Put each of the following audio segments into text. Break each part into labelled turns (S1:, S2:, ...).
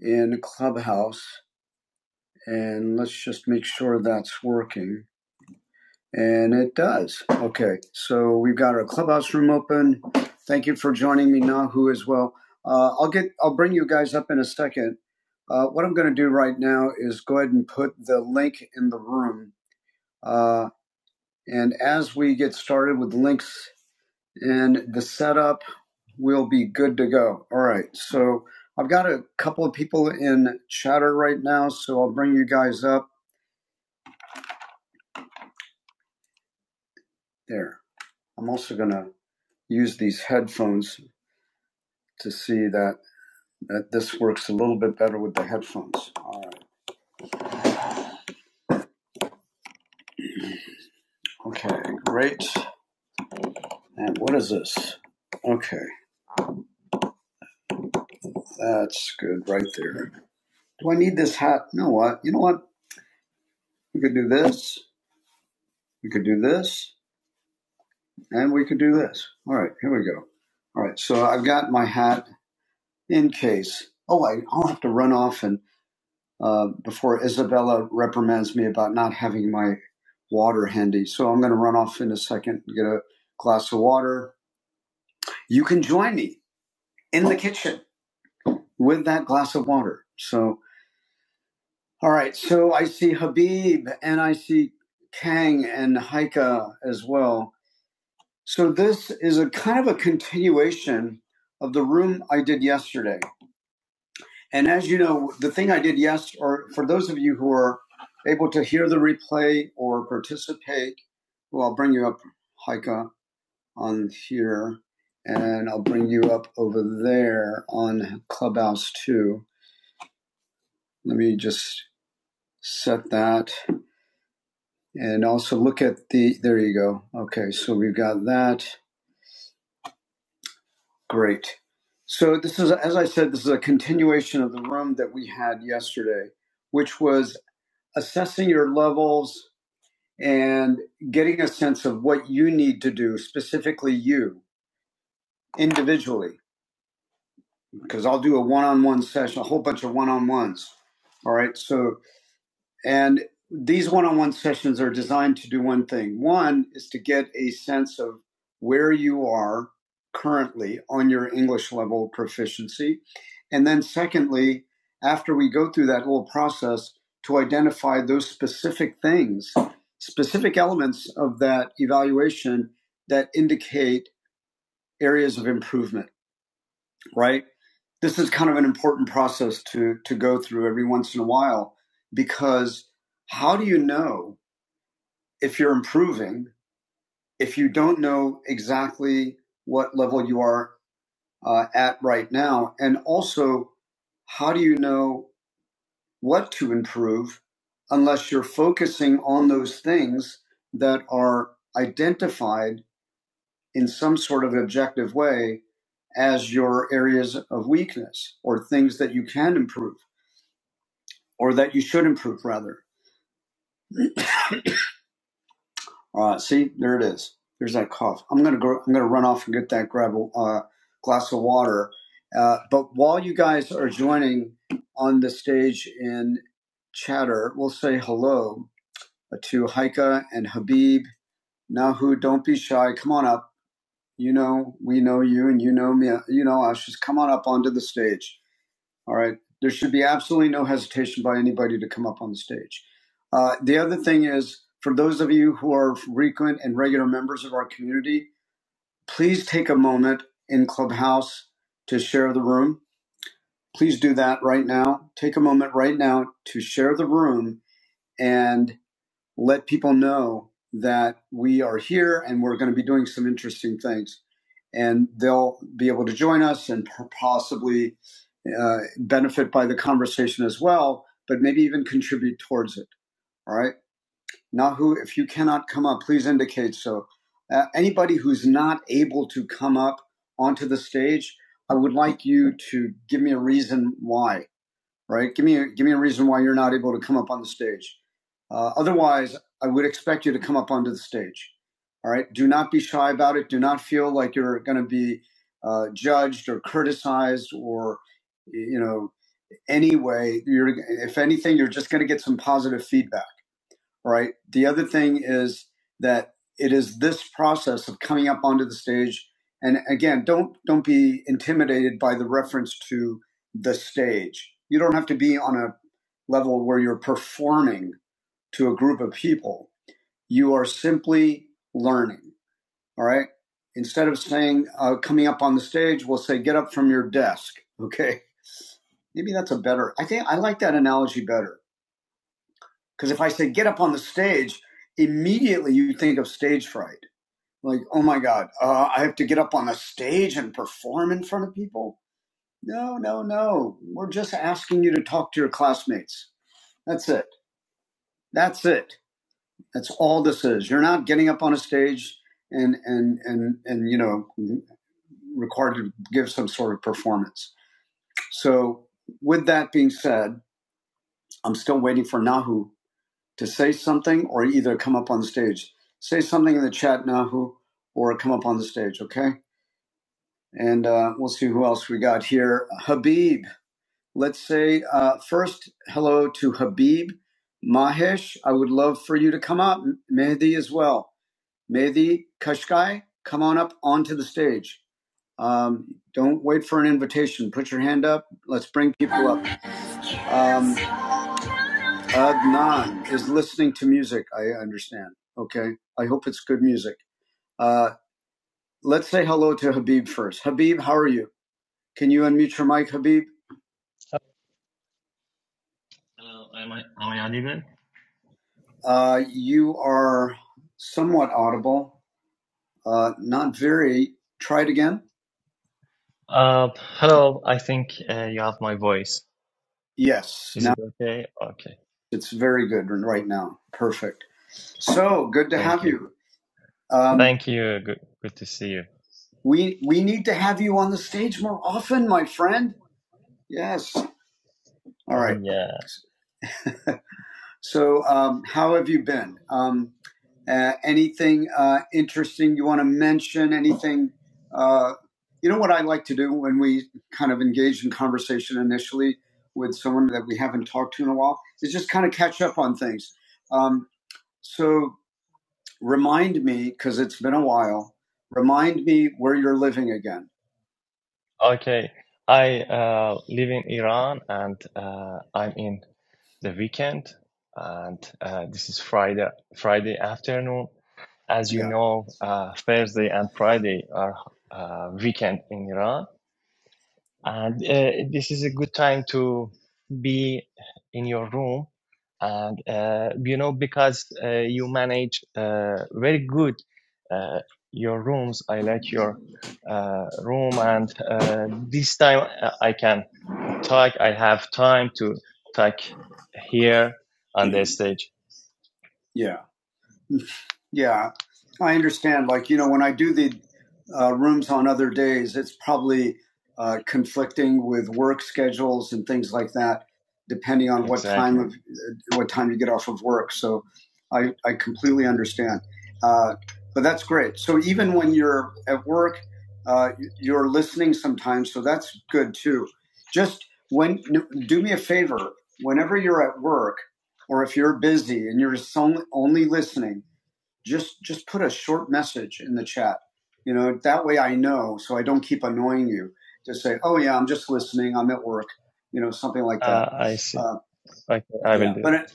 S1: in Clubhouse and let's just make sure that's working. And it does. Okay, so we've got our Clubhouse room open. Thank you for joining me, Nahu, as well. Uh, I'll get. I'll bring you guys up in a second. Uh, what I'm going to do right now is go ahead and put the link in the room. Uh, and as we get started with links and the setup, we'll be good to go. All right. So I've got a couple of people in chatter right now, so I'll bring you guys up There. I'm also going to use these headphones to see that, that this works a little bit better with the headphones. All right. Okay, great. And what is this? Okay, that's good right there. Do I need this hat? No, what? You know what? We could do this. We could do this. And we could do this. All right, here we go. All right, so I've got my hat in case. Oh, I, I'll have to run off and uh, before Isabella reprimands me about not having my water handy. So I'm going to run off in a second and get a glass of water. You can join me in the kitchen with that glass of water. So, all right. So I see Habib and I see Kang and Haika as well. So this is a kind of a continuation of the room I did yesterday. And as you know, the thing I did yes, or for those of you who are able to hear the replay or participate, well, I'll bring you up, Haika. on here, and I'll bring you up over there on Clubhouse too. Let me just set that and also look at the, there you go. Okay, so we've got that. Great. So this is, as I said, this is a continuation of the room that we had yesterday, which was assessing your levels and getting a sense of what you need to do, specifically you individually because I'll do a one-on-one session, a whole bunch of one-on-ones. All right. So, and these one-on-one sessions are designed to do one thing. One is to get a sense of where you are currently on your English level proficiency. And then secondly, after we go through that little process to identify those specific things, specific elements of that evaluation that indicate areas of improvement right? This is kind of an important process to to go through every once in a while because how do you know if you're improving if you don't know exactly what level you are uh, at right now, and also how do you know what to improve unless you're focusing on those things that are identified in some sort of objective way as your areas of weakness or things that you can improve? or that you should improve rather. Uh, see, there it is. There's that cough. I'm gonna go. I'm gonna run off and get that. Grab a uh, glass of water. Uh, but while you guys are joining on the stage in chatter, we'll say hello to Haika and Habib. Nahu, don't be shy. Come on up. You know, we know you, and you know me. You know us. Just come on up onto the stage. All right. There should be absolutely no hesitation by anybody to come up on the stage. Uh, the other thing is, for those of you who are frequent and regular members of our community, please take a moment in Clubhouse to share the room. Please do that right now. Take a moment right now to share the room and let people know that we are here and we're going to be doing some interesting things. And they'll be able to join us and possibly uh, benefit by the conversation as well, but maybe even contribute towards it. All right. Nahu, if you cannot come up, please indicate so. Uh, anybody who's not able to come up onto the stage, I would like you to give me a reason why. Right? Give me a, give me a reason why you're not able to come up on the stage. Uh, otherwise, I would expect you to come up onto the stage. All right. Do not be shy about it. Do not feel like you're going to be uh, judged or criticized or you know anyway, you're if anything, you're just going to get some positive feedback, right? The other thing is that it is this process of coming up onto the stage, and again, don't don't be intimidated by the reference to the stage. You don't have to be on a level where you're performing to a group of people. You are simply learning. All right. Instead of saying uh, coming up on the stage, we'll say get up from your desk. Okay. Maybe that's a better. I think I like that analogy better Because if I say get up on the stage, immediately you think of stage fright. Like, oh my God, uh, I have to get up on the stage and perform in front of people? No, no, no. We're just asking you to talk to your classmates. That's it. That's it. That's all this is. You're not getting up on a stage and and and and you know required to give some sort of performance. So, with that being said, I'm still waiting for Nahu to say something or either come up on stage. Say something in the chat, Nahu, or come up on the stage, okay? And uh, we'll see who else we got here. Habib, let's say uh, first hello to Habib. Mahesh, I would love for you to come up. Mehdi as well. Mehdi Kashkai, come on up onto the stage. Um, don't wait for an invitation. Put your hand up. Let's bring people up. Um, Adnan is listening to music. I understand. Okay. I hope it's good music. Uh, let's say hello to Habib first. Habib, how are you? Can you unmute your mic, Habib?
S2: Hello, am I, am I audible?
S1: Uh, you are somewhat audible. Uh, not very. Try it again.
S2: Uh, hello, I think uh, you have my voice.
S1: Yes.
S2: Is
S1: Now
S2: it okay? Okay,
S1: it's very good right now. Perfect. So good to have
S2: thank you.
S1: you. Um,
S2: Thank you. Good, good to see you.
S1: we we need to have you on the stage more often, my friend. Yes. All
S2: Uh,
S1: right.
S2: yeah.
S1: So, um, how have you been? Um, uh, anything uh, interesting you want to mention? Anything? Uh, you know what I like to do when we kind of engage in conversation initially with someone that we haven't talked to in a while is just kind of catch up on things. Um, so, remind me because it's been a while. Remind me where you're living again.
S2: Okay. I uh, live in Iran and uh, I'm in the weekend and uh, this is Friday Friday afternoon. As you
S1: Yeah,
S2: know, uh, Thursday and Friday are uh, weekend in Iran. and uh, this is a good time to be in your room and uh, you know because uh, you manage uh, very good uh, your rooms i like your uh, room and uh, this time uh, i can talk i have time to talk here on the stage
S1: yeah. Yeah, I understand. Like, you know, when I do the uh, rooms on other days, it's probably uh, conflicting with work schedules and things like that, depending on what time
S2: exactly
S1: of uh, what time you get off of work. So, I I completely understand. Uh, but that's great. So even when you're at work, uh, you're listening sometimes. So that's good too. Just when do me a favor. Whenever you're at work, or if you're busy and you're so- only listening just just put a short message in the chat. You know, that way I know so I don't keep annoying you. Just say, "Oh yeah, I'm just listening. I'm at work." You know, something like that.
S2: uh, i see
S1: Uh,
S2: okay i will
S1: yeah,
S2: do
S1: but it,
S2: it.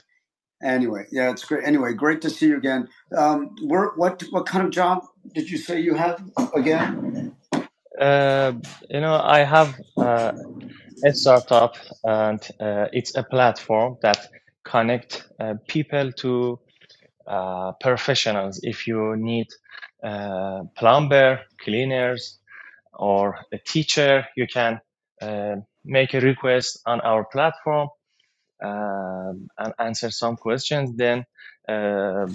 S1: anyway, yeah, it's great. Anyway, great to see you again. Um, where, what what kind of job did you say you have again?
S2: uh, you know i have uh, a startup and uh, it's a platform that connect uh, people to uh, professionals if you need uh, plumber cleaners or a teacher you can uh, make a request on our platform um, and answer some questions. Then uh,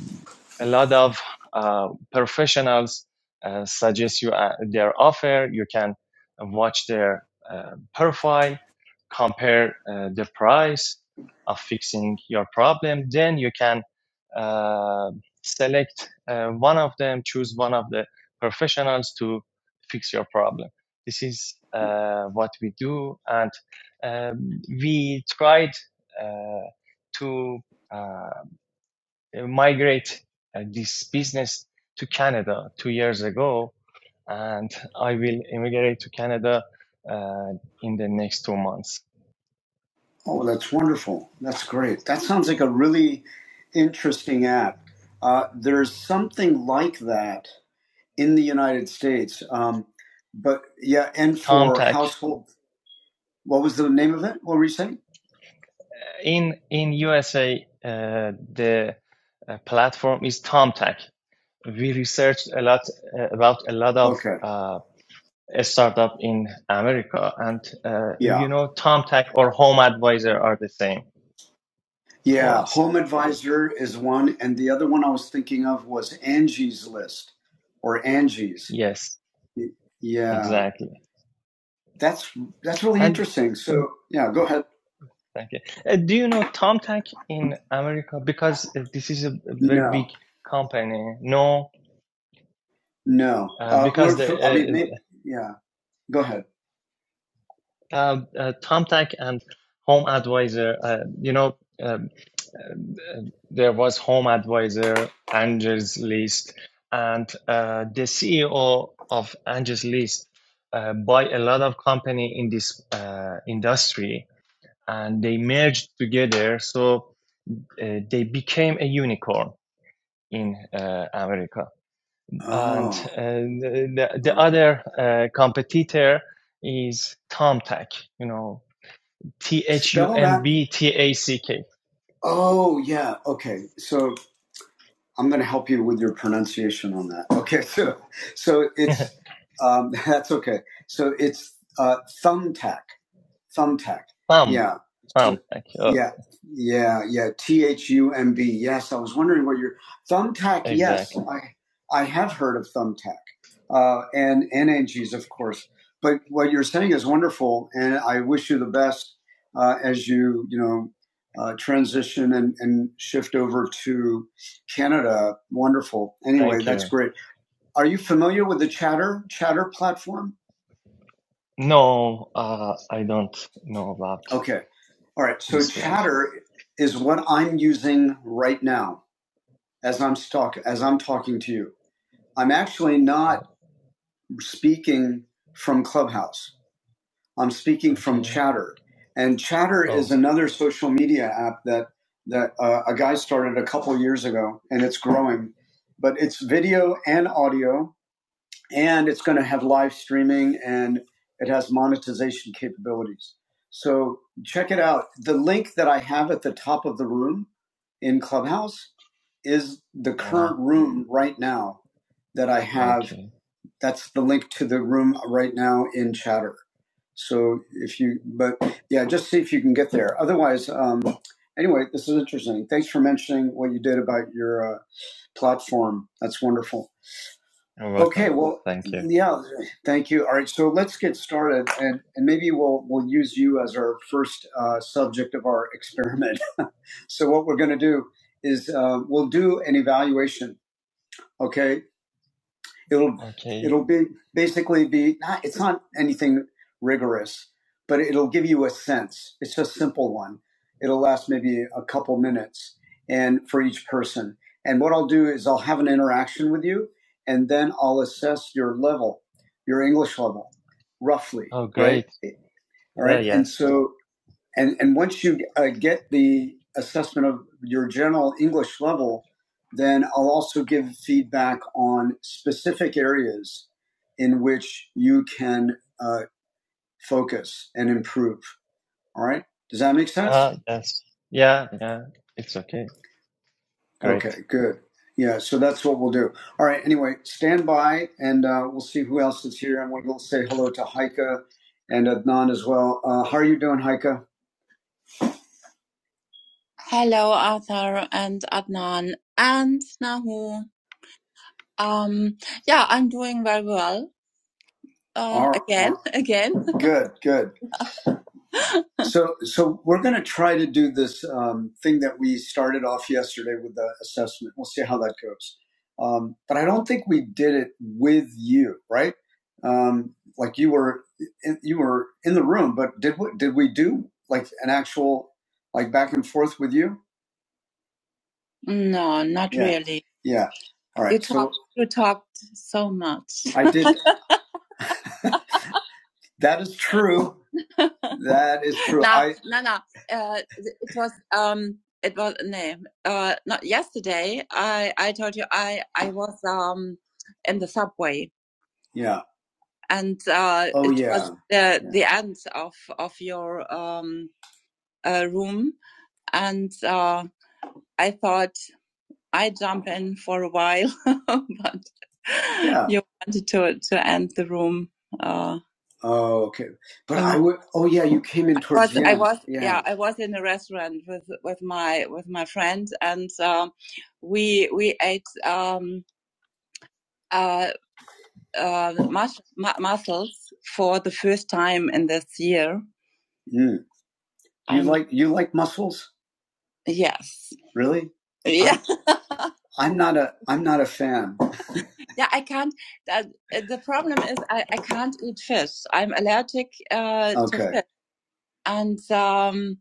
S2: a lot of uh, professionals uh, suggest you uh, their offer. You can watch their uh, profile, compare uh, the price of fixing your problem. Then you can uh, select uh, one of them, choose one of the professionals to fix your problem. This is uh, what we do, and um, we tried uh, to uh, migrate uh, this business to Canada two years ago, and I will immigrate to Canada uh, in the next two months.
S1: Oh, that's wonderful. That's great. That sounds like a really interesting app. Uh, there's something like that in the United States. Um, but yeah, and for
S2: TomTech
S1: household What was the name of it? What were you saying?
S2: in in USA, uh, the uh, platform is TomTech. We researched a lot uh, about a lot of
S1: Okay.
S2: uh, a startup in America, and uh,
S1: Yeah.
S2: you know, TomTech or Home Advisor are the same for
S1: Yeah.
S2: us.
S1: Home Advisor is one. And the other one I was thinking of was Angie's List or Angie's.
S2: Yes,
S1: Yeah.
S2: exactly.
S1: That's that's really
S2: And
S1: interesting. So, yeah, go ahead.
S2: thank you. Uh, do you know Tomtac in America? Because uh, this is a very big
S1: No,
S2: company. No,
S1: no.
S2: uh,
S1: Uh, we're,
S2: because
S1: f- I mean,
S2: the
S1: maybe, yeah, go ahead.
S2: uh, uh, uh, Tomtac and Home Advisor. Uh, you know, uh, uh, there was Home Advisor, Angels List, and uh, the CEO of Angels List uh, buy a lot of company in this uh, industry, and they merged together. So uh, they became a unicorn in uh, America. And
S1: Oh,
S2: uh, the, the
S1: okay.
S2: other uh, competitor is Thumbtack. you know, T H U
S1: Spell
S2: M
S1: that.
S2: B T A C K.
S1: Oh, yeah. Okay. So I'm going to help you with your pronunciation on that. Okay, so so it's um, that's okay. So it's uh, thumbtack. Thumbtack.
S2: Thumb,
S1: Yeah. So,
S2: TomTac. Oh,
S1: yeah. Yeah. Yeah. T H U M B. Yes. I was wondering where your Thumbtack. Yes.
S2: exactly.
S1: I, I have heard of Thumbtack. Uh, and, and Angie's, of course. But what you're saying is wonderful. And I wish you the best, uh, as you, you know, uh, transition and, and shift over to Canada. Wonderful. Anyway,
S2: Thank
S1: that's
S2: you.
S1: great. Are you familiar with the Chatter Chatter platform?
S2: No, uh, I don't know about
S1: Okay. All right. So
S2: this platform.
S1: chatter is what I'm using right now as I'm talk as I'm talking to you. I'm actually not
S2: Oh,
S1: speaking from Clubhouse. I'm speaking from
S2: okay.
S1: Chatter, and Chatter is
S2: Oh,
S1: another social media app that that uh, a guy started a couple years ago, and it's growing. But it's video and audio, and it's going to have live streaming and it has monetization capabilities. So check it out. The link that I have at the top of the room in Clubhouse is the
S2: yeah.
S1: current room right now that I have.
S2: Okay.
S1: That's the link to the room right now in Chatter. So if you, but yeah, just see if you can get there. Otherwise, um, anyway, this is interesting. Thanks for mentioning what you did about your uh, platform. That's wonderful.
S2: You're
S1: Okay,
S2: welcome.
S1: well,
S2: Thank you.
S1: yeah, thank you. All right, so let's get started, and, and maybe we'll we'll use you as our first uh, subject of our experiment. So what we're going to do is uh, we'll do an evaluation. Okay, it'll
S2: Okay.
S1: it'll be basically be not it's not anything rigorous but it'll give you a sense it's a simple one it'll last maybe a couple minutes and for each person and what i'll do is i'll have an interaction with you and then i'll assess your level your english level roughly
S2: Oh,
S1: right
S2: great.
S1: all
S2: Uh,
S1: right and
S2: yes.
S1: so and and once you uh, get the assessment of your general English level, then I'll also give feedback on specific areas in which you can uh, focus and improve. All right, does that make sense?
S2: Uh, yes. Yeah, yeah. It's okay. Great.
S1: Okay, good. Yeah, so that's what we'll do. All right. Anyway, stand by, and uh, we'll see who else is here, and we'll say hello to Heike and Adnan as well. Uh, how are you doing, Heike? Hello, Arthur and Adnan and Nahu. Um, yeah, I'm doing very well. Uh, All again, again. Good, good. So, so we're going to try to do this um, thing that we started off yesterday with the assessment. We'll see how that goes. Um, but I don't think we did it with you, right? Um, like you were, in, you were in the room, but did we, did we do like an actual like back and forth with you? No, not Yeah, really. yeah. All right. You talked So talked, you talked so much. I did That is true. That is true. No, I no, no. Uh, it was um, it was no, uh, not yesterday. I I told you I I was um in the subway yeah. and uh, Oh it was yeah. was the Yeah. the end of of your um uh, room and uh, I thought. I jump in for a while, but Yeah. you wanted to to end the room. Uh, Oh, okay. But um, I um, would. Oh, yeah. You came in I towards I was the I end. I was Yeah. yeah I was in a restaurant with with my with my friend and um, we we ate um, uh, uh, mus- mu- mussels for the first time in this year. Mm. You And like you like mussels? yes, Really? yeah. I'm I'm not a I'm not a fan. Yeah, I can't. Uh, the problem is I, I can't eat fish. I'm allergic uh, to Okay. to fish, and um,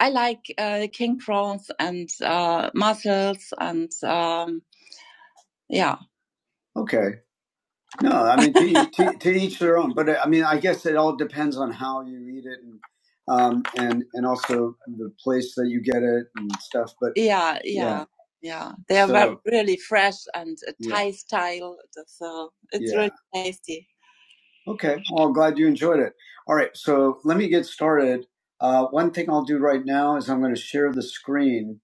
S1: I like uh, king prawns and uh, mussels and um, yeah. Okay. No, I mean to, each- to, to each their own. But uh, I mean, I guess it all depends on how you eat it, and um, and and also the place that you get it and stuff. But Yeah, yeah, yeah, yeah. They are so, very, so really fresh and uh, yeah, Thai style, so it's yeah. really tasty. Okay. Well, glad you enjoyed it. All right. So let me get started. Uh, one thing I'll do right now is I'm going to share the screen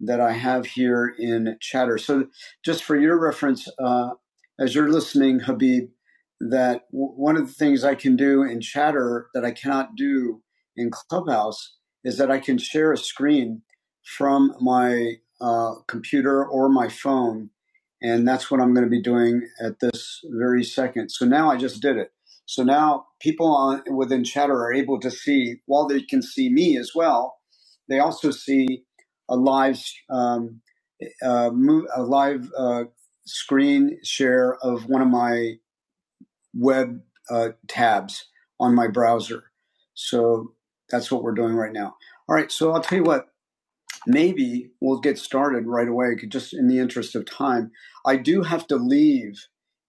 S1: that I have here in Chatter. So just for your reference, uh, as you're listening, Habib, that w- one of the things I can do in Chatter that I cannot do in Clubhouse is that I can share a screen from my uh, computer or my phone. And that's what I'm going to be doing at this very second. So now I just did it. So now people on, within chatter are able to see, while they can see me as well, they also see a live, um, uh, mo- a live uh, screen share of one of my web uh, tabs on my browser. So that's what we're doing right now. All right, so I'll tell you what, maybe we'll get started right away, just in the interest of time. I do have to leave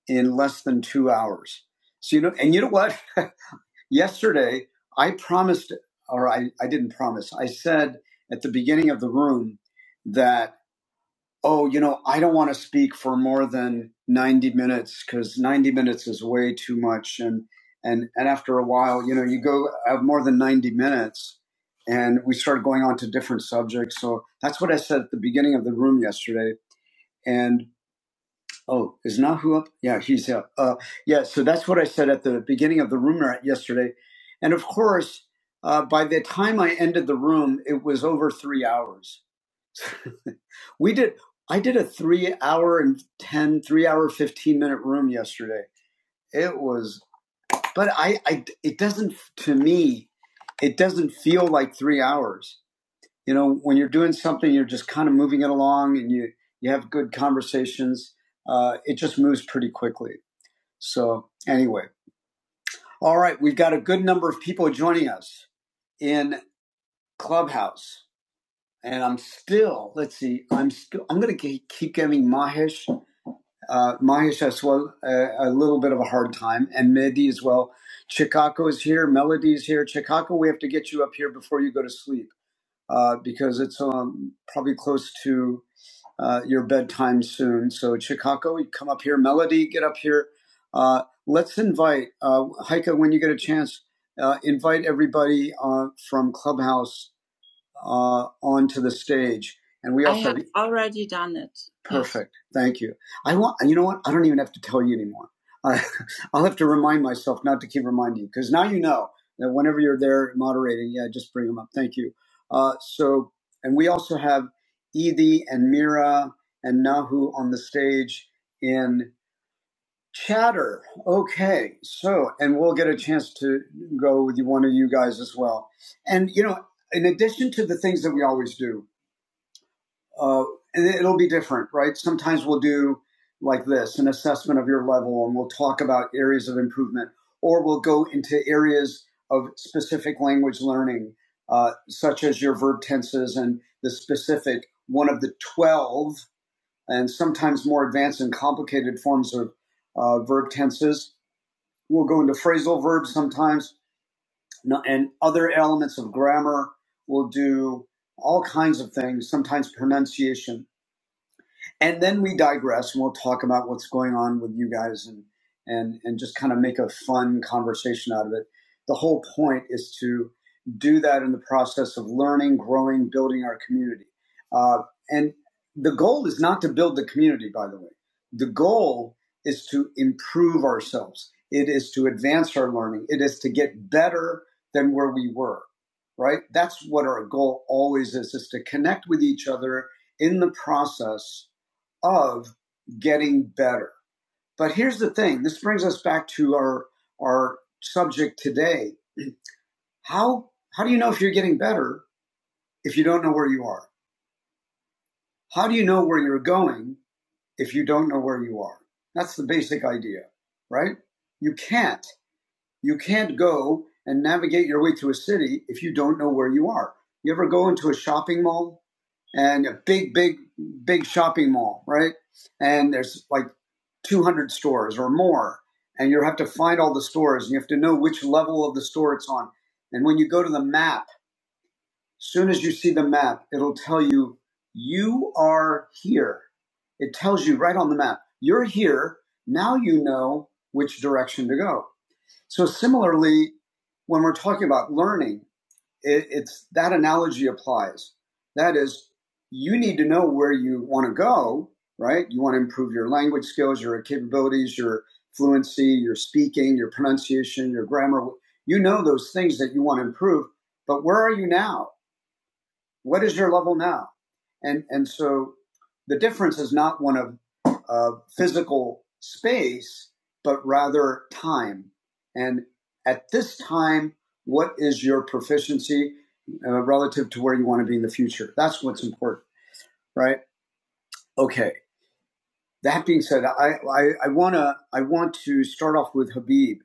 S1: in less than two hours. So, you know, and you know what? yesterday I promised, or I, I didn't promise, I said at the beginning of the room that, oh, you know, I don't want to speak for more than 90 minutes because 90 minutes is way too much. And, and, and after a while, you know, you go have more than 90 minutes and we started going on to different subjects. So that's what I said at the beginning of the room yesterday. and. Oh, is Nahu up? Yeah, he's up. Uh, yeah, so that's what I said at the beginning of the room yesterday. And of course, uh, by the time I ended the room, it was over three hours. We did, I did a three hour and ten, three hour, 15 minute room yesterday. It was, but I, I, it doesn't, to me, it doesn't feel like three hours. You know, when you're doing something, you're just kind of moving it along and you, you have good conversations. Uh, it just moves pretty quickly. So, anyway, all right, we've got a good number of people joining us in Clubhouse. And I'm still, let's see, I'm still, I'm going to keep giving Mahesh, uh, Mahesh as well, uh, a little bit of a hard time, and Mehdi as well. Chikako is here, Melody is here. Chikako, we have to get you up here before you go to sleep uh, because it's um, probably close to uh, your bedtime soon. So Chicago, you come up here. Melody, get up here. Uh, let's invite uh, Heike when you get a chance. Uh, invite everybody uh, from Clubhouse uh, onto the stage. And we also I have already done it. Perfect. Yes. Thank you. I want you know what? I don't even have to tell you anymore. I, I'll have to remind myself not to keep reminding you because now you know that whenever you're there moderating, yeah, just bring them up. Thank you. Uh, so, and we also have Edie and Mira and Nahu on the stage in. Chatter. Okay. So, and we'll get a chance to go with one of you guys as well. And, you know, in addition to the things that we always do, uh, and it'll be different, right? Sometimes we'll do like this an assessment of your level, and we'll talk about areas of improvement, or we'll go into areas of specific language learning, uh, such as your verb tenses and the specific one of the 12 and sometimes more advanced and complicated forms of uh, verb tenses We'll go into phrasal verbs sometimes no- and other elements of grammar. We'll do all kinds of things, sometimes pronunciation and then we digress and we'll talk about what's going on with you guys and and and just kind of make a fun conversation out of it the whole point is to do that in the process of learning growing building our community uh, and the goal is not to build the community by the way the goal is to improve ourselves it is to advance our learning it is to get better than where we were right that's what our goal always is is to connect with each other in the process of getting better. But here's the thing. This brings us back to our, our subject today. How, how do you know if you're getting better if you don't know where you are? How do you know where you're going if you don't know where you are? That's the basic idea, right? You can't You can't go and navigate your way through a city if you don't know where you are. You ever go into a shopping mall and a big, big, big shopping mall, right? And there's like 200 stores or more, and you have to find all the stores and you have to know which level of the store it's on. And when you go to the map, as soon as you see the map, it'll tell you, you are here. It tells you right on the map, you're here. Now you know which direction to go. So similarly, when we're talking about learning, it, it's that analogy applies. That is, you need to know where you want to go, right? You want to improve your language skills, your capabilities, your fluency, your speaking, your pronunciation, your grammar. You know those things that you want to improve, but where are you now? what is your level now? And and so the difference is not one of uh, physical space, but rather time. And at this time, what is your proficiency uh, relative to where you want to be in the future? That's what's important, right? Okay. That being said, I, I, I wanna I want to start off with Habib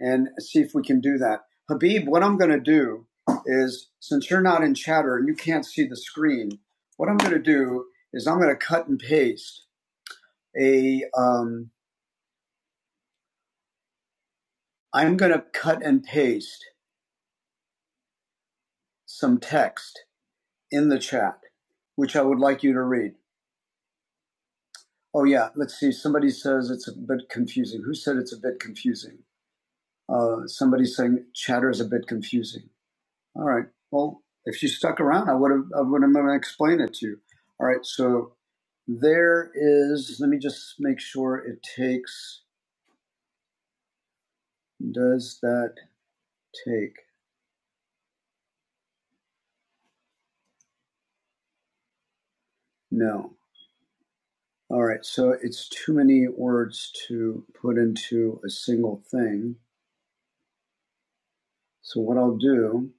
S1: and see if we can do that. Habib, what I'm gonna do is since you're not in chatter and you can't see the screen, what I'm gonna do is I'm gonna cut and paste a um, I'm gonna cut and paste some text in the chat, which I would like you to read. Oh yeah, let's see. Somebody says it's a bit confusing. Who said it's a bit confusing? Uh, somebody saying chatter is a bit confusing. All right. Well, if you stuck around, I would have I would have explained it to you. All right. So there is. Let me just make sure it takes. Does that take? No. All right. So it's too many words to put into a single thing. So what I'll do.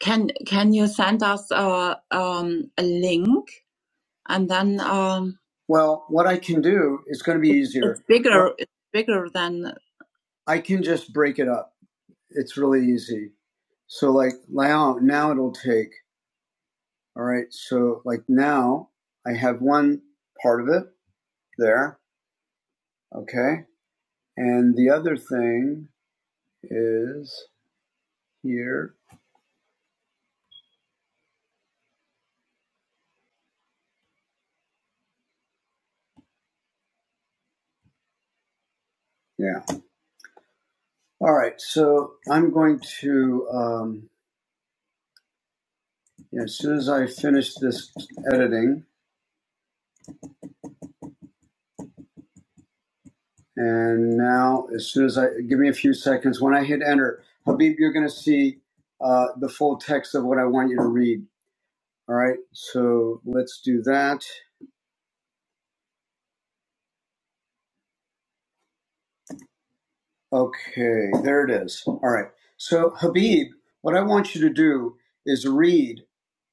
S1: Can Can you send us a um, a link and then? Um, well, what I can do is going to be easier. It's bigger. Well, It's bigger than. I can just break it up. It's really easy. So like now, now it'll take, all right. So like now I have one part of it there. Okay. And the other thing is here. Yeah. All right. So I'm going to, um, yeah, as soon as I finish this editing and now as soon as I give me a few seconds, when I hit enter, Habib, you're going to see, uh, the full text of what I want you to read. All right, so let's do that. Okay, there it is. All right. So, Habib, what I want you to do is read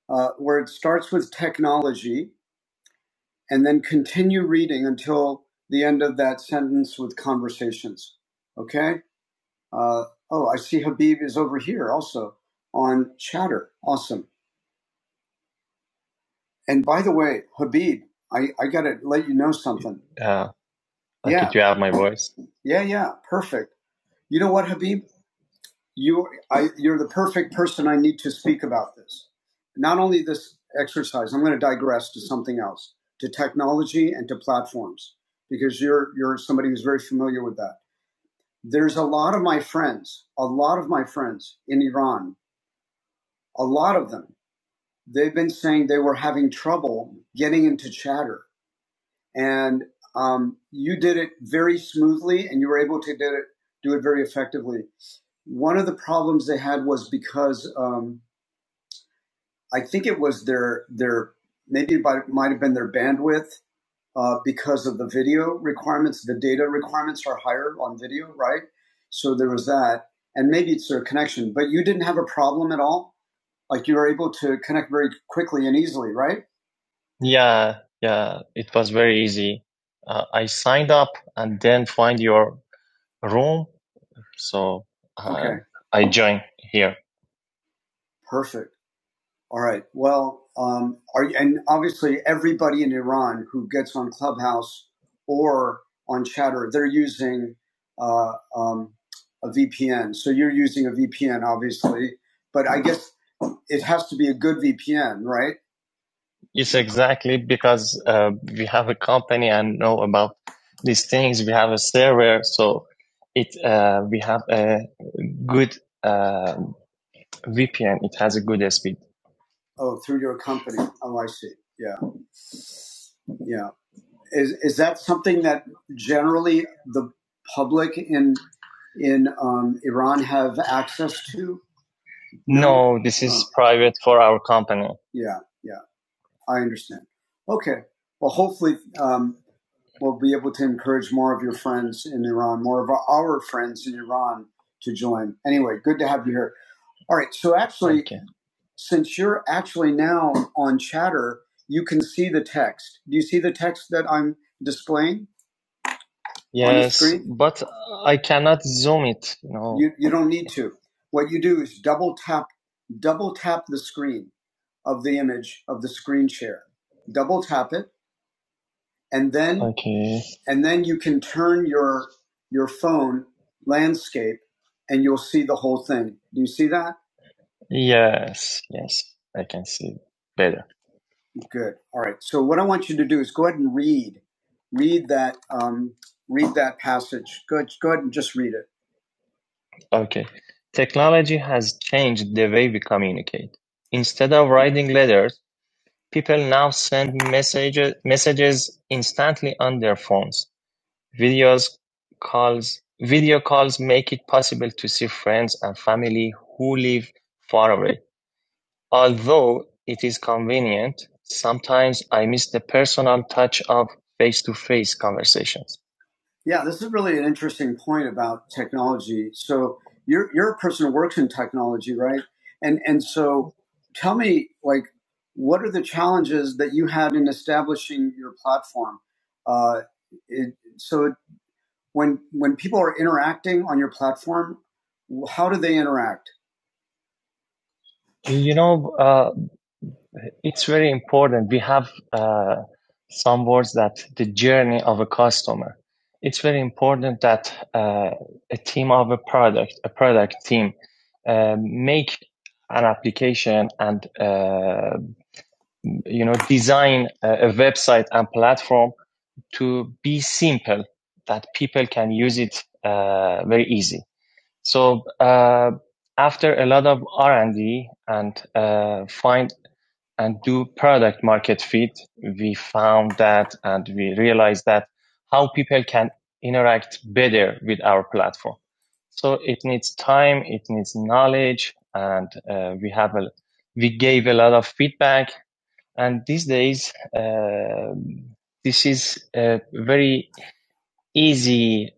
S1: uh, where it starts with technology and then continue reading until the end of that sentence with conversations. Okay? Uh, oh, I see Habib is over here also on chatter. Awesome. And by the way, Habib, I, I got to let you know something. Uh, like, yeah. Did you have my voice? Yeah, yeah. Perfect. You know what, Habib? you I, you're the perfect person I need to speak about this. Not only this exercise, I'm going to digress to something else, to technology and to platforms, because you're you're somebody who's very familiar with that. There's a lot of my friends, a lot of my friends in Iran, a lot of them. They've been saying they were having trouble getting into Chatter, and um, you did it very smoothly, and you were able to do it do it very effectively. One of the problems they had was because um, I think it was their their maybe it might have been their bandwidth uh, because of the video requirements. The data requirements are higher on video, right? So there was that, and maybe it's their connection. But you didn't have a problem at all. Like you were able to connect very quickly and easily, right? Yeah, yeah, it was very easy. Uh, I signed up and then find your room, so uh, Okay, I joined here. perfect. All right. Well, um, are and obviously everybody in Iran who gets on Clubhouse or on Chatter, they're using uh, um, a VPN. So you're using a VPN, obviously, but I guess it has to be a good VPN, right? Yes, exactly, because uh, we have a company and know about these things. We have a server, so it uh, we have a good uh, VPN. It has a good speed. Oh, through your company. Oh, I see. Yeah, yeah. Is is that something that generally the public in in um, Iran have access to? No. No, this Oh, is oh. private for our company. yeah, yeah. I understand. Okay. Well, hopefully, um, we'll be able to encourage more of your friends in Iran, more of our friends in Iran to join. Anyway, good to have you here. All right. So, actually, Thank since you're actually now on chatter you can see the text do you see the text that i'm displaying on the Yes, but i cannot zoom it No, you, you don't need to what you do is double tap double tap the screen of the image of the screen share double tap it and then okay. and then you can turn your your phone landscape and you'll see the whole thing do you see that yes yes i can see better Good. All right. So what I want you to do is go ahead and read, read that, um, read that passage. Go, go ahead and just read it. Okay. Technology has changed the way we communicate. Instead of writing letters, people now send messages, messages instantly on their phones. Videos, calls, video calls make it possible to see friends and family who live far away. Although it is convenient, sometimes I miss the personal touch of face-to-face conversations. Yeah, this is really an interesting point about technology. So you're you're a person who works in technology, right? And and so tell me, like, what are the challenges that you had in establishing your platform? Uh, it, so when when people are interacting on your platform, how do they interact? You know, uh, It's very important. We have uh, some words that the journey of a customer. It's very important that uh, a team of a product, a product team, uh, make an application and uh, you know design a, a website and platform to be simple that people can use it uh, very easy. So uh, after a lot of R and D and uh, find and do product market fit, we found that and we realized that how people can interact better with our platform. So it needs time, it needs knowledge, and uh, we have a we gave a lot of feedback. And these days, uh, this is a very easy.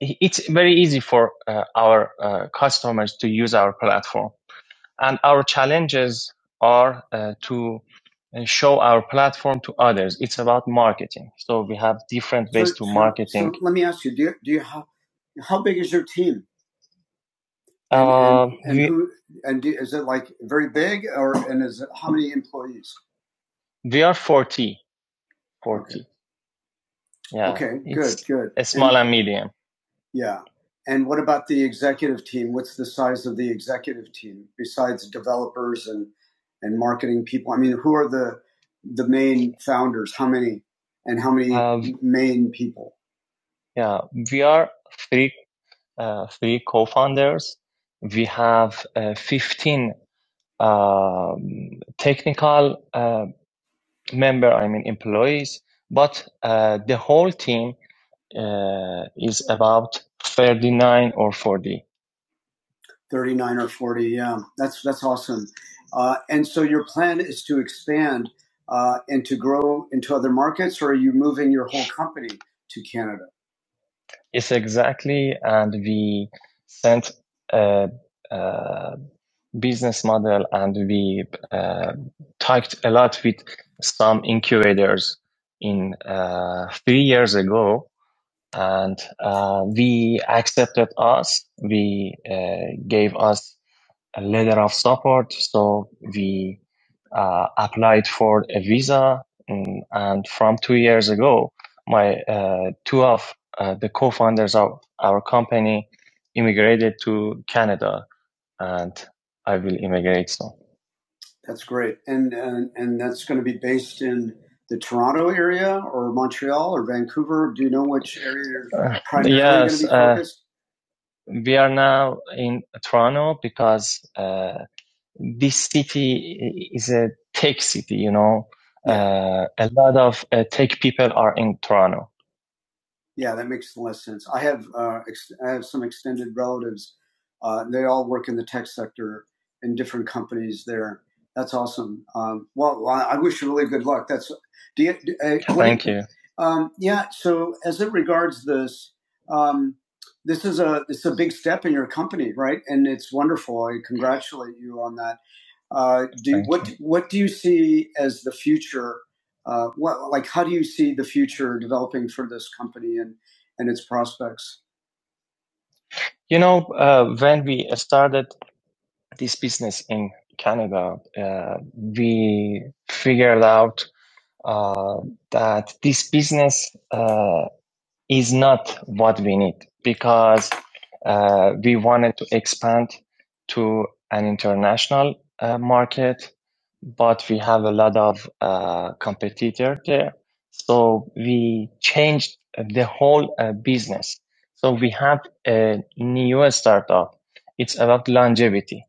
S1: It's very easy for uh, our uh, customers to use our platform and our challenges are uh, to uh, show our platform to others. It's about marketing. So we have different So, ways so, to so, marketing. so let me ask you: Do you, do you how how big is your team, and Uh, and and, we who and do, is it like very big, or and is it how many employees? we are 40, Okay, 40. Okay. Yeah, okay, it's good, good. a And small and and medium. Yeah. And what about the executive team? What's the size of the executive team besides developers and and marketing people? I mean, who are the the main founders? How many and how many Um, main people? yeah, we are three uh, three co-founders. We have uh, fifteen um, technical uh, member, I mean employees, but uh, the whole team uh, is about thirty nine or forty. 39 or 40. Yeah, that's that's awesome. Uh, and so your plan is to expand uh, and to grow into other markets, or are you moving your whole company to Canada? Yes, exactly. And we sent a, a business model and we uh, talked a lot with some incubators in uh, three years ago. And uh, we accepted us. We uh, gave us a letter of support. So we uh, applied for a visa, mm, and from two years ago, my uh, two of uh, the co-founders of our company immigrated to Canada, and I will immigrate soon. That's great, and and, and that's going to be based in the Toronto area or Montreal or Vancouver. Do you know which area you're primarily Uh, primarily going to yes, be focused? uh, we are now in Toronto because. Uh, this city is a tech city, you know. Yeah. Uh, a lot of uh, tech people are in Toronto. Yeah, that makes less sense. I have uh, ex- I have some extended relatives. Uh, they all work in the tech sector in different companies there. That's awesome. Um, well, I wish you really good luck. That's do you, do- uh, Thank you. um, yeah. So as it regards this, um, this is a it's a big step in your company, right? And it's wonderful. I congratulate you on that. Uh, do, what what do you see as the future? Uh, what like how do you see the future developing for this company and and its prospects? You know, uh, when we started this business in Canada, uh, we figured out uh, that this business uh, is not what we need because uh, we wanted to expand to an international uh, market, but we have a lot of uh, competitor there. So we changed the whole uh, business. So we have a new startup. It's about longevity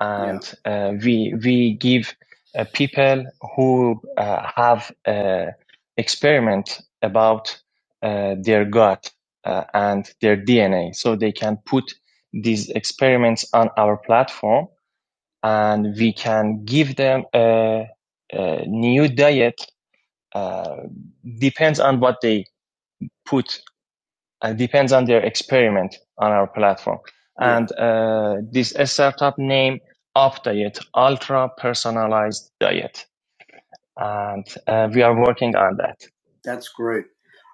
S1: yeah. and yeah. uh, we we give uh, people who uh, have uh, experiment about uh, their gut uh, and their DNA, so they can put these experiments on our platform, and we can give them a, a new diet uh, depends on what they put uh, depends on their experiment on our platform. Yeah. And uh, this startup name, Up Diet, Ultra Personalized Diet and uh, we are working on that. That's great.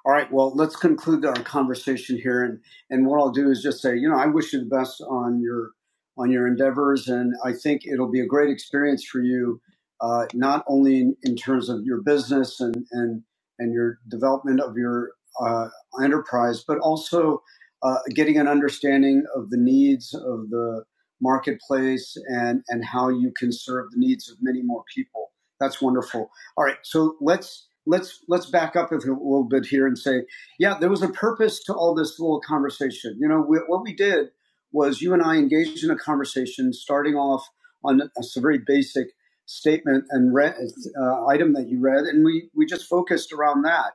S1: All right. Well, let's conclude our conversation here, and and what I'll do is just say, you know, I wish you the best on your on your endeavors, and I think it'll be a great experience for you, uh, not only in, in terms of your business and and and your development of your uh, enterprise, but also uh, getting an understanding of the needs of the marketplace and and how you can serve the needs of many more people. That's wonderful. All right, so let's let's let's back up a little bit here and say, yeah, there was a purpose to all this little conversation. You know, we, what we did was you and I engaged in a conversation, starting off on a a very basic statement and re- uh, item that you read, and we we just focused around that.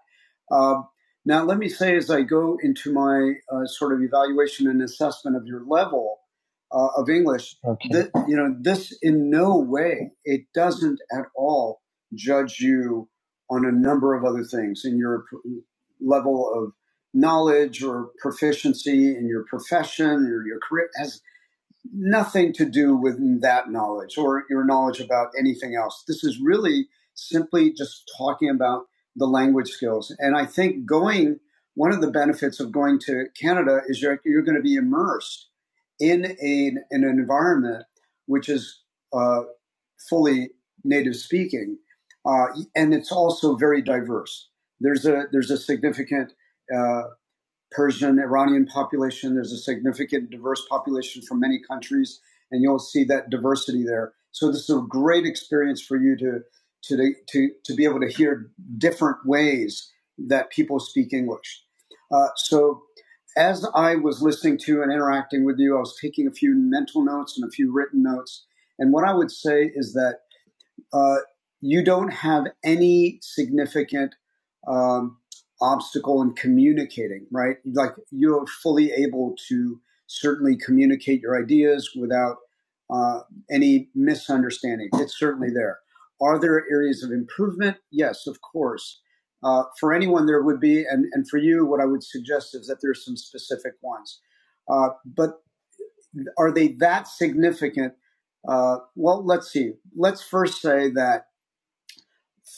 S1: Um, now, let me say as I go into my uh, sort of evaluation and assessment of your level uh, of English, Okay. that, you know, this in no way, it doesn't at all judge you on a number of other things in your level of knowledge or proficiency in your profession or your career It has nothing to do with that knowledge or your knowledge about anything else. This is really simply just talking about the language skills. And I think going, one of the benefits of going to Canada is you're, you're going to be immersed in, a, in an environment which is uh, fully native speaking, uh, and it's also very diverse. There's a there's a significant uh, Persian Iranian population. There's a significant diverse population from many countries, and you'll see that diversity there. So this is a great experience for you to to to to be able to hear different ways that people speak English. Uh, so as I was listening to and interacting with you, I was taking a few mental notes and a few written notes. And what I would say is that uh, you don't have any significant um, obstacle in communicating, right? Like you're fully able to certainly communicate your ideas without uh, any misunderstanding. It's certainly there. Are there areas of improvement? Yes, of course. Uh, for anyone, there would be, and, and for you, what I would suggest is that there's some specific ones. Uh, but are they that significant? Uh, well, let's see. Let's first say that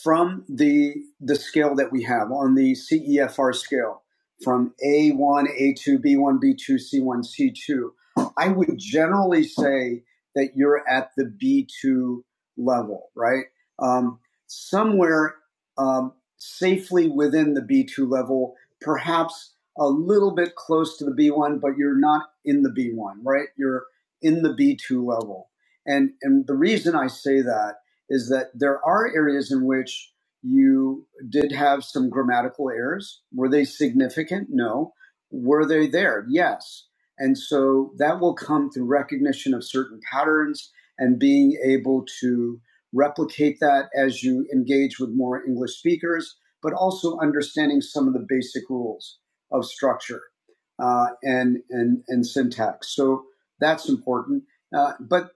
S1: from the the scale that we have on the CEFR scale from A1, A2, B1, B2, C1, C2, I would generally say that you're at the B2 level, right? Um, somewhere um, safely within the B2 level, perhaps a little bit close to the B1, but you're not in the B1, right? You're in the B2 level. And, and the reason I say that is that there are areas in which you did have some grammatical errors. Were they significant? No. Were they there? Yes. And so that will come through recognition of certain patterns and being able to replicate that as you engage with more English speakers, but also understanding some of the basic rules of structure uh, and, and, and syntax. So that's important. Uh, but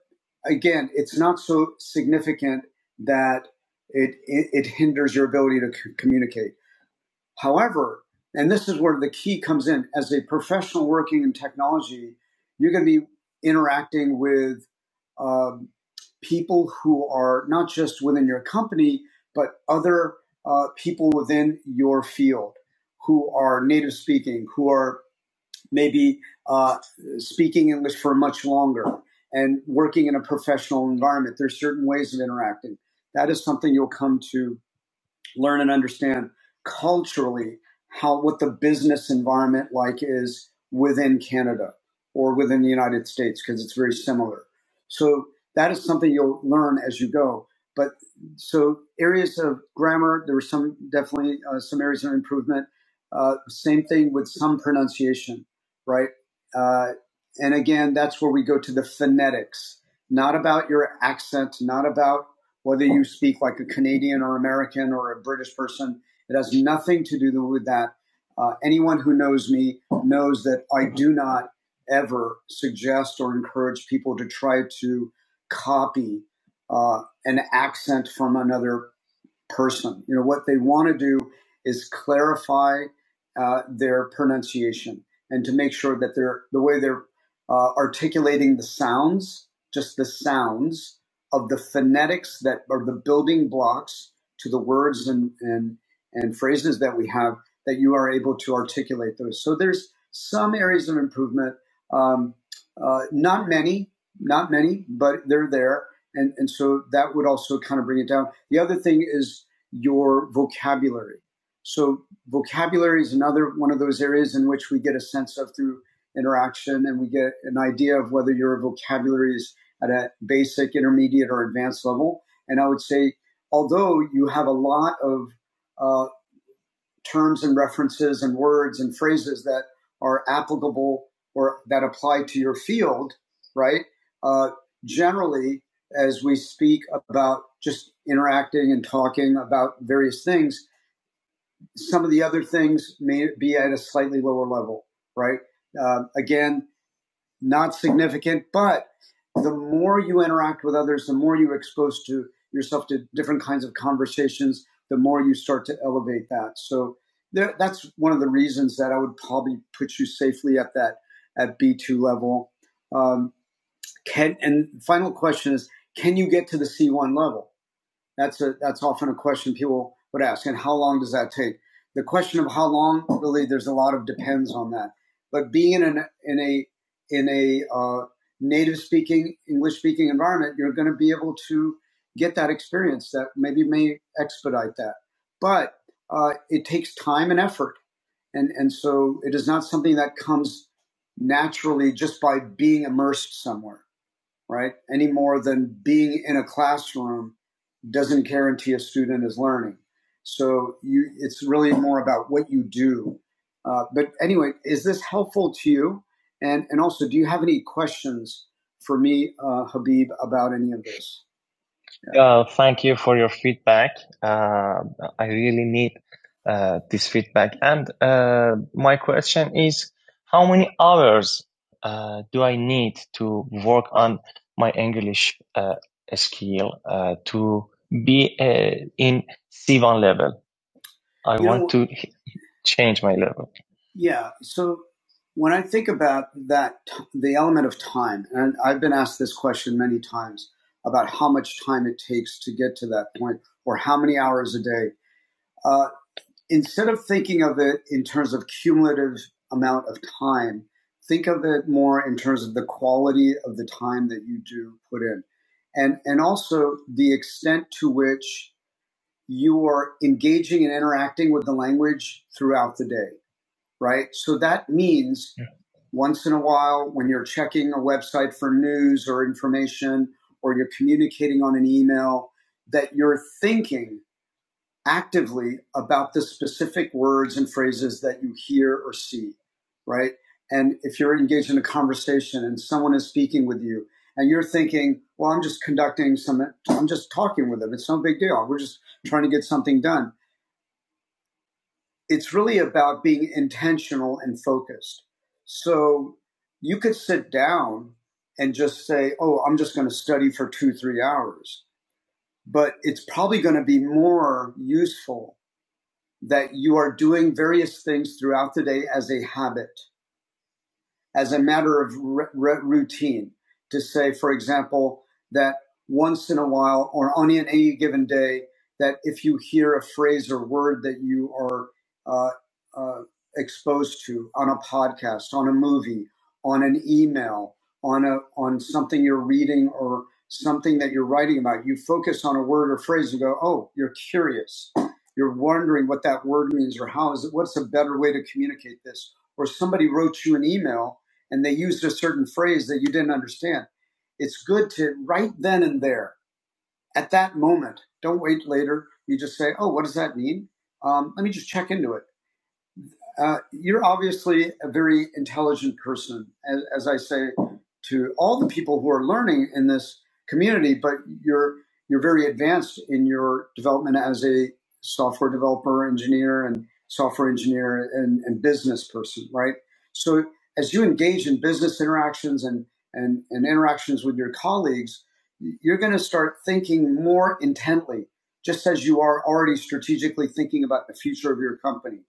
S1: again, it's not so significant that it, it, it hinders your ability to c- communicate. However, and this is where the key comes in as a professional working in technology, you're going to be interacting with um, people who are not just within your company, but other uh, people within your field who are native speaking, who are maybe uh, speaking English for much longer and working in a professional environment. There's certain ways of interacting. That is something you'll come to learn and understand culturally how what the business environment like is within Canada or within the United States because it's very similar. So that is something you'll learn as you go. But so areas of grammar, there were some definitely uh, some areas of improvement. Uh, same thing with some pronunciation, right? Uh, and again, that's where we go to the phonetics, not about your accent, not about whether you speak like a Canadian or American or a British person, it has nothing to do with that. Uh, anyone who knows me knows that I do not ever suggest or encourage people to try to copy uh, an accent from another person. You know, what they want to do is clarify uh, their pronunciation and to make sure that they're the way they're uh, articulating the sounds, just the sounds of the phonetics that are the building blocks to the words and and and phrases that we have that you are able to articulate those. So there's some areas of improvement, um, uh, not many, not many, but they're there and and so that would also kind of bring it down. The other thing is your vocabulary. So vocabulary is another one of those areas in which we get a sense of through interaction, and we get an idea of whether your vocabulary is at a basic, intermediate, or advanced level. And I would say, although you have a lot of uh, terms and references and words and phrases that are applicable or that apply to your field, right? Uh, generally, as we speak about just interacting and talking about various things, some of the other things may be at a slightly lower level, right? Uh, again, not significant, but the more you interact with others, the more you're exposed to yourself to different kinds of conversations, the more you start to elevate that. So there, that's one of the reasons that I would probably put you safely at that at B2 level. Um, can and final question is, can you get to the C1 level? That's a that's often a question people would ask. And how long does that take? The question of how long really there's a lot of depends on that. But being in an in a in a uh, native speaking English speaking environment, you're going to be able to get that experience that maybe may expedite that. But uh, it takes time and effort, and and so it is not something that comes naturally just by being immersed somewhere, right? Any more than being in a classroom doesn't guarantee a student is learning. So you, it's really more about what you do. Uh, but anyway, is this helpful to you? And and also, do you have any questions for me, uh, Habib, about any of this? Uh, thank you for your feedback. Uh, I really need uh, this feedback. And uh, my question is, how many hours uh, do I need to work on my English uh, skill uh, to be uh, in C1 level? I You want know, to change my level. Yeah. So when I think about that, the element of time, and I've been asked this question many times about how much time it takes to get to that point or how many hours a day. Uh, instead of thinking of it in terms of cumulative amount of time, think of it more in terms of the quality of the time that you do put in. And, and also the extent to which you are engaging and interacting with the language throughout the day right? So that means Yeah. once in a while when you're checking a website for news or information or you're communicating on an email that you're thinking actively about the specific words and phrases that you hear or see, right? And if you're engaged in a conversation and someone is speaking with you and you're thinking, well, I'm just conducting some, I'm just talking with them. It's no big deal. We're just trying to get something done it's really about being intentional and focused. So you could sit down and just say, oh, I'm just going to study for two, three hours. But it's probably going to be more useful that you are doing various things throughout the day as a habit as a matter of r- r- routine to say, for example, that once in a while or on any given day, that if you hear a phrase or word that you are uh, uh, exposed to on a podcast, on a movie, on an email, on a on something you're reading or something that you're writing about, you focus on a word or phrase and go, "Oh, you're curious." You're wondering what that word means, or how is it? What's a better way to communicate this? Or somebody wrote you an email and they used a certain phrase that you didn't understand. It's good to right then and there, at that moment. Don't wait later. You just say, "Oh, what does that mean? Um, let me just check into it." Uh, you're obviously a very intelligent person, as, as I say to all the people who are learning in this community. But you're you're very advanced in your development as a software developer, engineer, and software engineer and, and business person, right? So as you engage in business interactions and and, and interactions with your colleagues, you're going to start thinking more intently, just as you are already strategically thinking about the future of your company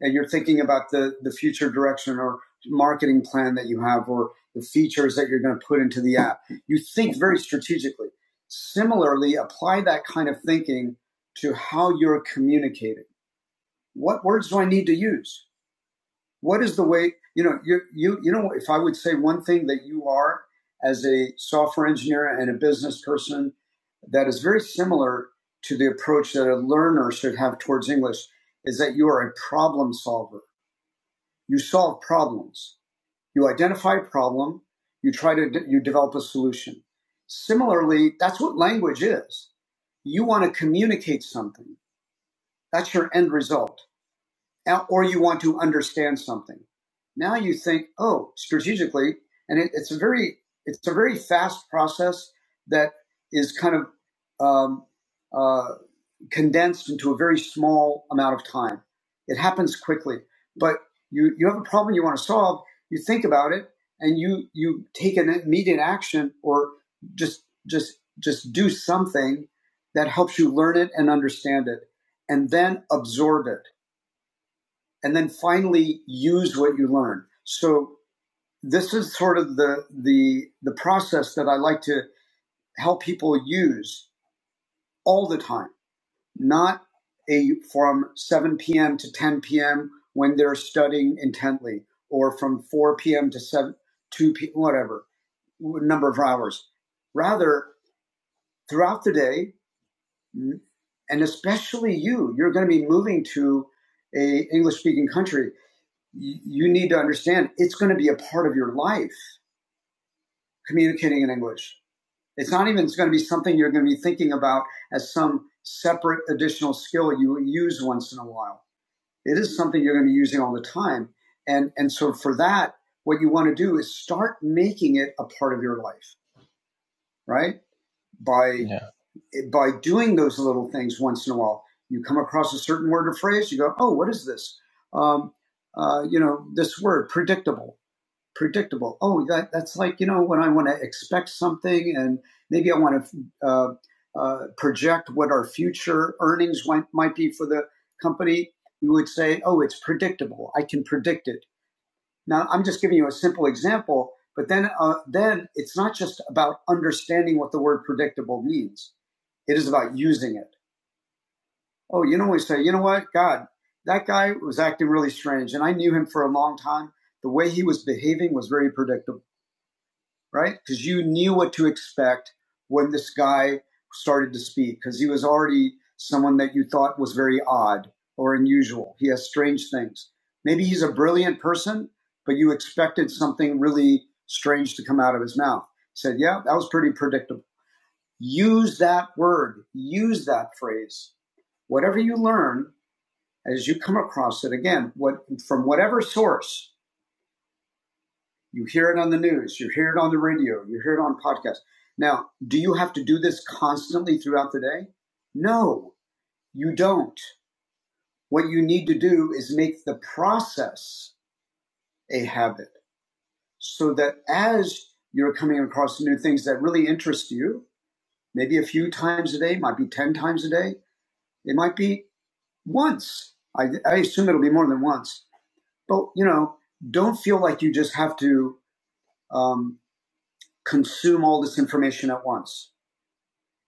S1: and you're thinking about the, the future direction or marketing plan that you have or the features that you're going to put into the app. You think very strategically. Similarly, apply that kind of thinking to how you're communicating. What words do I need to use? What is the way, you know, you, you, you know, if I would say one thing that you are as a software engineer and a business person that is very similar to the approach that a learner should have towards English is that you are a problem solver you solve problems. You identify a problem, you try to, de- you develop a solution. Similarly, that's what language is. You want to communicate something. That's your end result or you want to understand something. Now you think, oh, strategically, and it, it's a very it's a very fast process that is kind of um, uh, condensed into a very small amount of time. It happens quickly, but you you have a problem you want to solve. You think about it, and you you take an immediate action, or just just just do something that helps you learn it and understand it, and then absorb it and then finally use what you learn. So this is sort of the the the process that I like to help people use all the time, not a from 7 p.m. to 10 p.m. when they're studying intently, or from 4 p.m. to 7 2 p.m. whatever number of hours. Rather, throughout the day, and especially you, you're going to be moving to a English speaking country you need to understand it's going to be a part of your life communicating in English. It's not even it's going to be something you're going to be thinking about as some separate additional skill you use once in a while. It is something you're going to be using all the time. And and so for that, what you want to do is start making it a part of your life, right? By yeah. by doing those little things once in a while. You come across a certain word or phrase, you go, "Oh, what is this?" Um, uh, you know, this word predictable predictable. Oh, that, that's like, you know, when I want to expect something and maybe I want to uh, uh, project what our future earnings might, might be for the company, you would say, oh, it's predictable. I can predict it. Now, I'm just giving you a simple example, but then, uh, then it's not just about understanding what the word predictable means. It is about using it. Oh, you know, we say, you know what? God, that guy was acting really strange and I knew him for a long time. The way he was behaving was very predictable right? Because you knew what to expect when this guy started to speak, because he was already someone that you thought was very odd or unusual. He has strange things. Maybe he's a brilliant person, but you expected something really strange to come out of his mouth. Said, yeah, that was pretty predictable. Use that word, use that phrase. Whatever you learn as you come across it, again, what, from whatever source, you hear it on the news, you hear it on the radio, you hear it on podcasts. Now, do you have to do this constantly throughout the day? No, you don't. What you need to do is make the process a habit so that as you're coming across new things that really interest you, maybe a few times a day, might be 10 times a day, it might be once. I, I assume it'll be more than once. But, you know, don't feel like you just have to um, consume all this information at once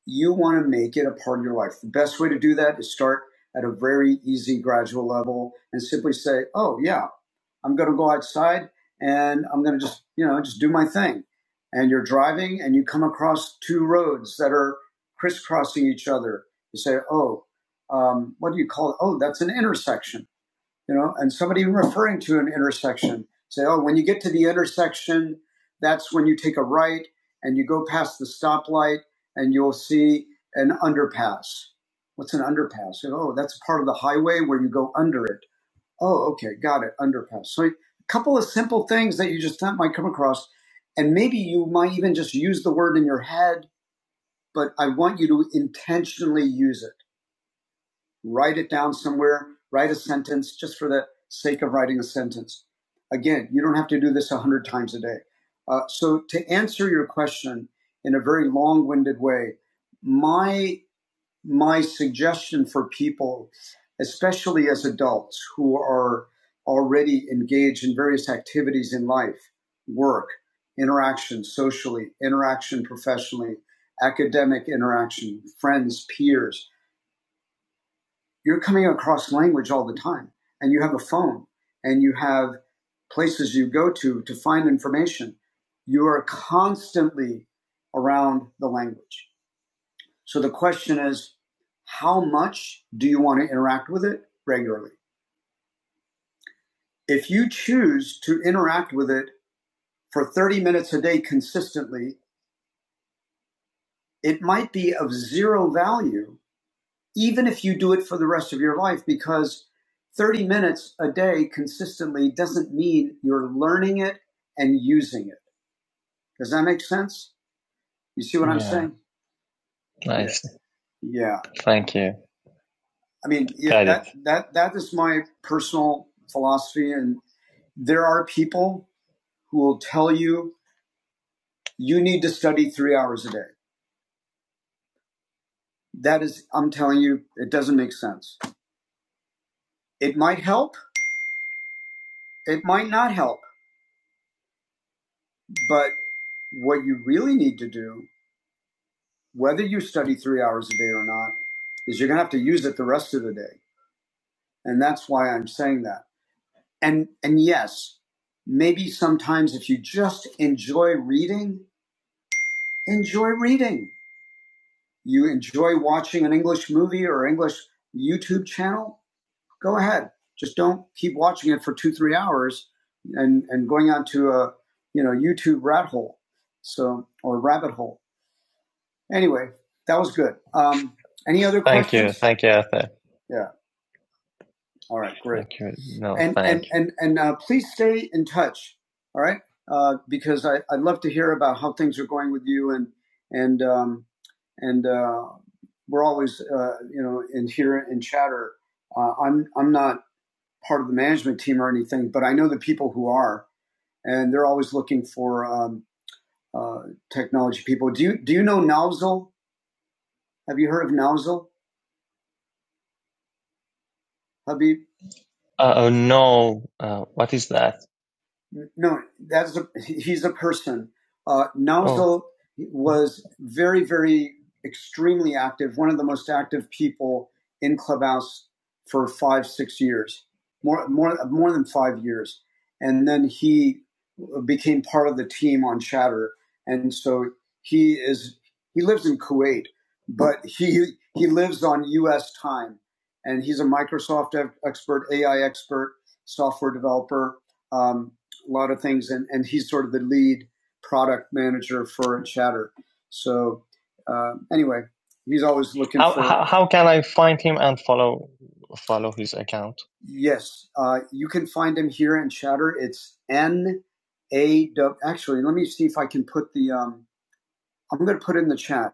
S1: you want to make it a part of your life. The best way to do that is start at a very easy gradual level and simply say, "Oh yeah, I'm going to go outside and I'm going to just, you know, just do my thing." And you're driving and you come across two roads that are crisscrossing each other. You say, "Oh, um, what do you call it? Oh, that's an intersection." you know, and somebody referring to an intersection. Say, oh, when you get to the intersection, that's when you take a right and you go past the stoplight and you'll see an underpass. What's an underpass? oh, that's part of the highway where you go under it. Oh, okay, got it, underpass. So a couple of simple things that you just thought might come across, and maybe you might even just use the word in your head, but I want you to intentionally use it write it down somewhere, write a sentence just for the sake of writing a sentence. Again, you don't have to do this 100 times a day. Uh, so, to answer your question in a very long winded way, my, my suggestion for people, especially as adults who are already engaged in various activities in life, work, interaction socially, interaction professionally, academic interaction, friends, peers, you're coming across language all the time and you have a phone and you have places you go to to find information you are constantly around the language so the question is how much do you want to interact with it regularly if you choose to interact with it for 30 minutes a day consistently it might be of zero value even if you do it for the rest of your life, because 30 minutes a day consistently doesn't mean you're learning it and using it. Does that make sense? You see what I'm Yeah. saying? Nice. Yeah. Thank you. I mean, yeah, that, that that is my personal philosophy, and there are people who will tell you you need to study three hours a day. That is, I'm telling you, it doesn't make sense. It might help, it might not help, but what you really need to do whether you study three hours a day or not, is you're going to have to use it the rest of the day. And that's why I'm saying that. And, and yes, maybe sometimes if you just enjoy reading, enjoy reading. You enjoy watching an English movie or English YouTube channel, go ahead. Just don't keep watching it for two, three hours and, and going out to a, you know, YouTube rat hole. So, or rabbit hole. Anyway, that was good. Um, any other Thank you. questions? Thank you, Thank you, Arthur. Yeah. All right. Great. Thank you. No, And and and and uh, please stay in touch. All right. Uh, because I, I'd love to hear about how things are going with you and and um, and uh, we're always uh, you know in here in chatter. Uh, I'm I'm not part of the management team or anything, but I know the people who are, and they're always looking for um, uh, technology people. Do you do you know Nozzle? Have you heard of Nozzle? Habib, Uh, oh no, uh, what is that? No, that's a, he's a person. Uh, Nausel Oh, was very, very extremely active, one of the most active people in Clubhouse for five, six years, more, more, more than five years, and then he became part of the team on Chatter, and so he is he lives in Kuwait, but he he lives on U.S. time, and he's a Microsoft expert, AI expert, software developer. Um, a lot of things, and, and he's sort of the lead product manager for Chatter. So uh, anyway, he's always looking How, for how how can I find him and follow follow his account? Yes, uh, you can find him here in Chatter. It's N A W. Actually, let me see if I can put the. Um, I'm going to put it in the chat,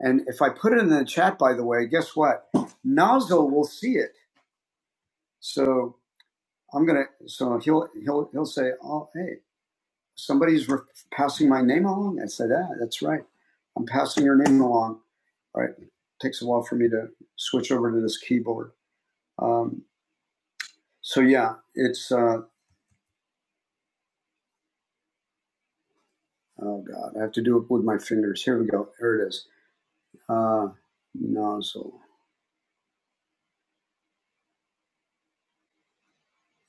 S1: and if I put it in the chat, by the way, guess what? Nozzle will see it. So I'm going to. So he'll he'll he'll say, "Oh, hey, Somebody's re- passing my name along. I said, "Ah, that's right. I'm passing your name along." All right. It takes a while for me to switch over to this keyboard. Um, so yeah, it's uh, oh god, I have to do it with my fingers. Here we go. Here it is. Uh, nozzle.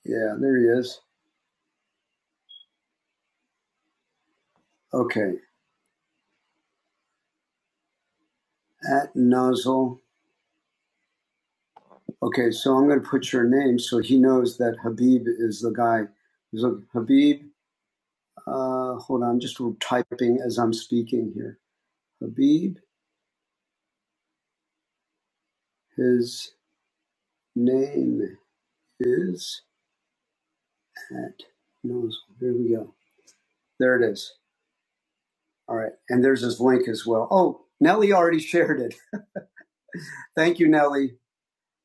S1: Yeah, there he is. Okay, at nozzle. Okay, so I'm going to put your name so he knows that Habib is the guy. He's like, Habib. Uh, hold on, I'm just typing as I'm speaking here. Habib. His name is at Nozzle. Here we go. There it is. All right. And there's his link as well. Oh, Nellie already shared it. Thank you, Nellie.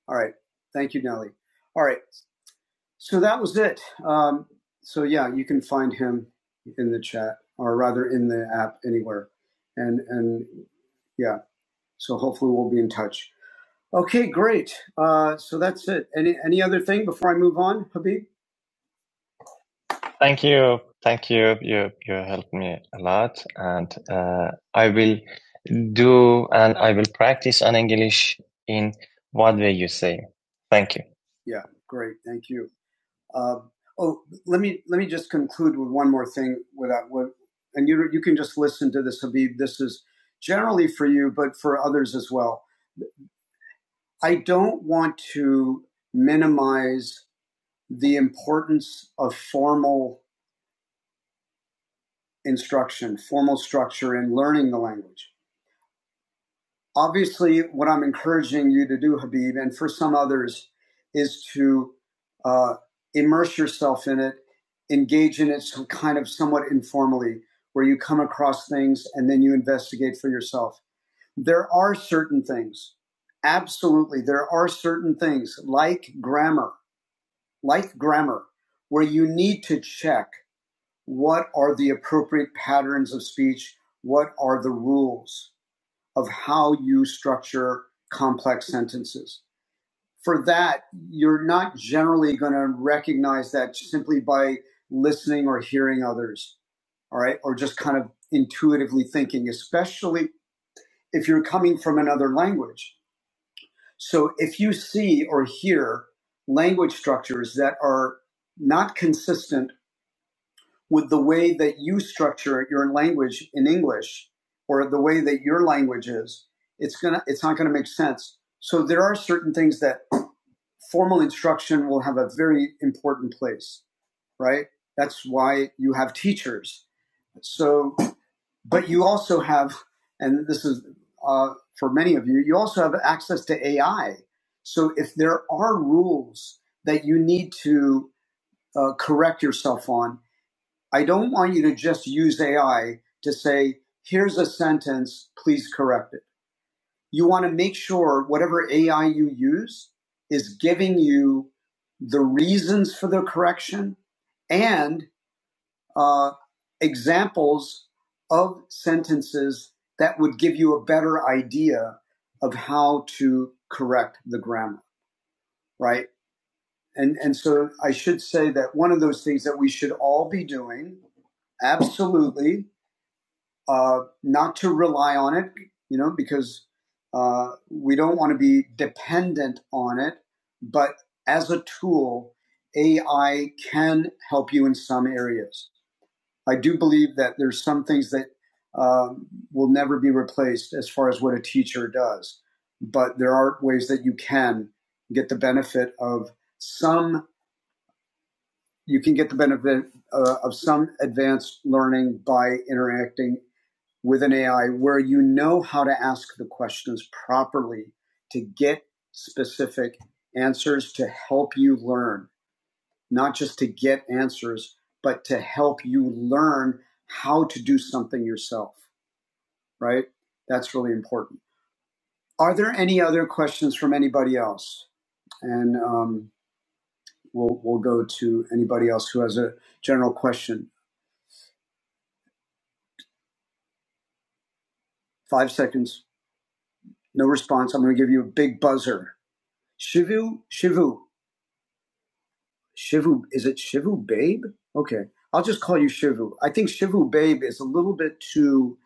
S1: All right. Thank you, Nellie. All right. So that was it. Um, so yeah, you can find him in the chat or rather in the app anywhere. And and yeah. So hopefully we'll be in touch. Okay, great. Uh, so that's it. Any any other thing before I move on, Habib? Thank you. Thank you. You you helped me a lot, and uh, I will do and I will practice on English in what way you say. Thank you. Yeah, great. Thank you. Uh, oh, let me let me just conclude with one more thing. Without what, and you you can just listen to this, Habib. This is generally for you, but for others as well. I don't want to minimize the importance of formal instruction, formal structure in learning the language. Obviously, what I'm encouraging you to do, Habib, and for some others, is to uh, immerse yourself in it, engage in it some kind of somewhat informally, where you come across things and then you investigate for yourself. There are certain things, absolutely, there are certain things like grammar, like grammar, where you need to check what are the appropriate patterns of speech? What are the rules of how you structure complex sentences? For that, you're not generally going to recognize that simply by listening or hearing others, all right, or just kind of intuitively thinking, especially if you're coming from another language. So if you see or hear language structures that are not consistent with the way that you structure your language in English or the way that your language is, it's gonna it's not gonna make sense. So there are certain things that formal instruction will have a very important place, right? That's why you have teachers. So, but you also have, and this is uh, for many of you, you also have access to AI. So if there are rules that you need to uh, correct yourself on, I don't want you to just use AI to say, here's a sentence, please correct it. You want to make sure whatever AI you use is giving you the reasons for the correction and uh, examples of sentences that would give you a better idea of how to correct the grammar, right? And, and so I should say that one of those things that we should all be doing, absolutely, uh, not to rely on it, you know, because uh, we don't want to be dependent on it. But as a tool, AI can help you in some areas. I do believe that there's some things that um, will never be replaced as far as what a teacher does, but there are ways that you can get the benefit of some. You can get the benefit uh, of some advanced learning by interacting with an AI where you know how to ask the questions properly to get specific answers to help you learn, not just to get answers, but to help you learn how to do something yourself, right? That's really important. Are there any other questions from anybody else? And um, we'll, we'll go to anybody else who has a general question. Five seconds, no response. I'm going to give you a big buzzer. Shivu, Shivu. Shivu, is it Shivu Babe? Okay, I'll just call you Shivu. I think Shivu Babe is a little bit too,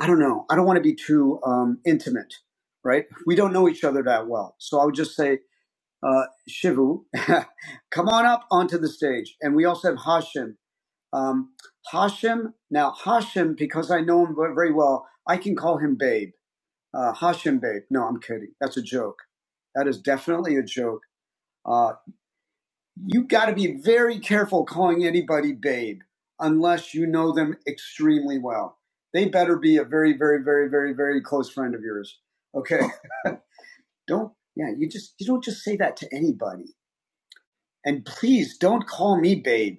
S1: I don't know, I don't want to be too um, intimate, right? We don't know each other that well. So I would just say, uh, Shivu, come on up onto the stage. And we also have Hashim. Um, Hashim, now Hashim, because I know him very well, I can call him Babe. Uh, Hashim Babe. No, I'm kidding. That's a joke. That is definitely a joke. Uh, you got to be very careful calling anybody babe unless you know them extremely well. They better be a very, very, very, very, very close friend of yours. Okay. Don't, yeah, you just, you don't just say that to anybody. And please don't call me babe.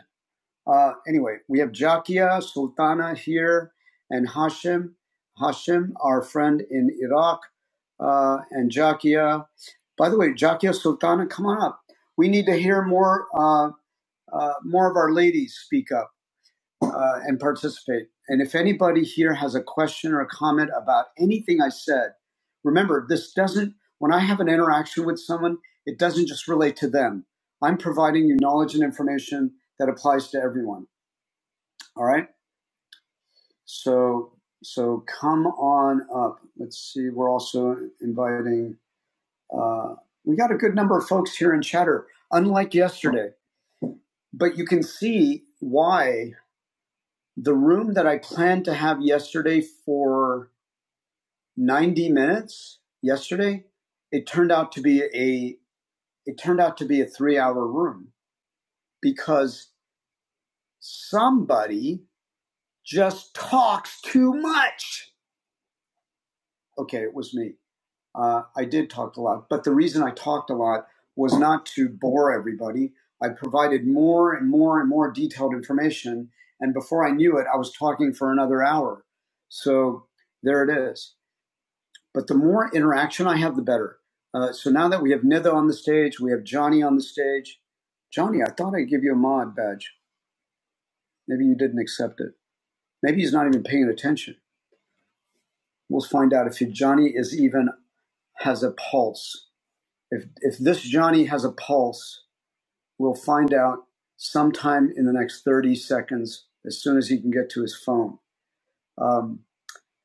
S1: Uh, anyway, we have Jakia, Sultana here, and Hashim. Hashim, our friend in Iraq, uh, and Jakia. By the way, Jakia, Sultana, come on up. We need to hear more. Uh, uh, more of our ladies speak up uh, and participate. And if anybody here has a question or a comment about anything I said, remember this doesn't, when I have an interaction with someone, it doesn't just relate to them. I'm providing you knowledge and information that applies to everyone. All right. So, so come on up. Let's see. We're also inviting, uh, we got a good number of folks here in chatter, unlike yesterday, but you can see why the room that I planned to have yesterday for 90 minutes yesterday, it turned out to be a it turned out to be a 3-hour room because somebody just talks too much. Okay, it was me. Uh, I did talk a lot, but the reason I talked a lot was not to bore everybody. I provided more and more and more detailed information, and before I knew it, I was talking for another hour. So there it is. But the more interaction I have, the better. Uh, so now that we have Nitha on the stage, we have Johnny on the stage. Johnny, I thought I'd give you a mod badge. Maybe you didn't accept it. Maybe he's not even paying attention. We'll find out if Johnny is even has a pulse. If if this Johnny has a pulse, we'll find out sometime in the next 30 seconds, as soon as he can get to his phone. Um,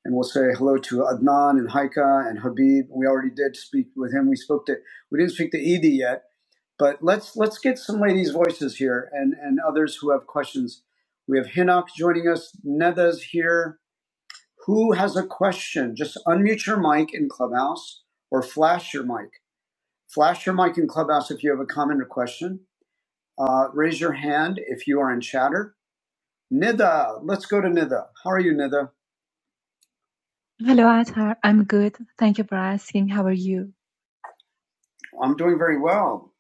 S1: and we'll say hello to Adnan and Haika and Habib. We already did speak with him. We spoke to we didn't speak to Edie yet But let's let's get some ladies' voices here and and others who have questions. We have Hinnock joining us. Neda's here. Who has a question? Just unmute your mic in Clubhouse or flash your mic. Flash your mic in Clubhouse if you have a comment or question. Uh, raise your hand if you are in chatter. Nida, let's go to Nida. How are you, Nida?
S3: Hello, Athar. I'm good. Thank you for asking. How are you?
S1: I'm doing very well.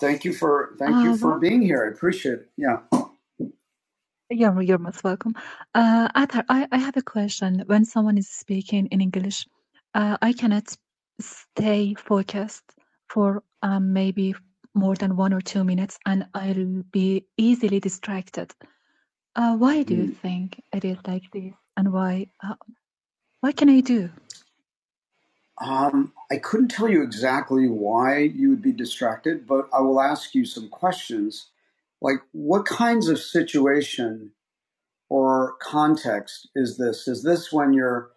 S1: Thank you for thank you
S3: Uh,
S1: for
S3: well,
S1: being here. I appreciate it. Yeah.
S3: you're, you're most welcome. Uh, Athar, I, I have a question. When someone is speaking in English, uh, I cannot stay focused for um, maybe more than one or two minutes and I'll be easily distracted. Uh, why do
S1: Hmm.
S3: you think it is like this? And why, uh, what can I do?
S1: Um, I couldn't tell you exactly why you would be distracted, but I will ask you some questions. Like, what kinds of situation or context is this? Is this when you're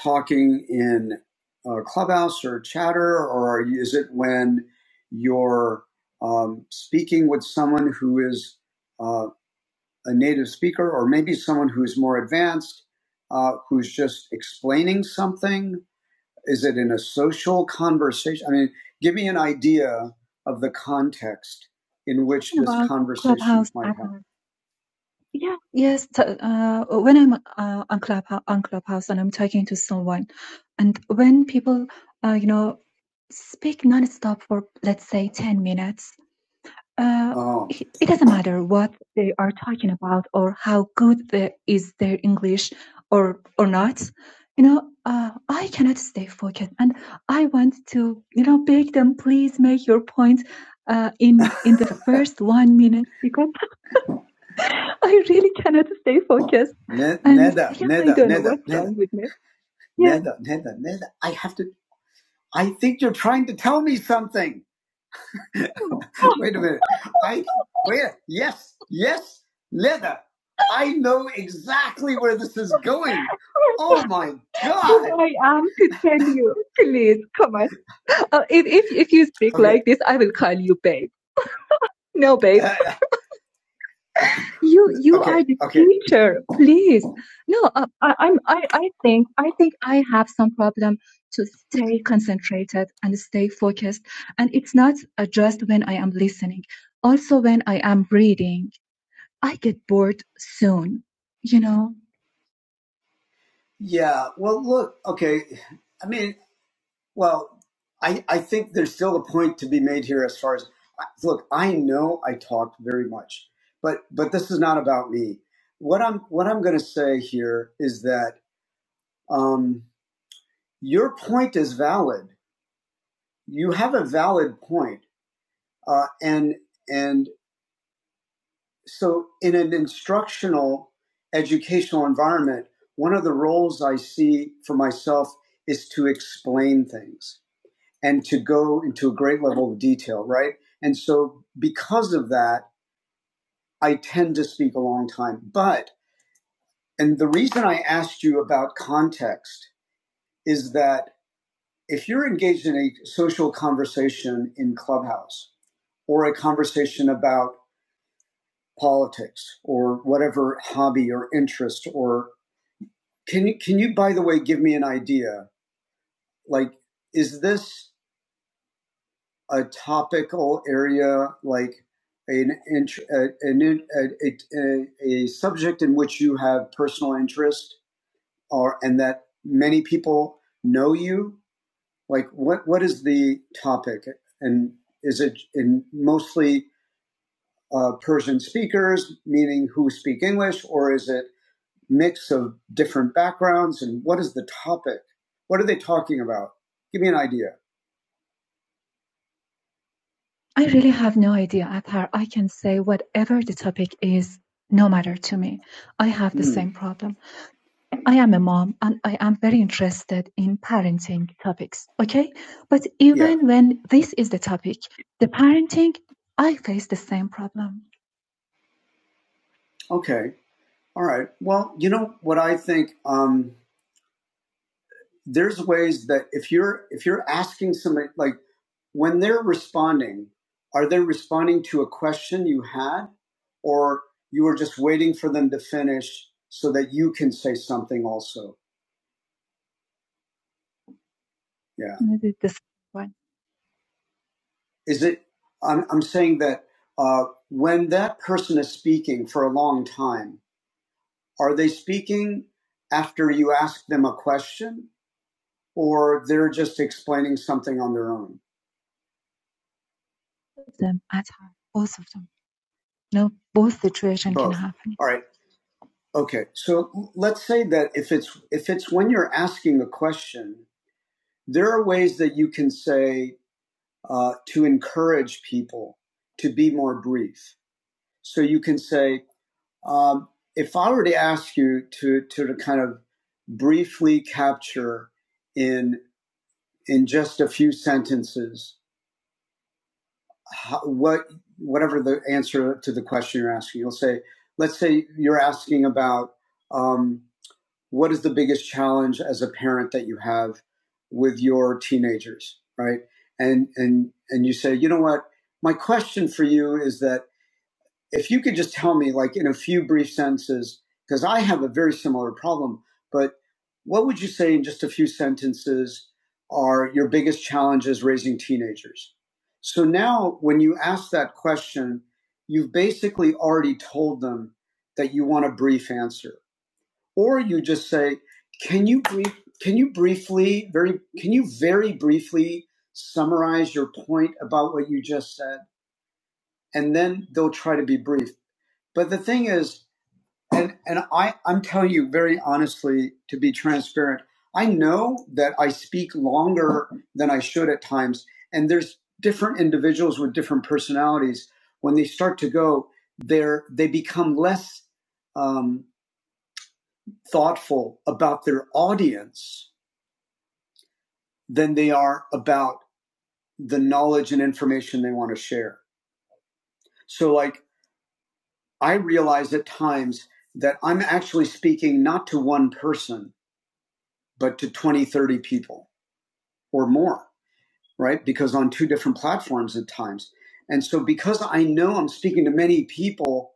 S1: talking in a Clubhouse or Chatter, or is it when you're um, speaking with someone who is uh, a native speaker, or maybe someone who is more advanced, uh, who's just explaining something? Is it in a social conversation? I mean, give me an idea of the context in which
S3: Talking
S1: this
S3: about
S1: conversation
S3: Clubhouse,
S1: might happen.
S3: Athar. Yeah, yes. t- Uh, when I'm uh, on Club on Clubhouse and I'm talking to someone, and when people, uh, you know, speak nonstop for let's say ten minutes, uh,
S1: Oh,
S3: it it doesn't matter what they are talking about or how good the, is their English or or not. You know, uh, I cannot stay focused, and I want to, you know, beg them, please make your point uh, in in the first one minute because I really cannot stay focused.
S1: ne-
S3: And
S1: Neda,
S3: yeah, I
S1: Neda,
S3: don't know
S1: Neda,
S3: what's
S1: Neda,
S3: wrong with me. Yeah.
S1: Neda, Neda, Neda. I have to. I think you're trying to tell me something. Wait a minute. I wait. Yes, yes, leather. I know exactly where this is going. Oh my
S3: Who
S1: god.
S3: I am to tell you. Please, come on. Uh, if, if, if you speak
S1: Okay.
S3: like this, I will call you babe. No, babe.
S1: Uh,
S3: You you
S1: okay.
S3: are the
S1: Okay.
S3: teacher. Please. No, uh, I, I'm I, I think I think I have some problem to stay concentrated and stay focused. And it's not uh, just when I am listening. Also when I am reading, I get bored soon. You know?
S1: Yeah. Well, look. Okay. I mean, well, I I think there's still a point to be made here as far as look. I know I talked very much, but but this is not about me. What I'm what I'm going to say here is that um, your point is valid you have a valid point. Uh, and and so in an instructional educational environment, one of the roles I see for myself is to explain things and to go into a great level of detail, right? And so because of that, I tend to speak a long time. But and the reason I asked you about context is that if you're engaged in a social conversation in Clubhouse or a conversation about politics or whatever hobby or interest or can you can you by the way give me an idea like is this a topical area like an int- a, an a, a, a, a subject in which you have personal interest or and that many people know you like what what is the topic and is it in mostly uh, Persian speakers meaning who speak English or is it mix of different backgrounds and what is the topic? What are they talking about? Give me an idea.
S3: I really have no idea, Athar. I can say whatever the topic is, no matter to me. I have the
S1: Hmm.
S3: same problem. I am a mom and I am very interested in parenting topics. Okay. But
S1: Yeah.
S3: even when this is the topic, the parenting, I face the same problem.
S1: Okay. All right. Well, you know what I think. Um, there's ways that if you're if you're asking somebody like when they're responding, are they responding to a question you had, or you were just waiting for them to finish so that you can say something also? Yeah.
S3: You know, the, the same one,
S1: is it i'm, I'm saying that uh, when that person is speaking for a long time are they speaking after you ask them a question or they're just explaining something on their own
S3: them, Athar, both of them. No, both situation can
S1: both
S3: happen.
S1: all right okay so let's say that if it's if it's when you're asking a question there are ways that you can say uh, to encourage people to be more brief so you can say Um, if I were to ask you to to, to kind of briefly capture in in just a few sentences how, what whatever the answer to the question you're asking, you'll say, let's say you're asking about um, what is the biggest challenge as a parent that you have with your teenagers, right? And and and you say, you know what? My question for you is that if you could just tell me, like in a few brief sentences, because I have a very similar problem, but what would you say in just a few sentences are your biggest challenges raising teenagers? So now, when you ask that question, you've basically already told them that you want a brief answer, or you just say, "Can you brief? Can you briefly, very, can you very briefly summarize your point about what you just said?" And then they'll try to be brief. But the thing is, and and I I'm telling you very honestly to be transparent. I know that I speak longer than I should at times, and there's different individuals with different personalities. When they start to go, they're they become less um, thoughtful about their audience than they are about the knowledge and information they want to share. So, like, I realize at times that I'm actually speaking not to one person but to 20, 30 people or more, right? Because on two different platforms at times. And so because I know I'm speaking to many people,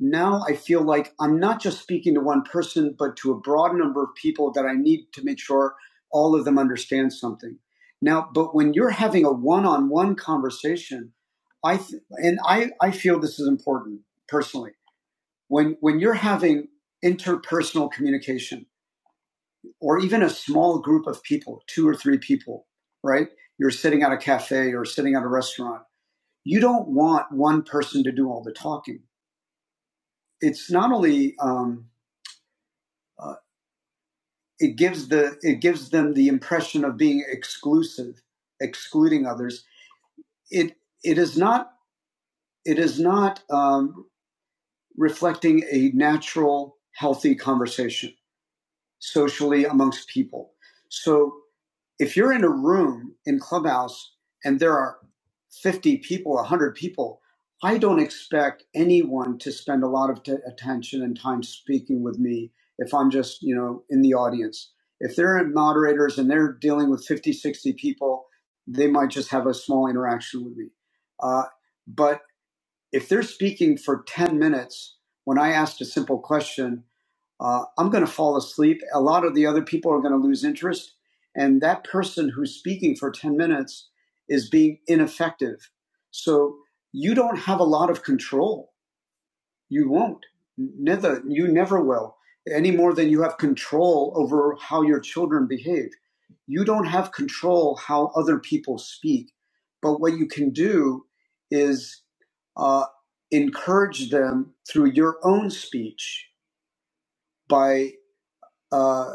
S1: now I feel like I'm not just speaking to one person, but to a broad number of people that I need to make sure all of them understand something. Now, but when you're having a one on one conversation, I th- and I, I feel this is important personally. When when you're having interpersonal communication, or even a small group of people, two or three people, right? You're sitting at a cafe or sitting at a restaurant. You don't want one person to do all the talking. It's not only um, uh, it gives the it gives them the impression of being exclusive, excluding others. It it is not it is not um, reflecting a natural, healthy conversation socially amongst people. So if you're in a room in Clubhouse and there are 50 people, 100 people, I don't expect anyone to spend a lot of t- attention and time speaking with me if I'm just, you know, in the audience. If they're moderators and they're dealing with 50, 60 people, they might just have a small interaction with me. Uh, but if they're speaking for 10 minutes, when I asked a simple question, uh, I'm going to fall asleep. A lot of the other people are going to lose interest. And that person who's speaking for 10 minutes is being ineffective. So you don't have a lot of control. You won't. Neither, you never will, any more than you have control over how your children behave. You don't have control how other people speak. But what you can do is uh, encourage them through your own speech by uh,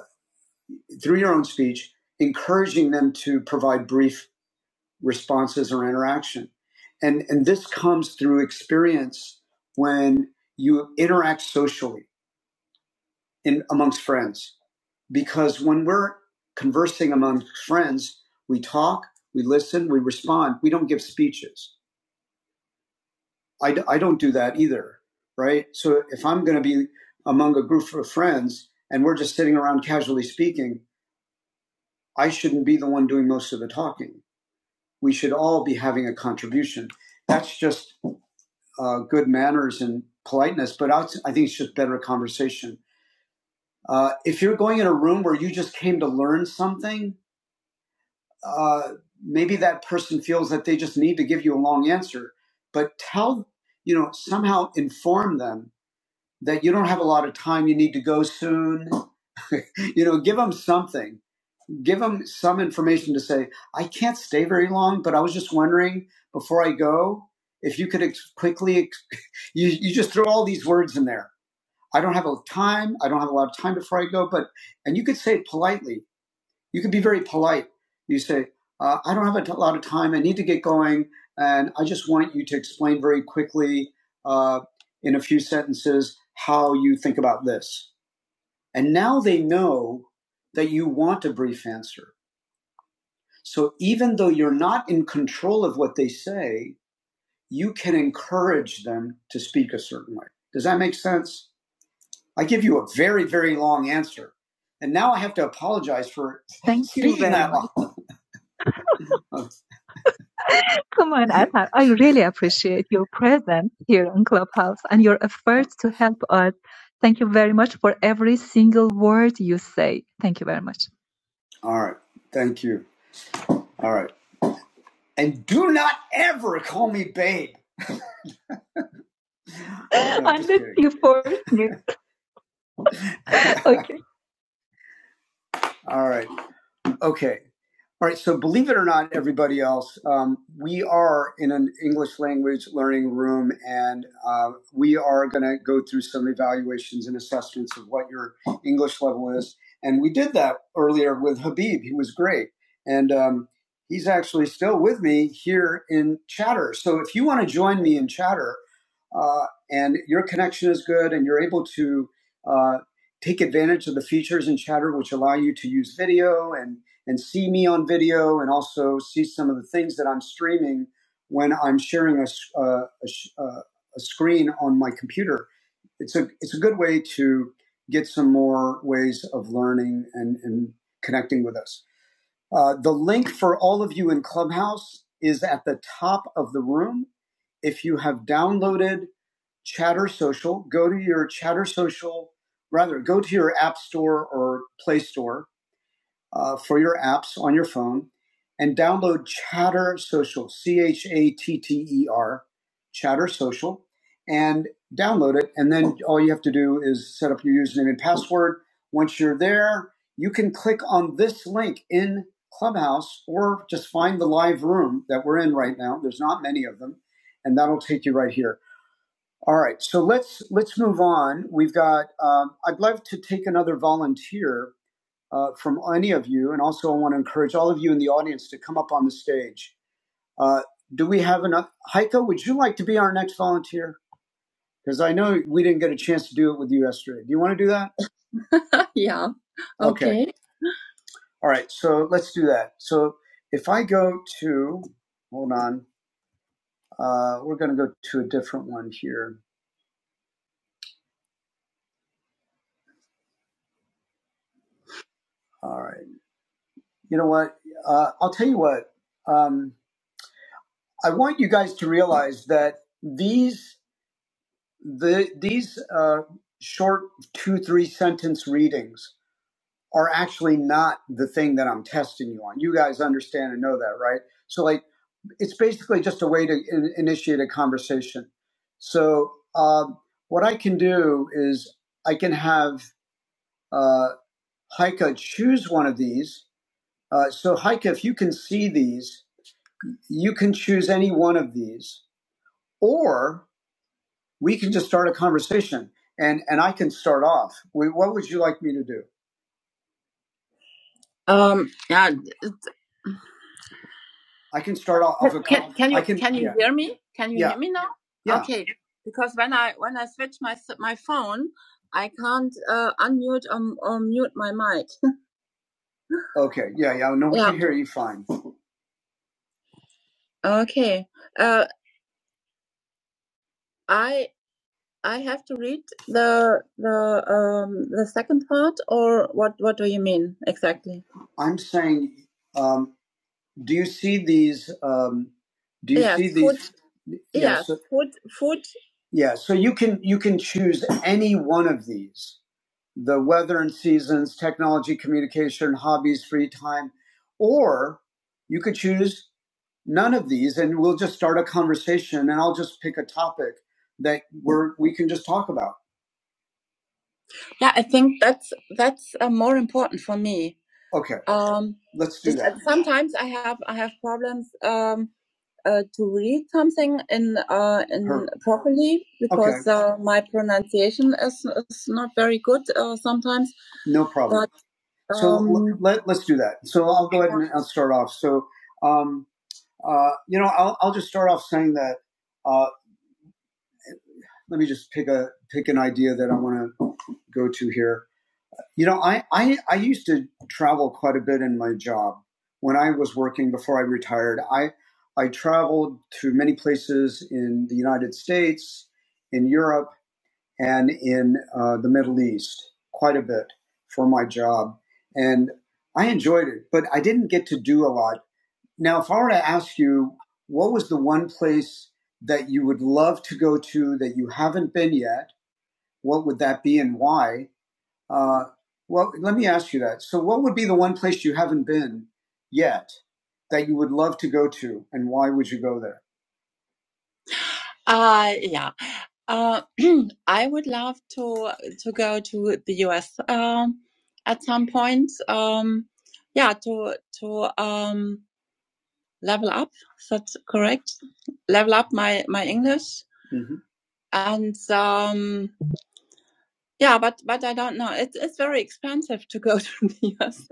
S1: through your own speech, encouraging them to provide brief responses or interaction. And, and this comes through experience when you interact socially in amongst friends. Because when we're conversing among friends, we talk, we listen, we respond. We don't give speeches. I, d- I don't do that either, right? So if I'm going to be among a group of friends and we're just sitting around casually speaking, I shouldn't be the one doing most of the talking we should all be having a contribution. That's just uh, good manners and politeness, but I think it's just better conversation. Uh, if you're going in a room where you just came to learn something, uh, maybe that person feels that they just need to give you a long answer, but tell, you know, somehow inform them that you don't have a lot of time, you need to go soon. you know, give them something give them some information to say, I can't stay very long, but I was just wondering before I go if you could ex- quickly, ex- you, you just throw all these words in there. I don't have a time. I don't have a lot of time before I go, but, and you could say it politely. You could be very polite. You say, uh, I don't have a t- lot of time. I need to get going. And I just want you to explain very quickly uh, in a few sentences how you think about this. And now they know that you want a brief answer so even though you're not in control of what they say, you can encourage them to speak a certain way. Does that make sense? I give you a very, very long answer. And now I have to apologize for
S3: Thank you
S1: speaking
S3: very
S1: that
S3: much.
S1: long.
S3: Come on, Atar. I really appreciate your presence here on Clubhouse and your efforts to help us. Thank you very much for every single word you say. Thank you very much.
S1: All right. Thank you. All right. And do not ever call me babe. No, just
S3: Unless
S1: kidding.
S3: you force me. Okay.
S1: All right. Um, Okay. All right. So believe it or not, everybody else, um, we are in an English language learning room, and uh, we are going to go through some evaluations and assessments of what your English level is. And we did that earlier with Habib. He was great, and um, he's actually still with me here in Chatter. So if you want to join me in Chatter, uh, and your connection is good, and you're able to uh, take advantage of the features in Chatter, which allow you to use video and and see me on video and also see some of the things that I'm streaming when I'm sharing a, s- uh, a, uh, a screen on my computer. It's a, it's a good way to get some more ways of learning and, and connecting with us. Uh, the link for all of you in Clubhouse is at the top of the room. If you have downloaded Chatter Social, go to your Chatter Social, rather, go to your App Store or Play Store uh, for your apps on your phone and download Chatter Social, C H A T T E R, Chatter Social, and download it. And then all you have to do is set up your username and password. Once you're there, you can click on this link in Clubhouse or just find the live room that we're in right now. There's not many of them, and that'll take you right here. All right, so let's let's move on. We've got. Um, I'd love to take another volunteer uh, from any of you, and also I want to encourage all of you in the audience to come up on the stage. Uh, do we have enough? Heiko, would you like to be our next volunteer? Because I know we didn't get a chance to do it with you yesterday. Do you want to do that? yeah. Okay. okay. All right. So let's do that. So if I go to, hold on, uh, we're going to go to a different one here. All right. You know what? Uh, I'll tell you what. Um, I want you guys to realize that these the, these uh, short two three sentence readings are actually not the thing that i'm testing you on you guys understand and know that right so like it's basically just a way to in- initiate a conversation so um, what i can do is i can have uh, heike choose one of these uh, so heike if you can see these you can choose any one of these or. we can just start a conversation and and i can start off we, what would you like me to do Um, yeah. i can start off, off a Can, con- can i you I can can you yeah hear me? Can you yeah hear me now? yeah Okay, because when I when I switch my s- my phone, I can't uh, unmute or, or mute my mic. okay yeah yeah no we Yeah. can hear you fine Okay. Uh, I I have to read the the um the second part, or what what do you mean exactly? i'm saying um, do you see these um, do you Yes, see food. these Yeah, yes food. Food. yeah so you can you can choose any one of these the weather and seasons technology communication hobbies free time or you could choose none of these and we'll just start a conversation and i'll just pick a topic that we're we can just talk about Yeah, I think that's that's uh, more important for me. okay Um, let's do that uh, sometimes I have I have problems. Um, uh, to read something in uh, in Her. properly Okay. because okay. uh, my pronunciation is, is not very good uh, sometimes. No problem. But um, So um, let, let's do that. So I'll go ahead and I'll start off. So, um, uh, you know, I'll, I'll just start off saying that, uh, let me just pick a, pick an idea that I want to go to here. You know, I, I, I used to travel quite a bit in my job. When I was working before I retired, I, I traveled to many places in the United States, in Europe, and in uh, the Middle East quite a bit for my job. And I enjoyed it, but I didn't get to do a lot. Now, if I were to ask you, what was the one place that you would love to go to that you haven't been yet? What would that be and why? Uh, well, let me ask you that. So, what would be the one place you haven't been yet that you would love to go to, and why would you go there? Uh, yeah. Uh, I would love to to go to the US um, at some point. Um, yeah, to to um, level up. Is that correct? Level up my my English hmm and. um, Yeah, but but I don't know. It's it's very expensive to go to the US.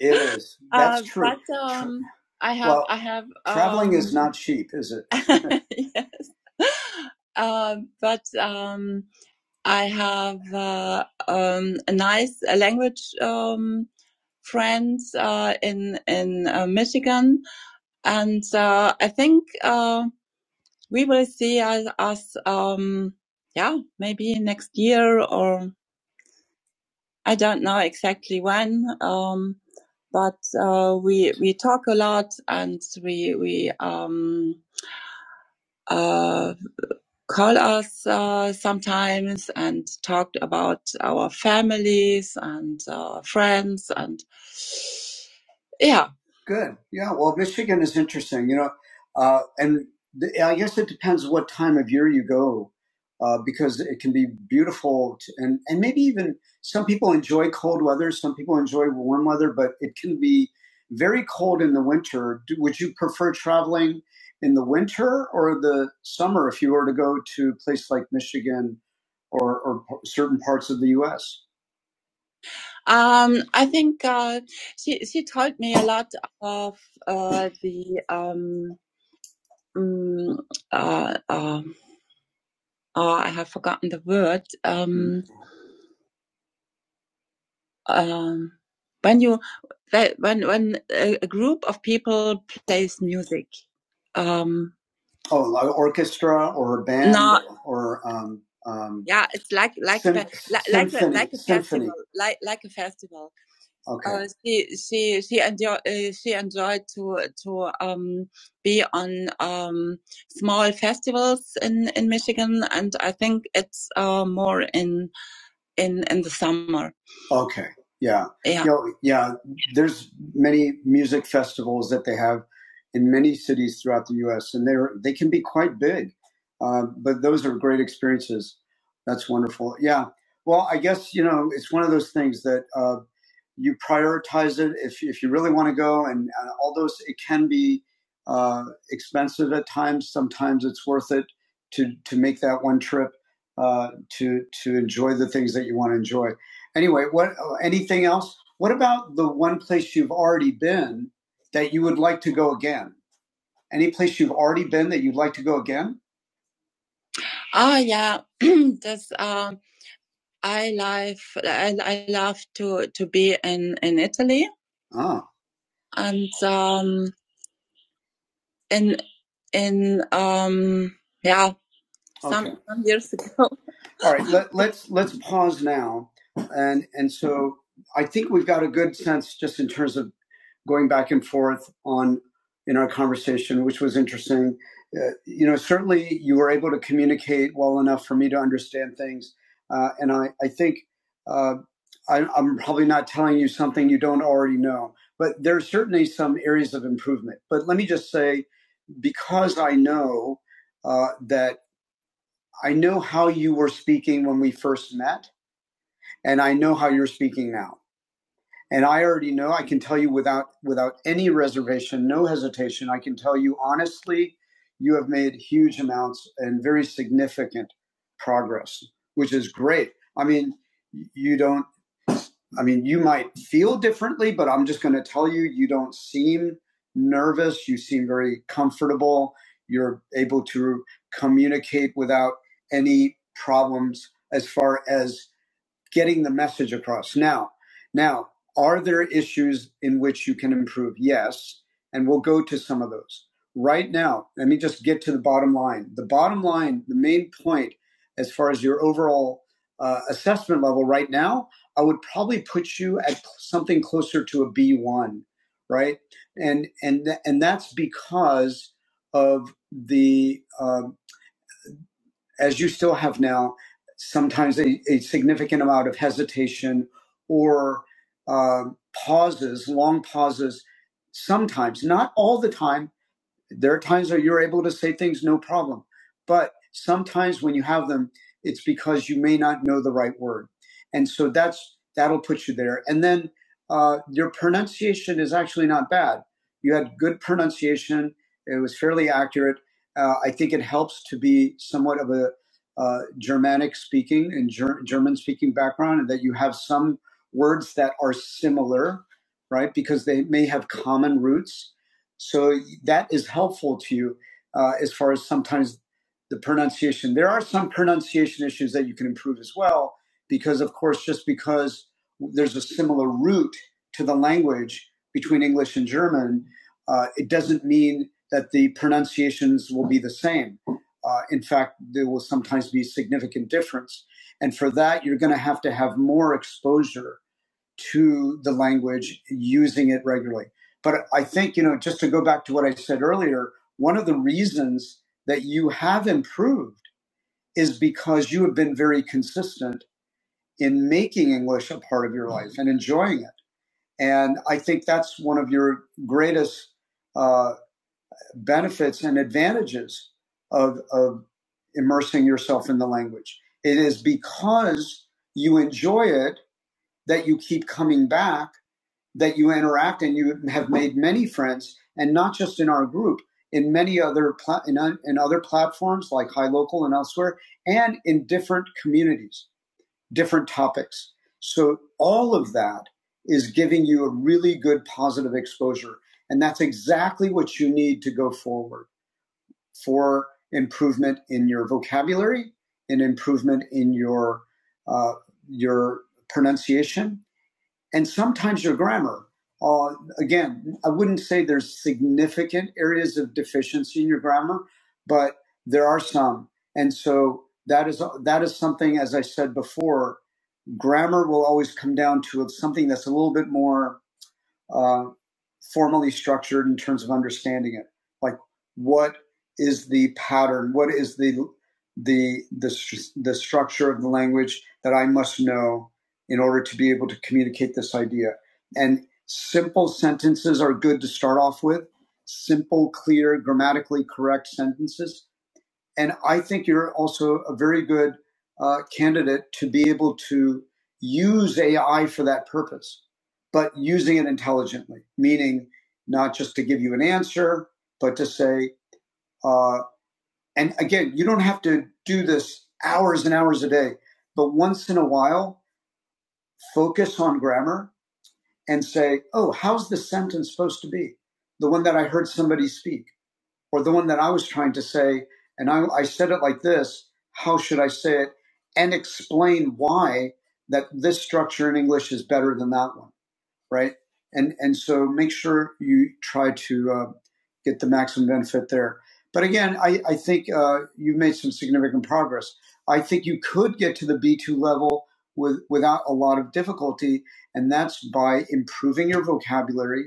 S1: It is. That's Uh, true. but um, I have well, I have traveling um, is um, not cheap, is it? yes. Uh, but um, I have uh, um, a nice uh, language um, friends uh, in in uh, Michigan, and uh, I think uh, we will see us, us um, yeah, maybe next year or I don't know exactly when, um, but uh, we we talk a lot and we we um, uh, call us uh, sometimes and talk about our families and uh, friends and yeah. Good. Yeah. Well, Michigan is interesting, you know, uh, and the, I guess it depends what time of year you go, uh, because it can be beautiful t and and maybe even some people enjoy cold weather, some people enjoy warm weather, but it can be very cold in the winter. Do, would you prefer traveling in the winter or the summer if you were to go to a place like Michigan or, or certain parts of the U.S.? Um, I think uh, she she told me a lot of uh, the um, mm, uh, um oh, I have forgotten the word. Um, um, when you when when a, group of people plays music. Um, Oh, like orchestra or a band no, or um, um, yeah, it's like like a sym- fe- like symphony, like a, like a festival, like like a festival. Okay. Uh, she she she enjoyed uh, she enjoyed to to um, be on um, small festivals in, in Michigan, and I think it's uh, more in in in the summer. Okay. Yeah. Yeah. You know, yeah. There's many music festivals that they have in many cities throughout the U.S. and they're they can be quite big. Uh, but those are great experiences. That's wonderful. Yeah. Well, I guess you know it's one of those things that uh, you prioritize it if if you really want to go. And uh, although it can be uh, expensive at times, sometimes it's worth it to to make that one trip uh, to to enjoy the things that you want to enjoy. Anyway, what anything else? What about the one place you've already been that you would like to go again? Any place you've already been that you'd like to go again? Ah, yeah, that's um. I love I, I love to to be in in Italy Oh, and um in in um yeah some Okay. some years ago. All right. Let, let's let's pause now, and and so I think we've got a good sense just in terms of going back and forth on in our conversation, which was interesting. Uh, you know, certainly you were able to communicate well enough for me to understand things, uh, and I I think uh, I, I'm probably not telling you something you don't already know, but there are certainly some areas of improvement. But let me just say, because I know uh, that. I know how you were speaking when we first met, and I know how you're speaking now. And I already know, I can tell you without, without any reservation, no hesitation, I can tell you honestly, you have made huge amounts and very significant progress, which is great. I mean, you don't I mean, you might feel differently, but I'm just going to tell you, you don't seem nervous. You seem very comfortable. You're able to communicate without any problems as far as getting the message across. Now, now, are there issues in which you can improve? Yes, and we'll go to some of those. Right now, let me just get to the bottom line. The bottom line, the main point, as far as your overall uh, assessment level right now, I would probably put you at something closer to a B one, right? And and th- and that's because of the uh, as you still have now, sometimes a, a significant amount of hesitation or uh, pauses, long pauses, sometimes, not all the time there are times that you're able to say things no problem, but sometimes when you have them, it's because you may not know the right word, and so that's that'll put you there. And then uh, your pronunciation is actually not bad. You had good pronunciation; it was fairly accurate. Uh, I think it helps to be somewhat of a uh, Germanic speaking and ger- German speaking background, and that you have some words that are similar, right? Because they may have common roots so that is helpful to you uh, as far as sometimes the pronunciation. There are some pronunciation issues that you can improve as well, because of course, just because there's a similar root to the language between English and German, uh, it doesn't mean that the pronunciations will be the same. Uh, in fact, there will sometimes be significant difference. And for that, you're going to have to have more exposure to the language, using it regularly. But I think, you know, just to go back to what I said earlier, one of the reasons that you have improved is because you have been very consistent in making English a part of your life and enjoying it. And I think that's one of your greatest uh, benefits and advantages of, of immersing yourself in the language. It is because you enjoy it that you keep coming back that you interact and you have made many friends, and not just in our group, in many other pla- in, uh, in other platforms like High Local and elsewhere, and in different communities, different topics. So all of that is giving you a really good positive exposure, and that's exactly what you need to go forward for improvement in your vocabulary, and improvement in your uh, your pronunciation, and sometimes your grammar. Uh, again, I wouldn't say there's significant areas of deficiency in your grammar, but there are some, and so that is that is something. As I said before, grammar will always come down to something that's a little bit more uh, formally structured in terms of understanding it. Like, what is the pattern? What is the the the the structure of the language that I must know in order to be able to communicate this idea? And simple sentences are good to start off with. Simple, clear, grammatically correct sentences and I think you're also a very good uh, candidate to be able to use AI for that purpose, but using it intelligently, meaning not just to give you an answer, but to say, uh, and again, you don't have to do this hours and hours a day, but once in a while, focus on grammar and say, oh, how's the sentence supposed to be? The one that I heard somebody speak or the one that I was trying to say, and I, I said it like this how should I say it? And explain why that this structure in English is better than that one, right? And, and so make sure you try to uh, get the maximum benefit there. But again, I, I think uh, you've made some significant progress. I think you could get to the B2 level with, without a lot of difficulty, and that's by improving your vocabulary,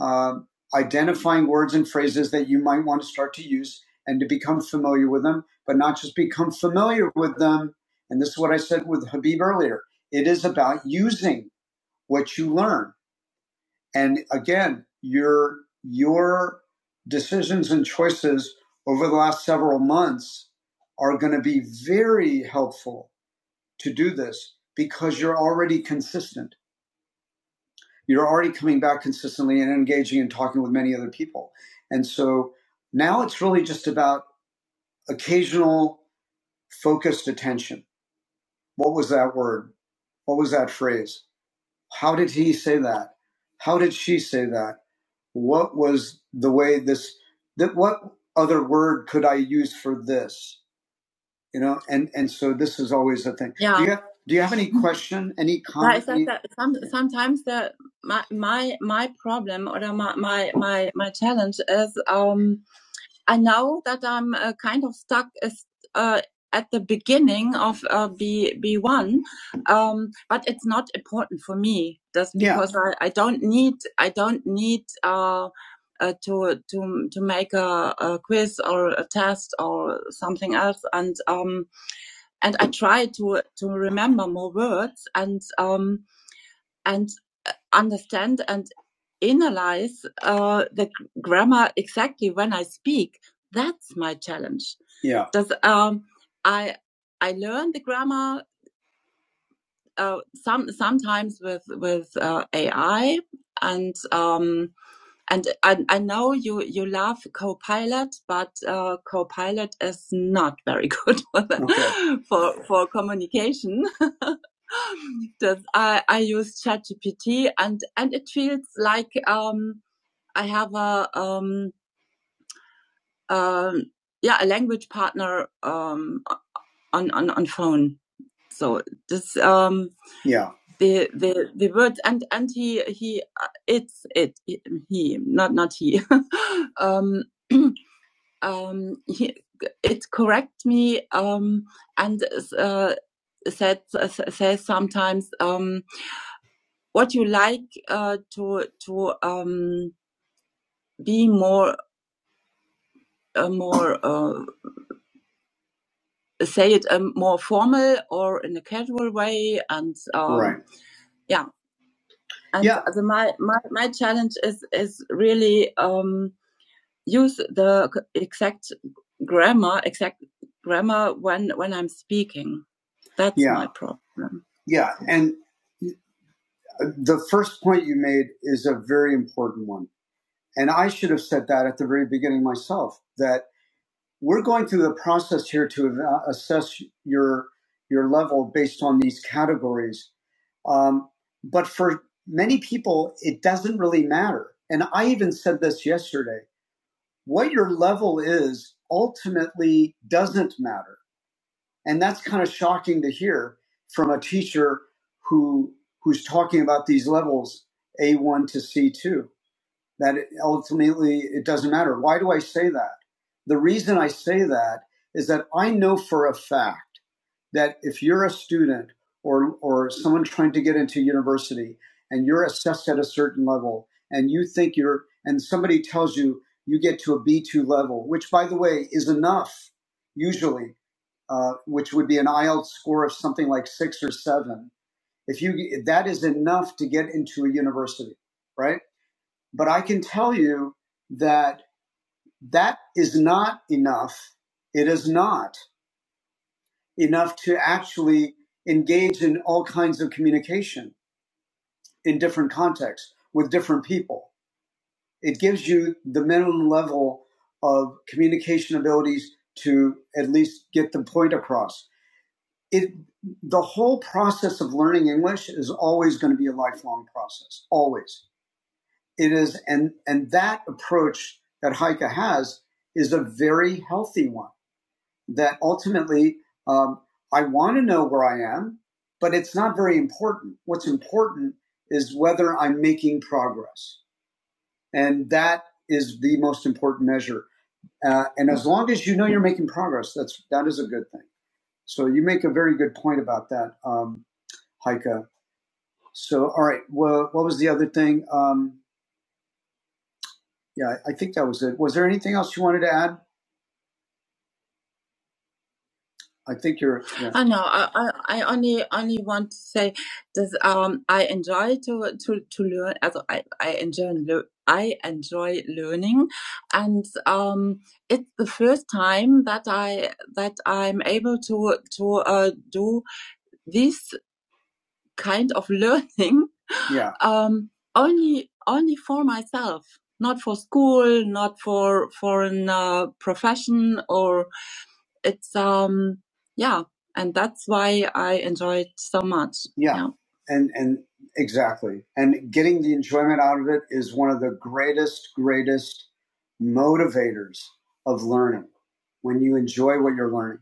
S1: um, identifying words and phrases that you might want to start to use and to become familiar with them, but not just become familiar with them. And this is what I said with Habib earlier. It is about using what you learn. And again, your your decisions and choices over the last several months are going to be very helpful to do this because you're already consistent you're already coming back consistently and engaging and talking with many other people. And so now it's really just about occasional focused attention. What was that word? What was that phrase? How did he say that? How did she say that? What was the way this that what other word could I use for this? you know and and so this is always a thing do Yeah. Do you have do you have any question any comment it's like that some, sometimes the my my my problem or my my my my challenge is um I know that I'm uh, kind of stuck is uh at the beginning of uh, B B one, um, but it's not important for me. That's yeah because yeah. I, I don't need I don't need uh, uh to to to make a, a quiz or a test or something else. And um, and I try to to remember more words and um, and understand and analyze uh, the grammar exactly when I speak. That's my challenge. Yeah. Does um, I I learn the grammar uh, some sometimes with with uh, AI and um, and I, I know you you love Copilot, but uh, Copilot is not very good for the, Okay. for for communication that I, I use ChatGPT and, and it feels like, um, I have a, um, um, yeah, a language partner, um, on, on, on phone. So this, um, Yeah. the, the, the words and, and he, he, uh, it's, it, he, not, not he, um, um, he, it correct me, um, and, uh, said, uh, says sometimes, um, what you like uh, to to um, be more uh, more uh, say it um, more formal or in a casual way and um, Right. yeah and Yeah. the, my, my my challenge is is really um, use the exact grammar exact grammar when when I'm speaking that's Yeah. my problem Yeah. And the first point you made is a very important one. And I should have said that at the very beginning myself that we're going through the process here to assess your your level based on these categories. Um, but for many people, it doesn't really matter. And I even said this yesterday. What your level is ultimately doesn't matter. And that's kind of shocking to hear from a teacher who who's talking about these levels A1 to C2 that it- ultimately it doesn't matter. Why do I say that? The reason I say that is that I know for a fact that if you're a student or, or someone trying to get into university and you're assessed at a certain level and you think you're, and somebody tells you you get to a B2 level, which by the way is enough usually, uh, which would be an IELTS score of something like six or seven. If you, that is enough to get into a university, right? But I can tell you that that is not enough. It is not enough to actually engage in all kinds of communication in different contexts with different people. It gives you the minimum level of communication abilities to at least get the point across. It, the whole process of learning English is always going to be a lifelong process, always it is and and that approach that Heike has is a very healthy one. That ultimately, um, I want to know where I am, but it's not very important. What's important is whether I'm making progress, and that is the most important measure. Uh, and as long as you know you're making progress, that's that is a good thing. So you make a very good point about that, um, Heike. So all right, well, what was the other thing? Um, yeah, I think that was it. Was there anything else you wanted to add? I think you're. Yeah. I know. I, I, I only only want to say that um I enjoy to to to learn. Also, I I enjoy lear- I enjoy learning, and um it's the first time that I that I'm able to to uh, do this kind of learning, Yeah. um only only for myself, not for school, not for for an uh, profession or it's um yeah, and that's why I enjoy it so much. Yeah. Yeah. and and exactly and getting the enjoyment out of it is one of the greatest greatest motivators of learning when you enjoy what you're learning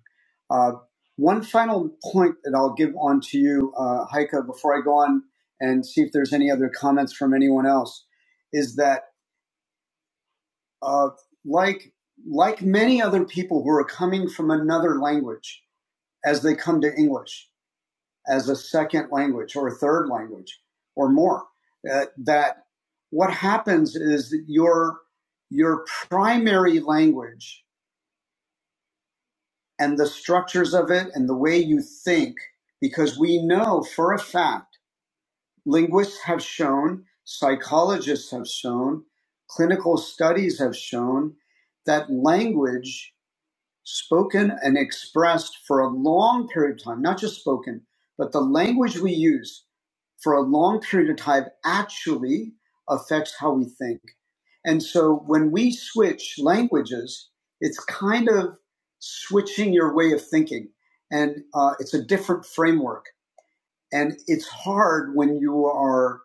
S1: uh, one final point that i'll give on to you uh, heike before i go on and see if there's any other comments from anyone else is that uh, like like many other people who are coming from another language as they come to English as a second language or a third language or more. Uh, that what happens is that your your primary language and the structures of it and the way you think, because we know for a fact, linguists have shown, psychologists have shown, clinical studies have shown that language spoken and expressed for a long period of time, not just spoken, but the language we use for a long period of time actually affects how we think. And so when we switch languages, it's kind of switching your way of thinking, and uh, it's a different framework. And it's hard when you are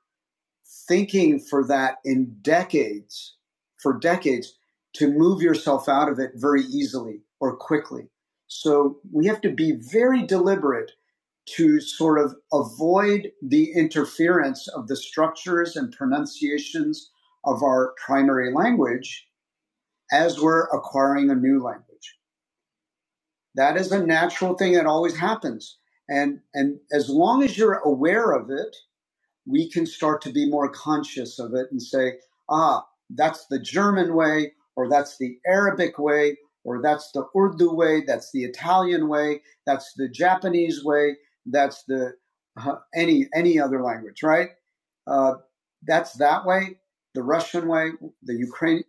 S1: thinking for that in decades, for decades, to move yourself out of it very easily or quickly. So we have to be very deliberate to sort of avoid the interference of the structures and pronunciations of our primary language as we're acquiring a new language. That is a natural thing that always happens. And, and as long as you're aware of it, we can start to be more conscious of it and say, ah, that's the German way, or that's the Arabic way, or that's the Urdu way, that's the Italian way, that's the Japanese way, that's the uh, any any other language, right? Uh, that's that way, the Russian way, the Ukrainian.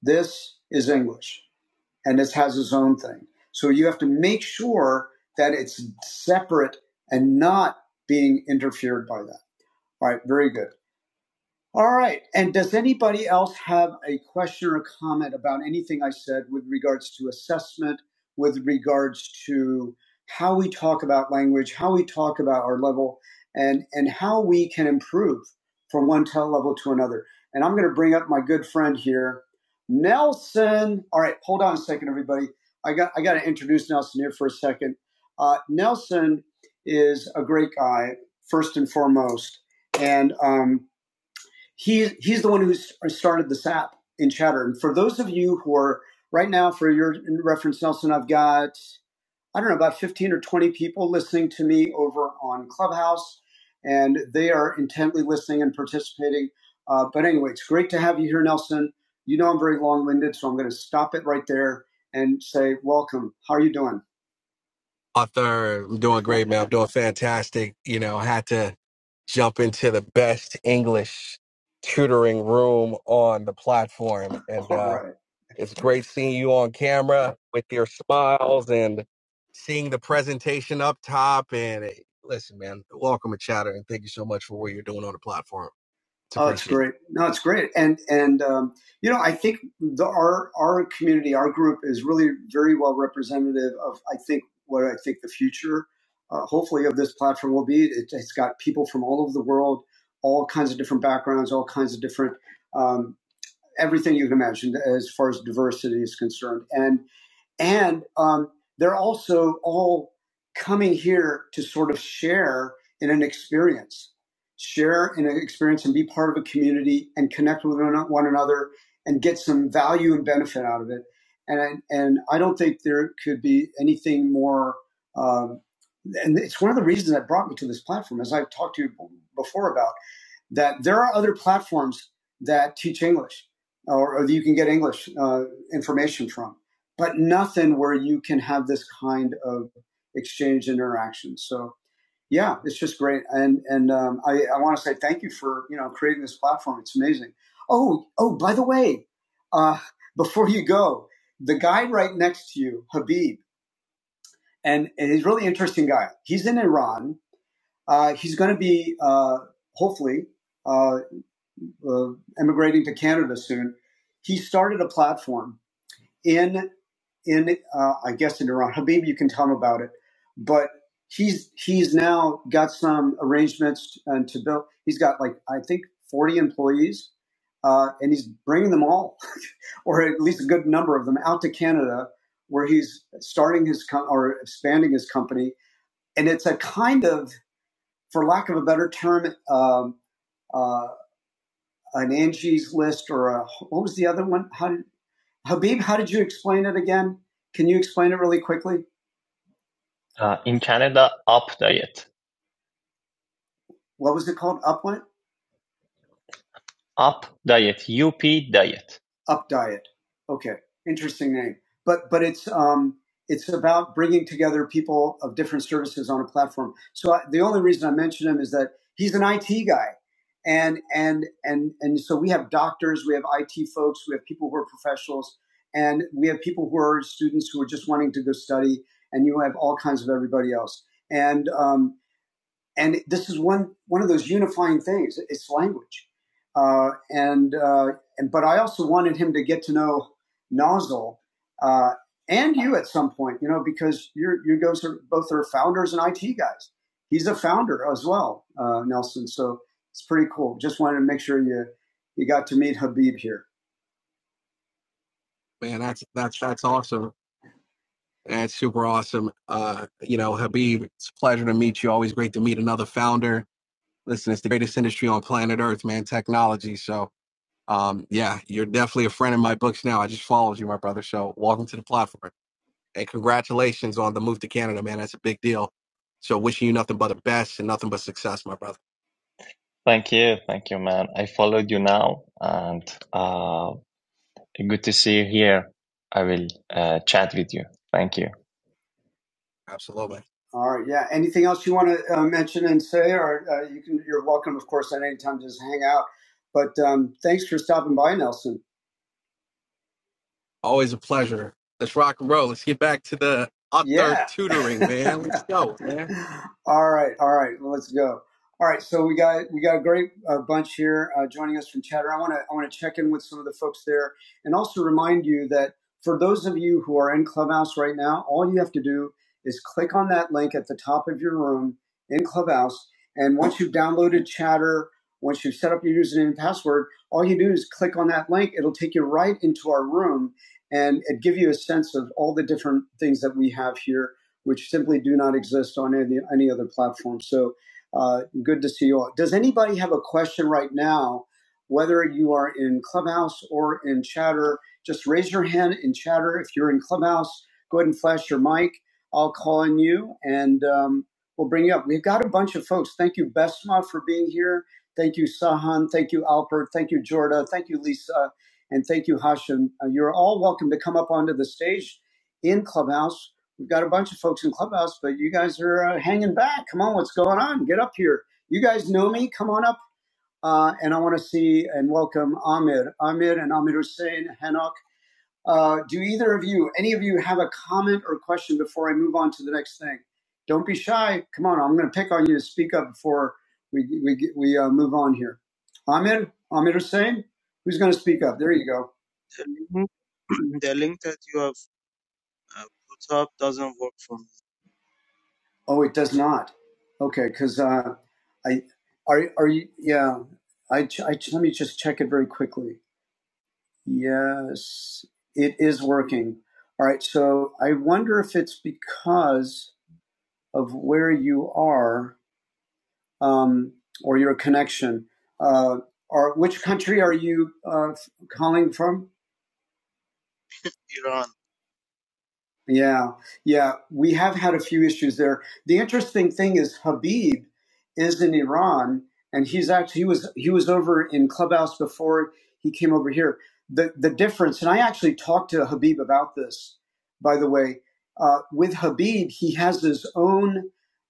S1: This is English, and this has its own thing. So you have to make sure that it's separate and not being interfered by that. All right, very good. All right. And does anybody else have a question or comment about anything I said with regards to assessment, with regards to how we talk about language, how we talk about our level, and, and how we can improve from one tell level to another? And I'm going to bring up my good friend here, Nelson. All right. Hold on a second, everybody. I got, I got to introduce Nelson here for a second. Uh, Nelson is a great guy, first and foremost. And, um, he he's the one who started this app in chatter and for those of you who are right now for your reference nelson i've got i don't know about 15 or 20 people listening to me over on clubhouse and they are intently listening and participating uh, but anyway it's great to have you here nelson you know i'm very long-winded so i'm going to stop it right there and say welcome how are you doing author. I'm doing great, man. I'm doing fantastic. You know, I had to jump into the best English tutoring room on the platform. And All uh, right. it's great seeing you on camera with your smiles and seeing the presentation up top. And eh, listen, man, welcome to Chatter. And thank you so much for what you're doing on the platform. Oh, it's great. No, it's great. And and um, you know, I think the our our community, our group is really very well representative of I think what I think the future, uh, hopefully, of this platform will be. It, it's got people from all over the world, all kinds of different backgrounds, all kinds of different um, everything you can imagine as far as diversity is concerned. And and um, they're also all coming here to sort of share in an experience, share in an experience and be part of a community and connect with one another and get some value and benefit out of it. And and I don't think there could be anything more. Um, and it's one of the reasons that brought me to this platform, as I've talked to you before about that there are other platforms that teach English or, or that you can get English uh, information from, but nothing where you can have this kind of exchange interaction. So yeah, it's just great. And, and um, I, I want to say thank you for, you know, creating this platform. It's amazing. Oh, oh, by the way, uh, before you go, the guy right next to you, Habib, and, and he's a really interesting guy. He's in Iran. Uh, he's going to be, uh, hopefully, uh, uh, immigrating to Canada soon. He started a platform in in uh, I guess in Iran. Habib, you can tell him about it, but he's he's now got some arrangements and to build. He's got like I think forty employees, uh, and he's bringing them all, or at least a good number of them, out to Canada, where he's starting his com- or expanding his company, and it's a kind of, for lack of a better term, um, uh, an Angie's List or a what was the other one? How did, Habib, how did you explain it again? Can you explain it really quickly? Uh, in Canada, up diet. What was it called? Up what? Up Diet, UP Diet. Up Diet. Okay, interesting name. But but it's um, it's about bringing together people of different services on a platform. So I, the only reason I mention him is that he's an IT guy, and and and and so we have doctors, we have IT folks, we have people who are professionals, and we have people who are students who are just wanting to go study, and you have all kinds of everybody else. And um, and this is one one of those unifying things. It's language, uh, and uh, and but I also wanted him to get to know Nozzle uh, and you at some point, you know, because you're you guys are both are founders and IT guys. He's a founder as well, uh, Nelson. So it's pretty cool. Just wanted to make sure you you got to meet Habib here. Man, that's that's that's awesome. That's super awesome. Uh, you know, Habib, it's a pleasure to meet you. Always great to meet another founder. Listen, it's the greatest industry on planet Earth, man. Technology. So, um, yeah, you're definitely a friend in my books now. I just followed you, my brother. So, welcome to the platform, and congratulations on the move to Canada, man. That's a big deal. So, wishing you nothing but the best and nothing but success, my brother. Thank you, thank you, man. I followed you now, and uh, good to see you here. I will uh, chat with you. Thank you. Absolutely. All right. Yeah. Anything else you want to uh, mention and say, or uh, you can? You're welcome, of course, at any time. Just hang out. But um, thanks for stopping by, Nelson. Always a pleasure. Let's rock and roll. Let's get back to the author Yeah. tutoring, man. Let's go, man. all right. All right. Well, let's go. All right. So we got we got a great uh, bunch here uh, joining us from Chatter. I want to I want to check in with some of the folks there, and also remind you that for those of you who are in Clubhouse right now, all you have to do is click on that link at the top of your room in Clubhouse, and once you've downloaded Chatter. Once you've set up your username and password, all you do is click on that link. It'll take you right into our room and it give you a sense of all the different things that we have here, which simply do not exist on any, any other platform. So uh, good to see you all. Does anybody have a question right now, whether you are in Clubhouse or in Chatter? Just raise your hand in Chatter. If you're in Clubhouse, go ahead and flash your mic. I'll call on you and um, we'll bring you up. We've got a bunch of folks. Thank you, Besma, for being here. Thank you, Sahan. Thank you, Alpert. Thank you, Jorda. Thank you, Lisa. And thank you, Hashem. Uh, you're all welcome to come up onto the stage in Clubhouse. We've got a bunch of folks in Clubhouse, but you guys are uh, hanging back. Come on, what's going on? Get up here. You guys know me. Come on up. Uh, and I want to see and welcome Amir, Amir and Amir Hussein, Hanok. Uh, do either of you, any of you, have a comment or question before I move on to the next thing? Don't be shy. Come on, I'm going to pick on you to speak up before we we we uh, move on here. Amir, Amir Hussein, who's going to
S4: Uh,
S1: speak up? There you go.
S4: the link, the link that you have uh, put up doesn't work for
S1: Oh, it does not. Okay, because uh, I are are you? Yeah, I, ch- I ch- let me just check it very quickly. Yes, it is working. All right, so I wonder if it's because of where you are um, or your connection. Uh, or which country are you uh, calling from?
S4: me. Iran.
S1: Yeah, yeah, we have had a few issues there. The interesting thing is Habib is in Iran, and he's actually he was he was over in Clubhouse before he came over here. The the difference, and I actually talked to Habib about this, by the way. Uh, with Habib, he has his own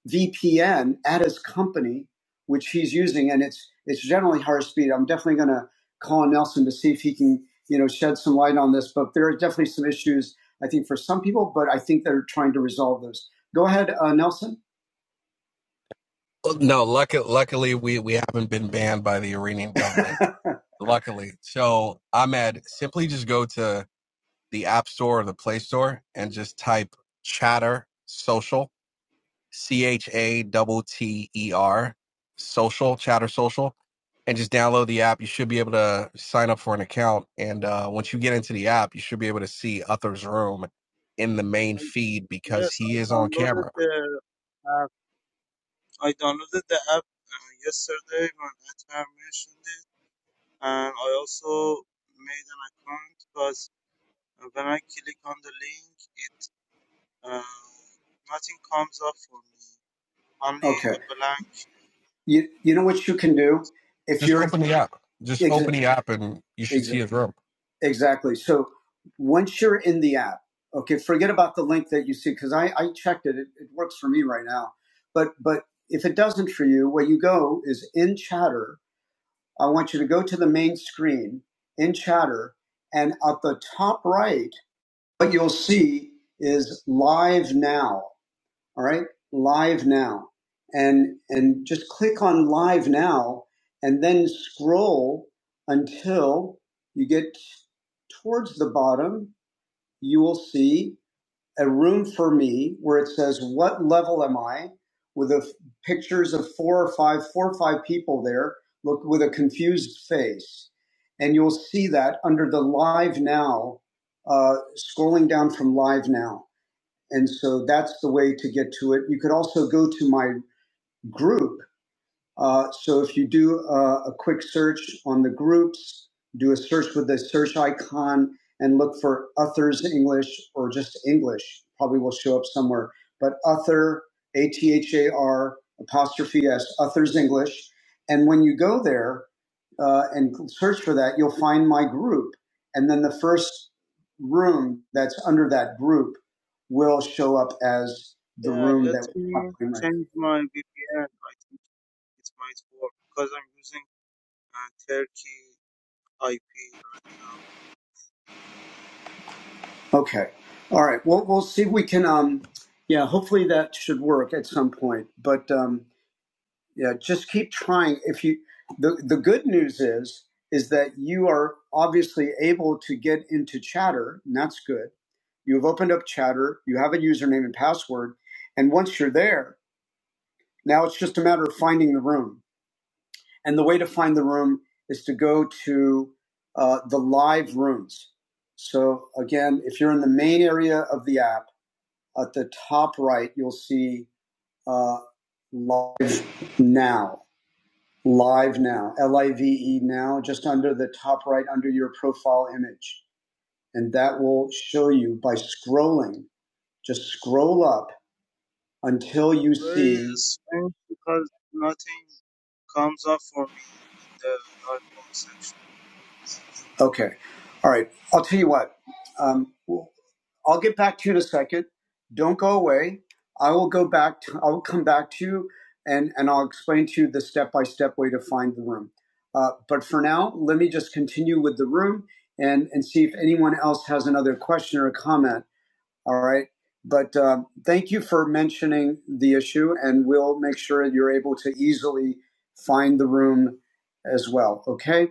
S1: VPN at his company, which he's using, and it's it's generally higher speed. I'm definitely going to call on Nelson to see if he can you know shed some light on this, but there are definitely some issues I think, for some people, but I think they're trying to resolve those. Go ahead, uh, Nelson. No, luckily, luckily we, we haven't been banned by the Iranian government. Luckily. So, Ahmed, simply just go to the App Store or the Play Store and just type chatter social C H A T T E R, social, Chatter Social, and just download the app. You should be able to sign up for an account. And uh, once you get into the app, you should be able to see Uther's room in the main
S4: I,
S1: feed because
S4: yes,
S1: he is
S4: I
S1: on
S4: downloaded
S1: camera.
S4: the app. I downloaded the app uh, yesterday when Atar mentioned it, and I also made an account. But uh, when I click on the link, it uh, nothing comes up for me. Only
S1: Okay.
S4: a blank.
S1: You you know what you can do if Just you're open the app. Just ex- open the app, and you should ex- see a room. exactly. So once you're in the app, okay, forget about the link that you see because I I checked it. it. It works for me right now, but but if it doesn't for you, where you go is in Chatter. I want you to go to the main screen in Chatter, and at the top right, what you'll see is live now all right live now and and just click on live now and then scroll until you get towards the bottom you will see a room for me where it says what level am i with the f- pictures of four or five four or five people there look with a confused face and you'll see that under the live now uh, scrolling down from live now and so that's the way to get to it. You could also go to my group uh, so if you do uh, a quick search on the groups, do a search with the search icon and look for Uthers English or just English. Probably will show up somewhere. But Uther, A T H A R apostrophe S, Uthers English. And when you go there uh, and search for that, you'll find my group. And then the first room that's under that group will show up as the
S4: Yeah,
S1: room
S4: let
S1: that we're
S4: me
S1: covering right
S4: change my VPN. I think it might work because I'm using uh, Turkey IP right now.
S1: Okay. All right. Well, we'll see if we can. Um, yeah, hopefully that should work at some point. But um, yeah, just keep trying. If you, the the good news is is that you are obviously able to get into Chatter, and that's good. You have opened up Chatter. You have a username and password, and once you're there, now it's just a matter of finding the room. And the way to find the room is to go to uh, the live rooms. So again, if you're in the main area of the app at the top right, you'll see uh, live now. Live now, L I V E now, just under the top right, under your profile image. And that will show you by scrolling, just scroll up until you
S4: Very
S1: see.
S4: strange because nothing comes up for me in the dot com section.
S1: Okay. All right. I'll tell you what. Um, I'll get back to you in a second. Don't go away. I will go back to, I will come back to you and, and I'll explain to you the step by step way to find the room. Uh, but for now, let me just continue with the room and, and see if anyone else has another question or comment. All right. But uh, thank you for mentioning the issue, and we'll make sure you're able to easily find the room as well. Okay.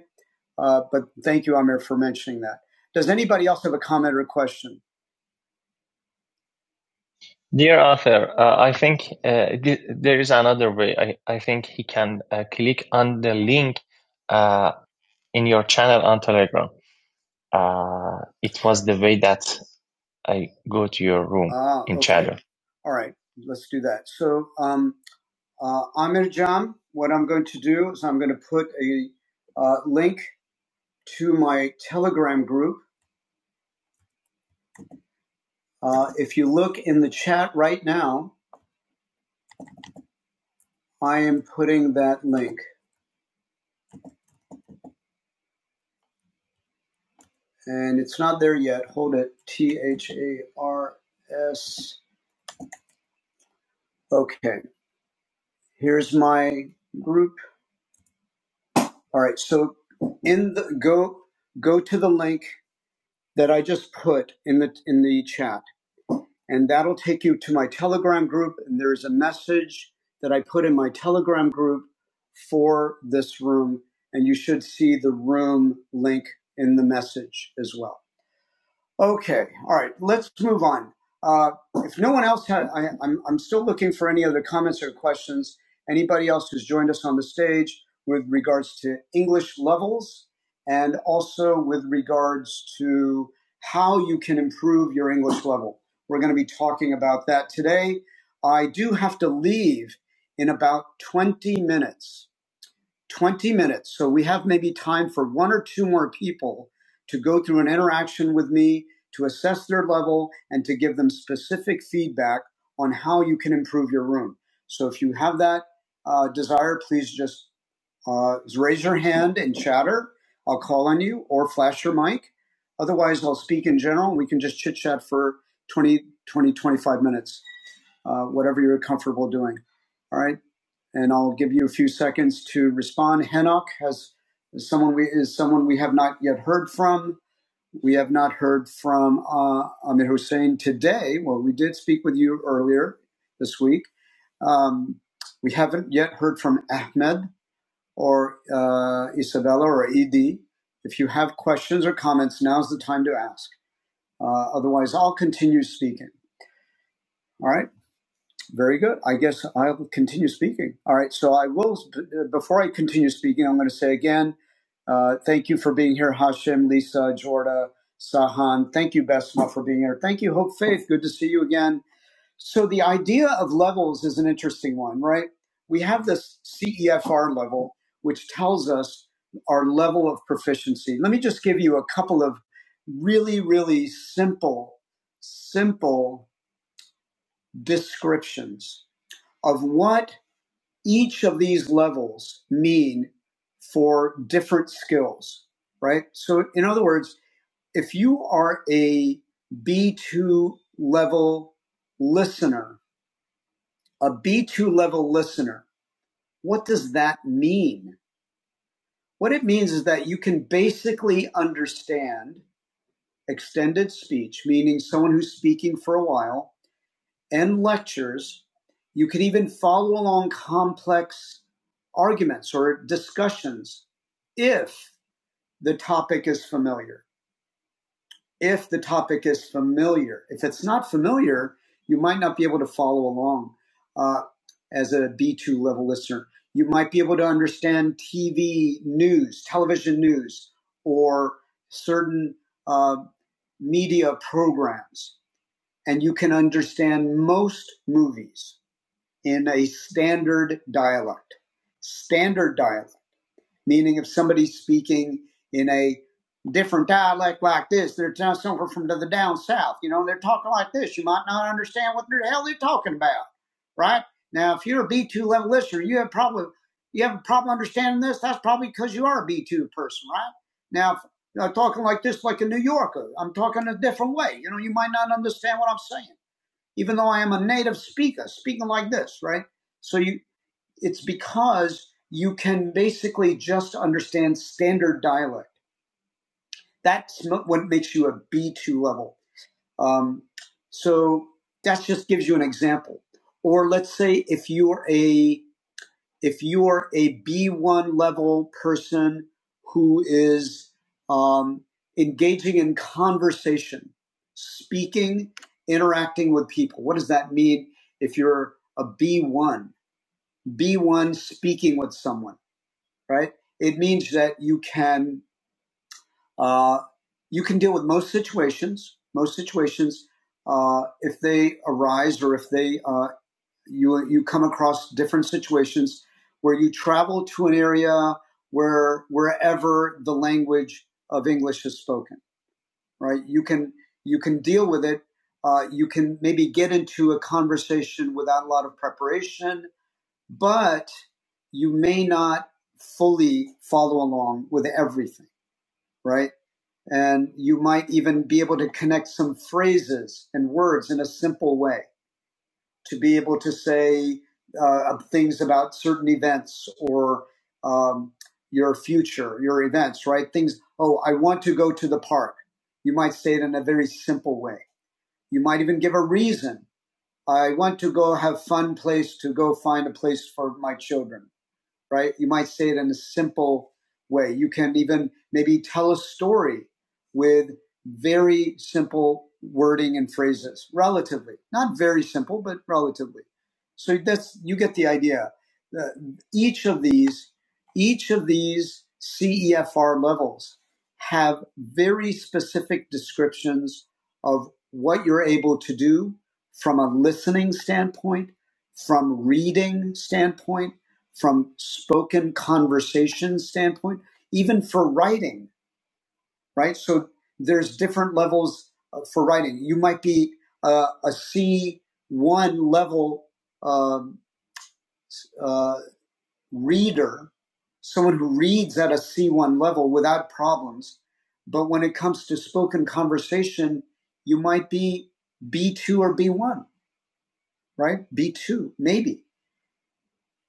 S1: Uh, but thank you, Amir, for mentioning that. Does anybody else have a comment or a question? Dear author, uh, I think uh, th- there is another way. I, I think he can uh, click on the link uh, in your channel on Telegram. Uh, it was the way that I go to your room Ah, in okay. channel. All right, let's do that. So, um, uh, Amir Jam, what I'm going to do is I'm going to put a uh, link to my Telegram group. Uh, if you look in the chat right now, I am putting that link. and it's not there yet. Hold it. T H A R S. Okay. Here's my group. All right. So in the go go to the link that I just put in the in the chat, and that'll take you to my Telegram group. And there's a message that I put in my Telegram group for this room, and you should see the room link in the message as well. Okay, all right, let's move on. Uh, if no one else had, I, I'm, I'm still looking for any other comments or questions. Anybody else who's joined us on the stage with regards to English levels and also with regards to how you can improve your English level. We're going to be talking about that today. I do have to leave in about 20 minutes. 20 minutes. So we have maybe time for one or two more people to go through an interaction with me, to assess their level, and to give them specific feedback on how you can improve your room. So if you have that uh, desire, please just uh, raise your hand and chatter. I'll call on you or flash your mic. Otherwise, I'll speak in general. We can just chit chat for 20, 20, 25 minutes uh, whatever you're comfortable doing. All right. And I'll give you a few seconds to respond. Henoch has is someone we is someone we have not yet heard from. We have not heard from uh, Amir Hussein today. Well, we did speak with you earlier this week. Um, we haven't yet heard from Ahmed or uh, Isabella or Ed. If you have questions or comments, now's the time to ask. Uh, otherwise, I'll continue speaking. All right. Very good. I guess I'll continue speaking. All right. So I will, before I continue speaking, I'm going to say again, uh, thank you for being here, Hashem, Lisa, Jorda, Sahan. Thank you, Besma, for being here. Thank you, Hope Faith. Good to see you again. So the idea of levels is an interesting one, right? We have this CEFR level, which tells us our level of proficiency. Let me just give you a couple of really, really simple, simple descriptions of what each of these levels mean for different skills, right? So, in other words, if you are a B2 level listener, a B2 level listener, what does that mean? What it means is that you can basically understand extended speech, meaning someone who's speaking for a while, and lectures. You can even follow along complex arguments or discussions if the topic is familiar. If the topic is familiar, if it's not familiar, you might not be able to follow along uh, as a B2 level listener. You might be able to understand TV news, television news, or certain uh, media programs, and you can understand most movies in a standard dialect. Standard dialect, meaning if somebody's speaking in a different dialect like this, they're t- someone from the down south, you know, they're talking like this. You might not understand what the hell they're talking about, right? Now, if you're a B2 level listener, you have probably you have a problem understanding this. That's probably because you are a B2 person, right? Now, if I'm talking like this, like a New Yorker, I'm talking a different way. You know, you might not understand what I'm saying even though I am a native speaker, speaking like this, right? So you, it's because you can basically just understand standard dialect. That's what makes you a B2 level. Um, so that just gives you an example. Or let's say if you're a if you are a B1 level person who is um, engaging in conversation, speaking, interacting with people, what does that mean if you're a B1? B1 speaking with someone, right? It means that you can uh, you can deal with most situations, most situations uh, if they arise or if they uh, you you come across different situations where you travel to an area where wherever the language of English is spoken, right? You can you can deal with it. Uh, you can maybe get into a conversation without a lot of preparation, but you may not fully follow along with everything, right? And you might even be able to connect some phrases and words in a simple way to be able to say uh, things about certain events or um, your future, your events, right? Things, oh, I want to go to the park. You might say it in a very simple way. You might even give a reason. I want to go have fun place to go find a place for my children right? You might say it in a simple way. You can even maybe tell a story with very simple wording and phrases, relatively. Not very simple, but relatively. So that's you get the idea. Uh, each of these, each of these CEFR levels have very specific descriptions of what you're able to do from a listening standpoint, from reading standpoint, from spoken conversation standpoint, even for writing, right? So there's different levels uh, for writing. You might be uh, a C one level um uh, reader, someone who reads at a C one level without problems, but when it comes to spoken conversation, you might be B two or B one, right? B two maybe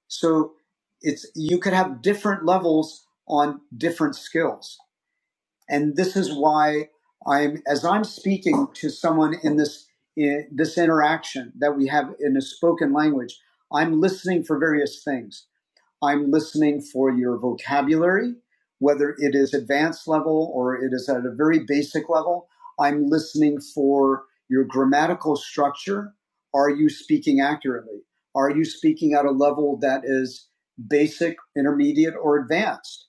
S1: So it's you could have different levels on different skills, and this is why I'm as I'm speaking to someone in this in this interaction that we have in a spoken language. I'm listening for various things. I'm listening for your vocabulary, whether it is advanced level or it is at a very basic level. I'm listening for your grammatical structure. Are you speaking accurately? Are you speaking at a level that is basic, intermediate, or advanced?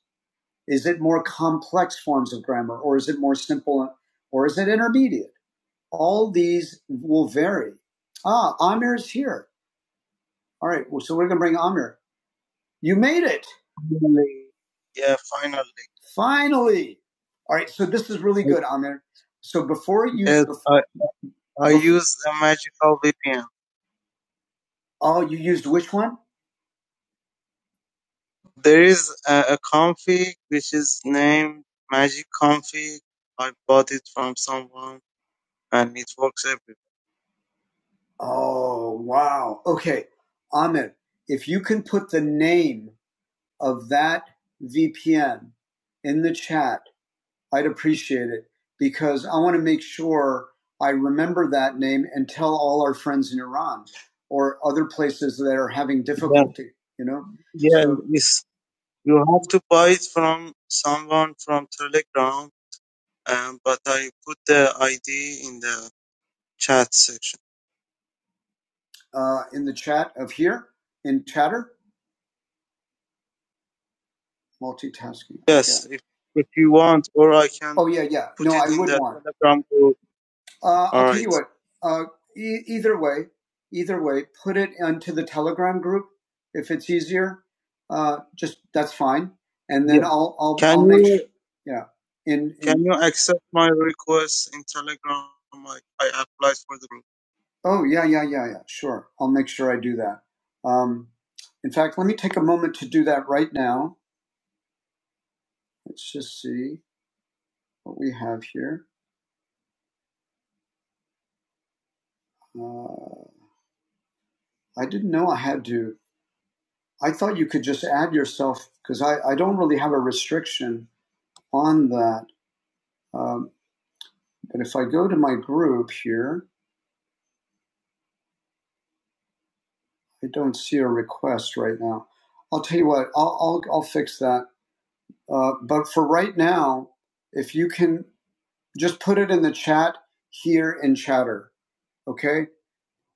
S1: Is it more complex forms of grammar or is it more simple or is it intermediate? All these will vary. Ah, Amir is here. All right. Well, so we're going to bring Amir. You made it. Finally. All right. So this is really good, Amir. So before you, before, oh, you used which one? Oh, wow. Okay. Ahmed, if you can put the name of that VPN in the chat, I'd appreciate it because I want to make sure I remember that name and tell all our friends in Iran or other places that are having difficulty, you know, uh, in the chat of here, in chatter, multitasking. Oh, yeah, yeah. Uh, Uh, e- either way, either way, put it into the Telegram group if it's easier. Uh, just that's fine, and I'll, I'll yeah. In oh yeah yeah yeah yeah sure. I'll make sure I do that. Um, in fact, let me take a moment to do that right now. Let's just see what we have here. Uh, I didn't know I had to. I thought you could just add yourself because I, I don't really have a restriction on that. Um, But if I go to my group here, I don't see a request right now. I'll tell you what, I'll, I'll, I'll fix that. Uh, but for right now, if you can just put it in the chat here in chatter, okay?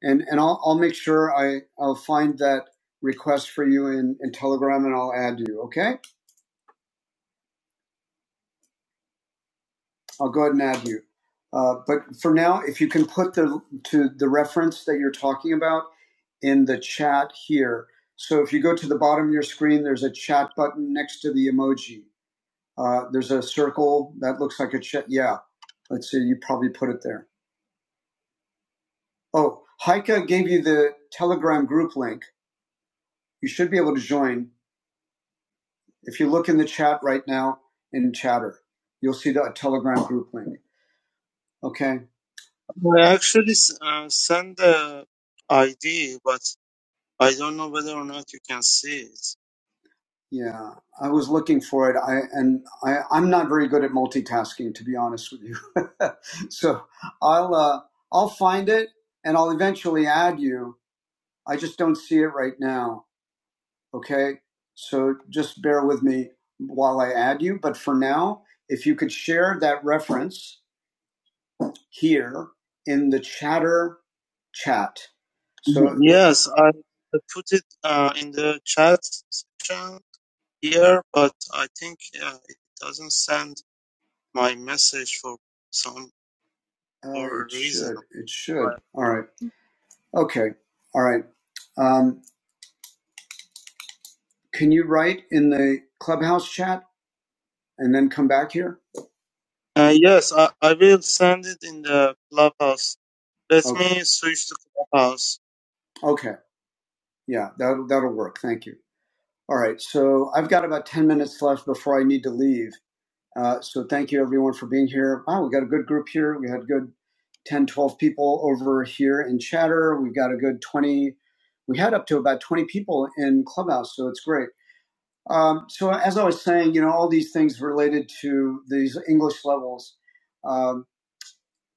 S1: And, and I'll, I'll make sure I, I'll find that request for you in, in Telegram and I'll add you, okay? I'll go ahead and add you. Uh, but for now, if you can put the to the reference that you're talking about in the chat here. So if you go to the bottom of your screen, there's a chat button next to the emoji. Uh, there's a circle that looks like a chat. Yeah, let's see. You probably put it there. Oh, Heike gave you the Telegram group link. You should be able to join. If you look in the chat right now in Chatter, you'll see the Telegram group link. Okay. Yeah, I was looking for it. I and I, I'm not very good at multitasking, to be honest with you. so I'll uh, I'll find it and I'll eventually add you. I just don't see it right now. Okay, so just bear with me while I add you. But for now, if you could share that reference here in the chatter chat, so uh, it should. All right. Okay. All right. Um, Can you write in the clubhouse chat and then come back here? Okay. Yeah, that'll, that'll work. Thank you. All right. So I've got about 10 minutes left before I need to leave. Uh, so thank you everyone for being here. Wow, we got a good group here. We had a good 10, 12 people over here in chatter. We've got a good 20. We had up to about 20 people in clubhouse. So it's great. Um, so as I was saying, you know, all these things related to these English levels, um,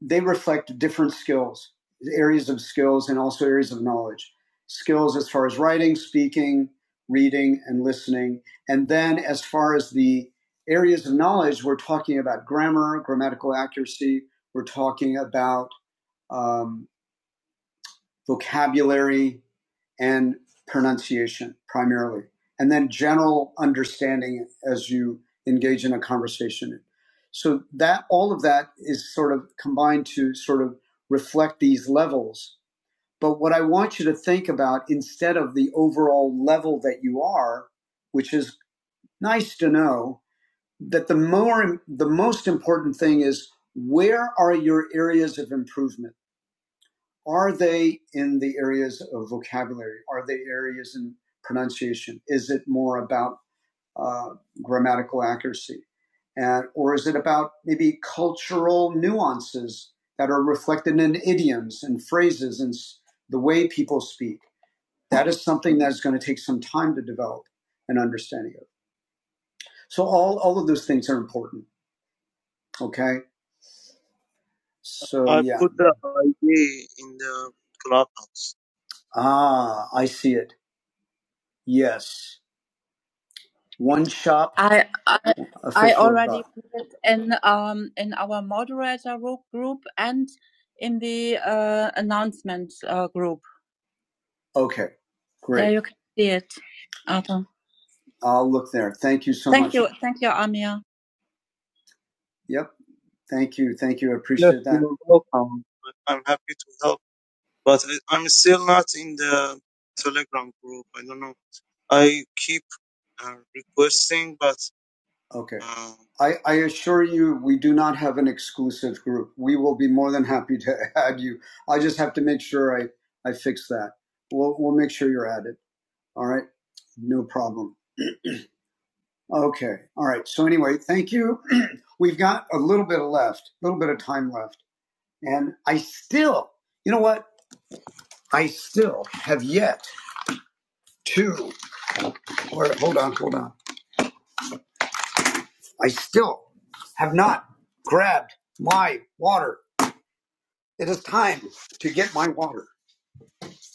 S1: they reflect different skills, areas of skills, and also areas of knowledge. Skills as far as writing, speaking, reading, and listening. And then as far as the areas of knowledge, we're talking about grammar, grammatical accuracy, we're talking about um, vocabulary, and pronunciation primarily, and then general understanding as you engage in a conversation. So that all of that is sort of combined to sort of reflect these levels. But what I want you to think about instead of the overall level that you are, which is nice to know, that the more the most important thing is where are your areas of improvement? are they in the areas of vocabulary? Are they areas in pronunciation? Is it more about uh, grammatical accuracy? And, or is it about maybe cultural nuances that are reflected in idioms and phrases and the way people speak? That is something that is going to take some time to develop an understanding of. So all, all of those things are important. Okay. So, ah, I see it. Yes. One shop. I I, I official already dot. put it in um in our moderator ro- group and in the uh, announcement uh, group. Okay, There great. you can see it, Arthur. I'll look there. Thank you so Thank much. you, thank you, Amir. Yep. Thank you. Thank you. I appreciate. Okay. I, I assure you, we do not have an exclusive group. We will be more than happy to add you. I just have to make sure I, I fix that. We'll, we'll make sure you're added. All right. No problem. Okay. All right. So anyway, thank you. We've got a little bit of left, a little bit of time left. And I still, you know what? I still have yet to, or hold on, hold on. I still have not grabbed my water. It is time to get my water.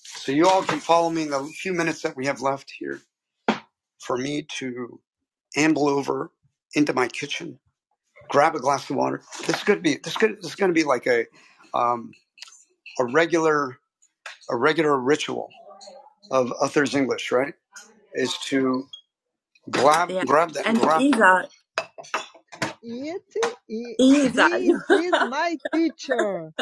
S1: So you all can follow me in the few minutes that we have left here for me to amble over into my kitchen, grab a glass of water. This could be, this could, this is going to be like a, um, a regular a regular ritual of Uther's English, right? Is to grab Yeah. grab that And grab. he's a It, Isa, he is my teacher,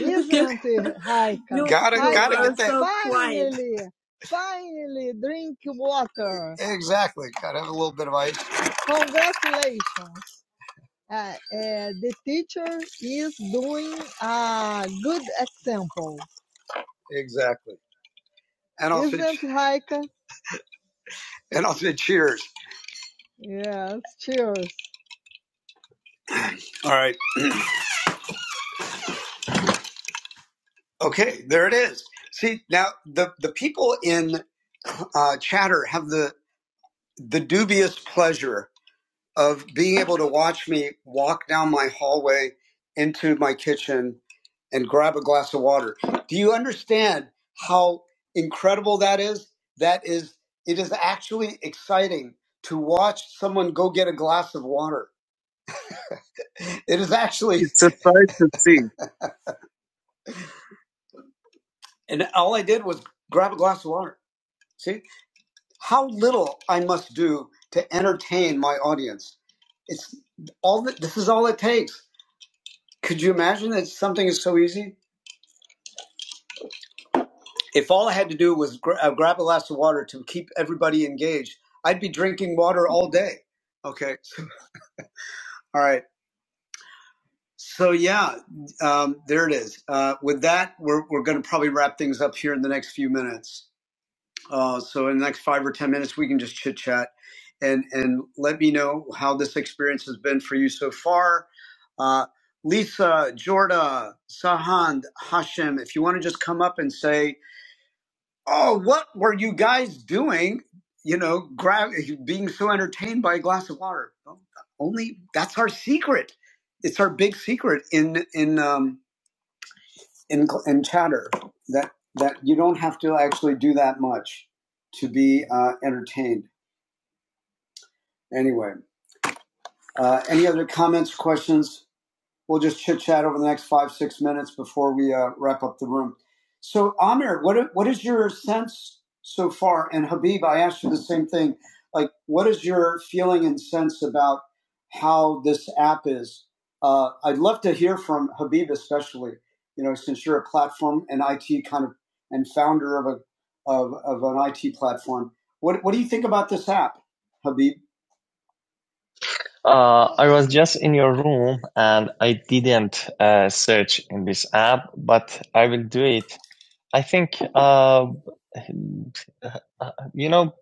S1: isn't he, Heike? you, Gotta you gotta get that so finally, finally drink water. exactly. Gotta have a little bit of ice. Congratulations. Uh, uh, the teacher is doing a good example, Exactly. And I'll isn't say, it, Heike? and I'll say cheers. Yes. Cheers. All right. Okay, there it is. See, now the, the people in uh, chatter have the, the dubious pleasure of being able to watch me walk down my hallway into my kitchen and grab a glass of water. Do you understand how incredible that is? That is, it is actually exciting to watch someone go get a glass of water. It is actually, and all I did was grab a glass of water. See? how little I must do to entertain my audience. It's all that this is all it takes. Could you imagine that something is so easy? If all I had to do was gra- uh, grab a glass of water to keep everybody engaged, I'd be drinking water all day. Okay. so, All right. So yeah, um, there it is. Uh, with that, we're we're going to probably wrap things up here in the next few minutes. Uh, so in the next five or ten minutes, we can just chit chat, and and let me know how this experience has been for you so far. Uh, Lisa, Jorda, Sahand, Hashem, if you want to just come up and say, "Oh, what were you guys doing?" You know, grab being so entertained by a glass of water. Well, Only that's our secret. It's our big secret in in um, in in chatter that that you don't have to actually do that much to be uh, entertained. Anyway, uh, any other comments, questions? We'll just chit chat over the next five, six minutes before we uh, wrap up the room. So, Amir, what what is your sense so far? And Habib, I asked you the same thing. Like, what is your feeling and sense about how this app is? Uh, I'd love to hear from Habib, especially. You know, since you're a platform and IT kind of and founder of a of, of an IT platform. What what do you think about this app, Habib? Uh, I was just in your room and I didn't uh, search in this app, but I will do it. I think, uh, uh, you know,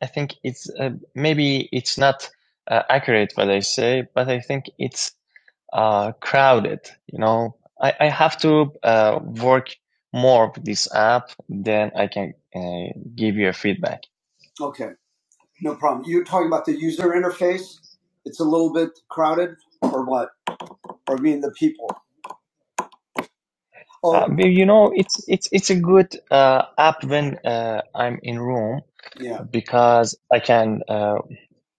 S1: I think it's uh, maybe it's not uh, accurate what I say, but I think it's uh, crowded. You know, I, I have to uh, work more with this app, then I can uh, give you a feedback. Okay. No problem. You're talking about the user interface. It's a little bit crowded, or what? Or mean the people? Oh, Uh, well, you know, it's it's it's a good uh, app when uh, I'm in room yeah, because I can uh,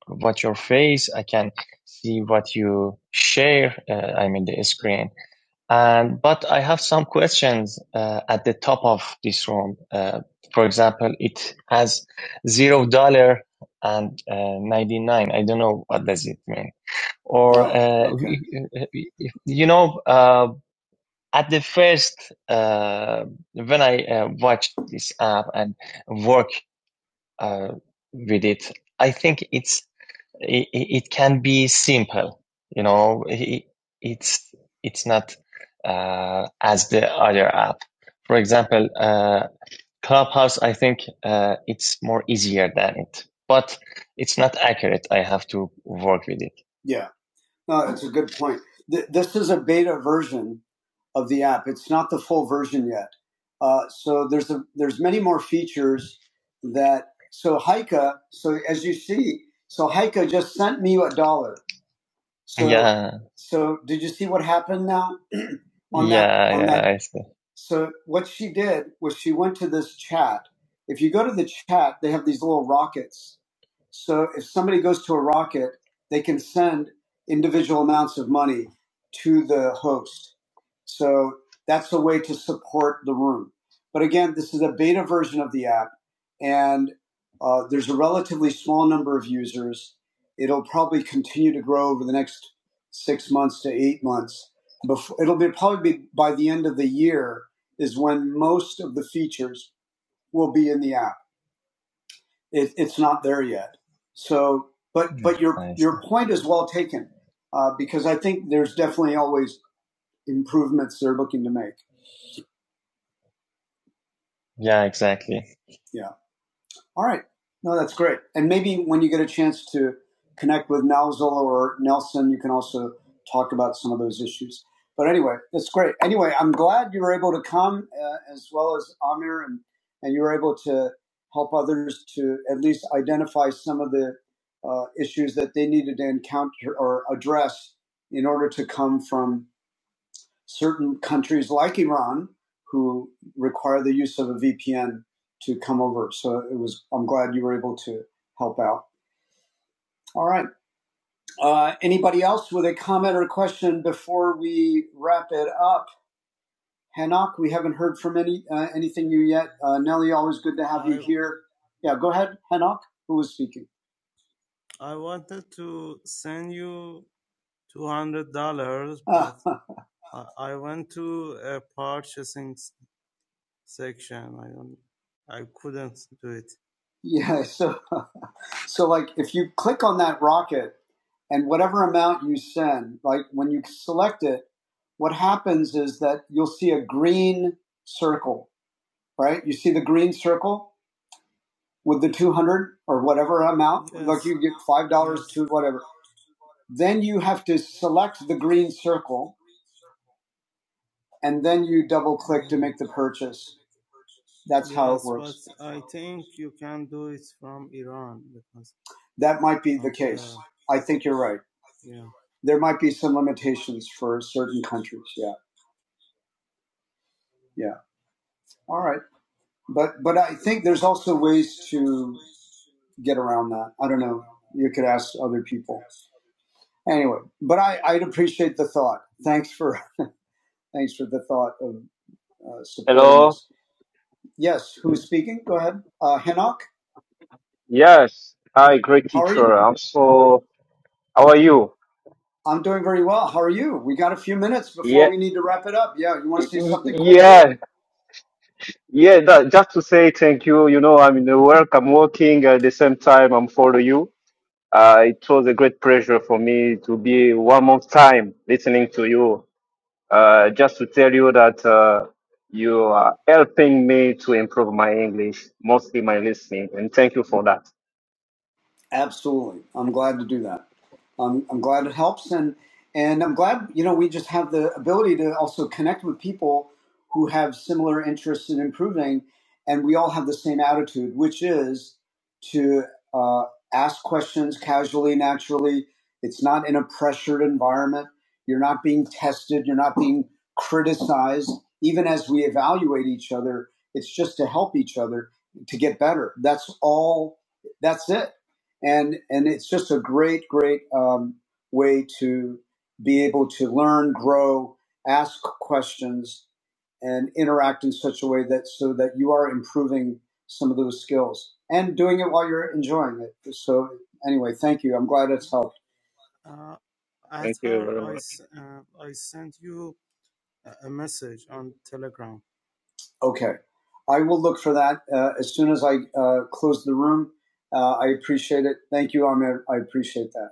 S1: watch your face. I can see what you share. Uh, I mean the screen. And but I have some questions uh, at the top of this room. Uh, for example, it has zero dollar and uh, ninety nine. I don't know what does it mean. Or Oh, uh, okay. you know, uh, at the first uh, when I uh, watched this app and work uh, with it, I think it's it, it can be simple you know it, it's it's not uh, as the other app for example uh, clubhouse i think uh, it's more easier than it but it's not accurate i have to work with it Yeah. No, it's a good point. Th- this is a beta version of the app. It's not the full version yet. Uh, so there's a, there's many more features that so Heike. So as you see, so Heike just sent me a dollar. So yeah. So did you see what happened now? on yeah, that On Yeah, that yeah, I see. so what she did was she went to this chat. If you go to the chat, they have these little rockets. So if somebody goes to a rocket, they can send individual amounts of money to the host. So that's a way to support the room. But again, this is a beta version of the app, and uh, there's a relatively small number of users. It'll probably continue to grow over the next six months to eight months before it'll be probably be by the end of the year is when most of the features will be in the app. It, it's not there yet. So, but but your your point is well taken uh, because I think there's definitely always improvements they're looking to make. Yeah, exactly. Yeah. All right. No, that's great. And maybe when you get a chance to connect with Nalzil or Nelson, you can also talk about some of those issues. But anyway, that's great. Anyway, I'm glad you were able to come uh, as well as Amir and, and you were able to help others to at least identify some of the uh, issues that they needed to encounter or address in order to come from certain countries like Iran who require the use of a VPN to come over. So it was. I'm glad you were able to help out. All right. Uh, anybody else with a comment or question before we wrap it up? Hanak, we haven't heard from any uh, anything you yet. Uh, Nelly, always good to have you here. Yeah, go ahead, Hanak. Who was speaking? Yeah, so so like if you click on that rocket and whatever amount you send, like when you select it, what happens is that you'll see a green circle, right? You see the green circle with the 200 or whatever amount, you get $5 to whatever. Then you have to select the green circle and then you double click to make the purchase. That that might be I think you're right. There might be some limitations for certain countries. Yeah. Yeah. All right. But but I think there's also ways to get around that. I don't know. You could ask other people. Anyway, but I, I'd appreciate the thought. Thanks for thanks for the thought of uh, supporting
S5: Hello.
S1: us. Yes, who's speaking? Go ahead. Uh, Hinnock,
S5: Yes. Hi, great
S1: how are you?
S5: teacher. I'm so. How are you?
S1: I'm doing very well. How are you? We got a few minutes before
S5: Yeah.
S1: we need to wrap it up. Yeah, you want
S5: y-
S1: to say
S5: y-
S1: something quickly?
S5: Yeah. Yeah. That, just to say thank you. You know, I'm in the work. I'm working at the same time. I'm follow you. Uh, it was a great pleasure for me to be one more time listening to you. Uh, just to tell you that uh, you are helping me to improve my English, mostly my listening, and thank you for that.
S1: Absolutely. I'm glad to do that. Um, I'm glad it helps. And, and I'm glad, you know, we just have the ability to also connect with people who have similar interests in improving. And we all have the same attitude, which is to uh, ask questions casually, naturally. It's not in a pressured environment. You're not being tested. You're not being criticized. Even as we evaluate each other, it's just to help each other to get better. That's all. That's it and and it's just a great great um, way to be able to learn grow ask questions and interact in such a way that so that you are improving some of those skills and doing it while you're enjoying it so anyway thank you i'm glad it's helped
S5: Thank you very much.
S1: okay i will look for that uh, as soon as i uh, close the room uh, i appreciate it thank you amir i appreciate that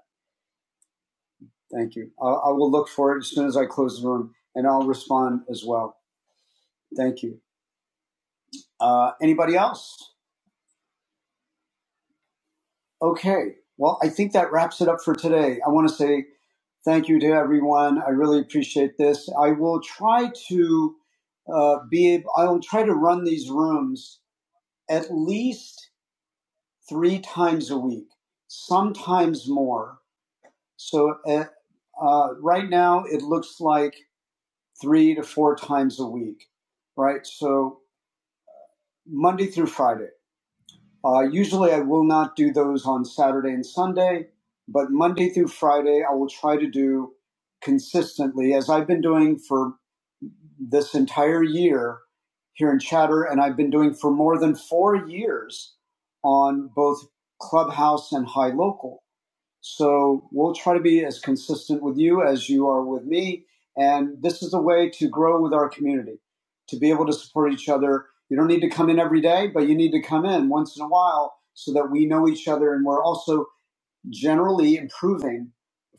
S1: thank you i I will look for it as soon as i close the room and i'll respond as well thank you Uh, anybody else? Okay. Well, I think that wraps it up for today. I want to say thank you to everyone. I really appreciate this. I will try to uh, be. ab- I will try to run these rooms at least three times a week, sometimes more. So uh, uh, right now, it looks like three to four times a week. Right. So Monday through Friday. Uh, usually, I will not do those on Saturday and Sunday, but Monday through Friday, I will try to do consistently, as I've been doing for this entire year here in Chatter, and I've been doing for more than four years on both Clubhouse and High Local. So we'll try to be as consistent with you as you are with me. And this is a way to grow with our community, to be able to support each other. You don't need to come in every day, but you need to come in once in a while so that we know each other and we're also generally improving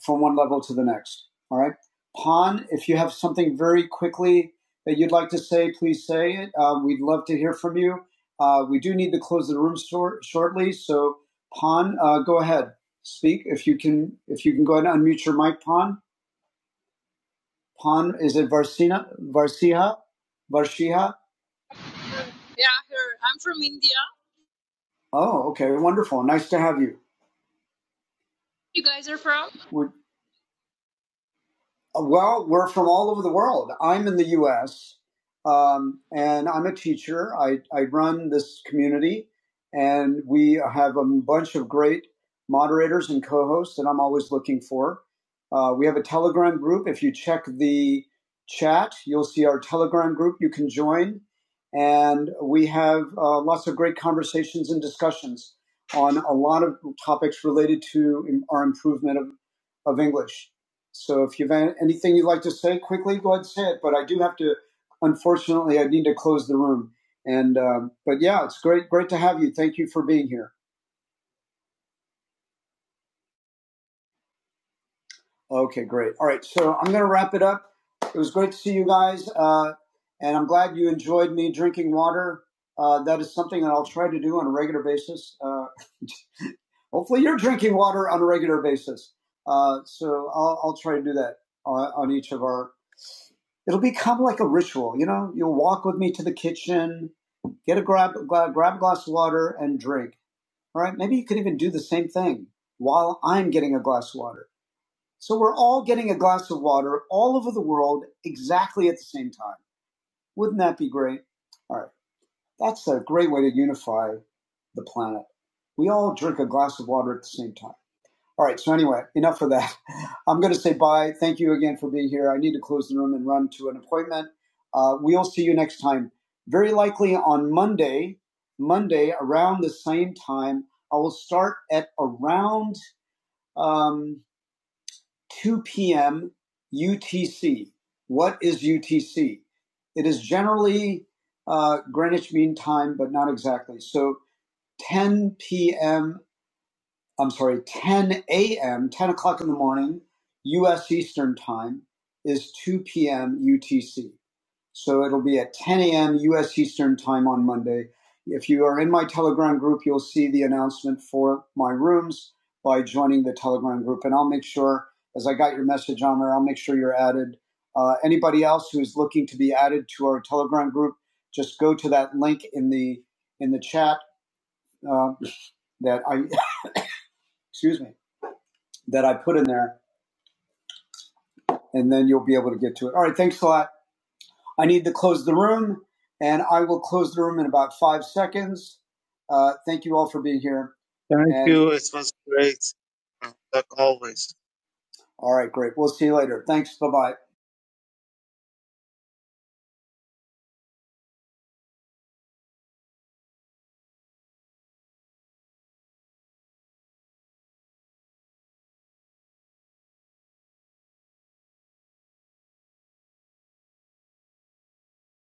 S1: from one level to the next. All right. Pon, if you have something very quickly that you'd like to say, please say it. Uh, we'd love to hear from you. Uh, we do need to close the room short, shortly, so Pon, uh, go ahead, speak if you can. If you can go ahead and unmute your mic, Pon. Pon, is it Varsina, Varsiha, Varshiha?
S6: Yeah, here. I'm from India.
S1: Oh, okay, wonderful. Nice to have you.
S6: You guys are from?
S1: We're, Well, we're from all over the world. I'm in the U.S. Um, and I'm a teacher. I, I run this community, and we have a bunch of great moderators and co-hosts that I'm always looking for. Uh, we have a Telegram group. If you check the chat, you'll see our Telegram group. You can join, and we have uh, lots of great conversations and discussions on a lot of topics related to our improvement of, of English. So if you've anything you'd like to say quickly, go ahead and say it. But I do have to, unfortunately, I need to close the room. And um, but yeah, it's great, great to have you. Thank you for being here. Okay, great. All right, so I'm going to wrap it up. It was great to see you guys, uh, and I'm glad you enjoyed me drinking water. Uh, that is something that I'll try to do on a regular basis. Uh, Hopefully, you're drinking water on a regular basis. Uh, so I'll, I'll try to do that on, on each of our. It'll become like a ritual, you know. You'll walk with me to the kitchen, get a grab, grab grab a glass of water and drink. All right, maybe you could even do the same thing while I'm getting a glass of water. So we're all getting a glass of water all over the world exactly at the same time. Wouldn't that be great? All right, that's a great way to unify the planet. We all drink a glass of water at the same time. All right. So anyway, enough of that. I'm going to say bye. Thank you again for being here. I need to close the room and run to an appointment. Uh, we'll see you next time. Very likely on Monday. Monday around the same time. I will start at around um, 2 p.m. UTC. What is UTC? It is generally uh, Greenwich Mean Time, but not exactly. So 10 p.m. I'm sorry, 10 a.m., 10 o'clock in the morning, U.S. Eastern Time, is 2 p.m. UTC. So it'll be at 10 a.m. U.S. Eastern Time on Monday. If you are in my Telegram group, you'll see the announcement for my rooms by joining the Telegram group. And I'll make sure, as I got your message on there, I'll make sure you're added. Uh, anybody else who is looking to be added to our Telegram group, just go to that link in the in the chat uh, that I excuse me that I put in there, and then you'll be able to get to it. All right, thanks a lot. I need to close the room, and I will close the room in about five seconds. Uh, thank you all for being here. All right, great. We'll see you later. Thanks. Bye bye.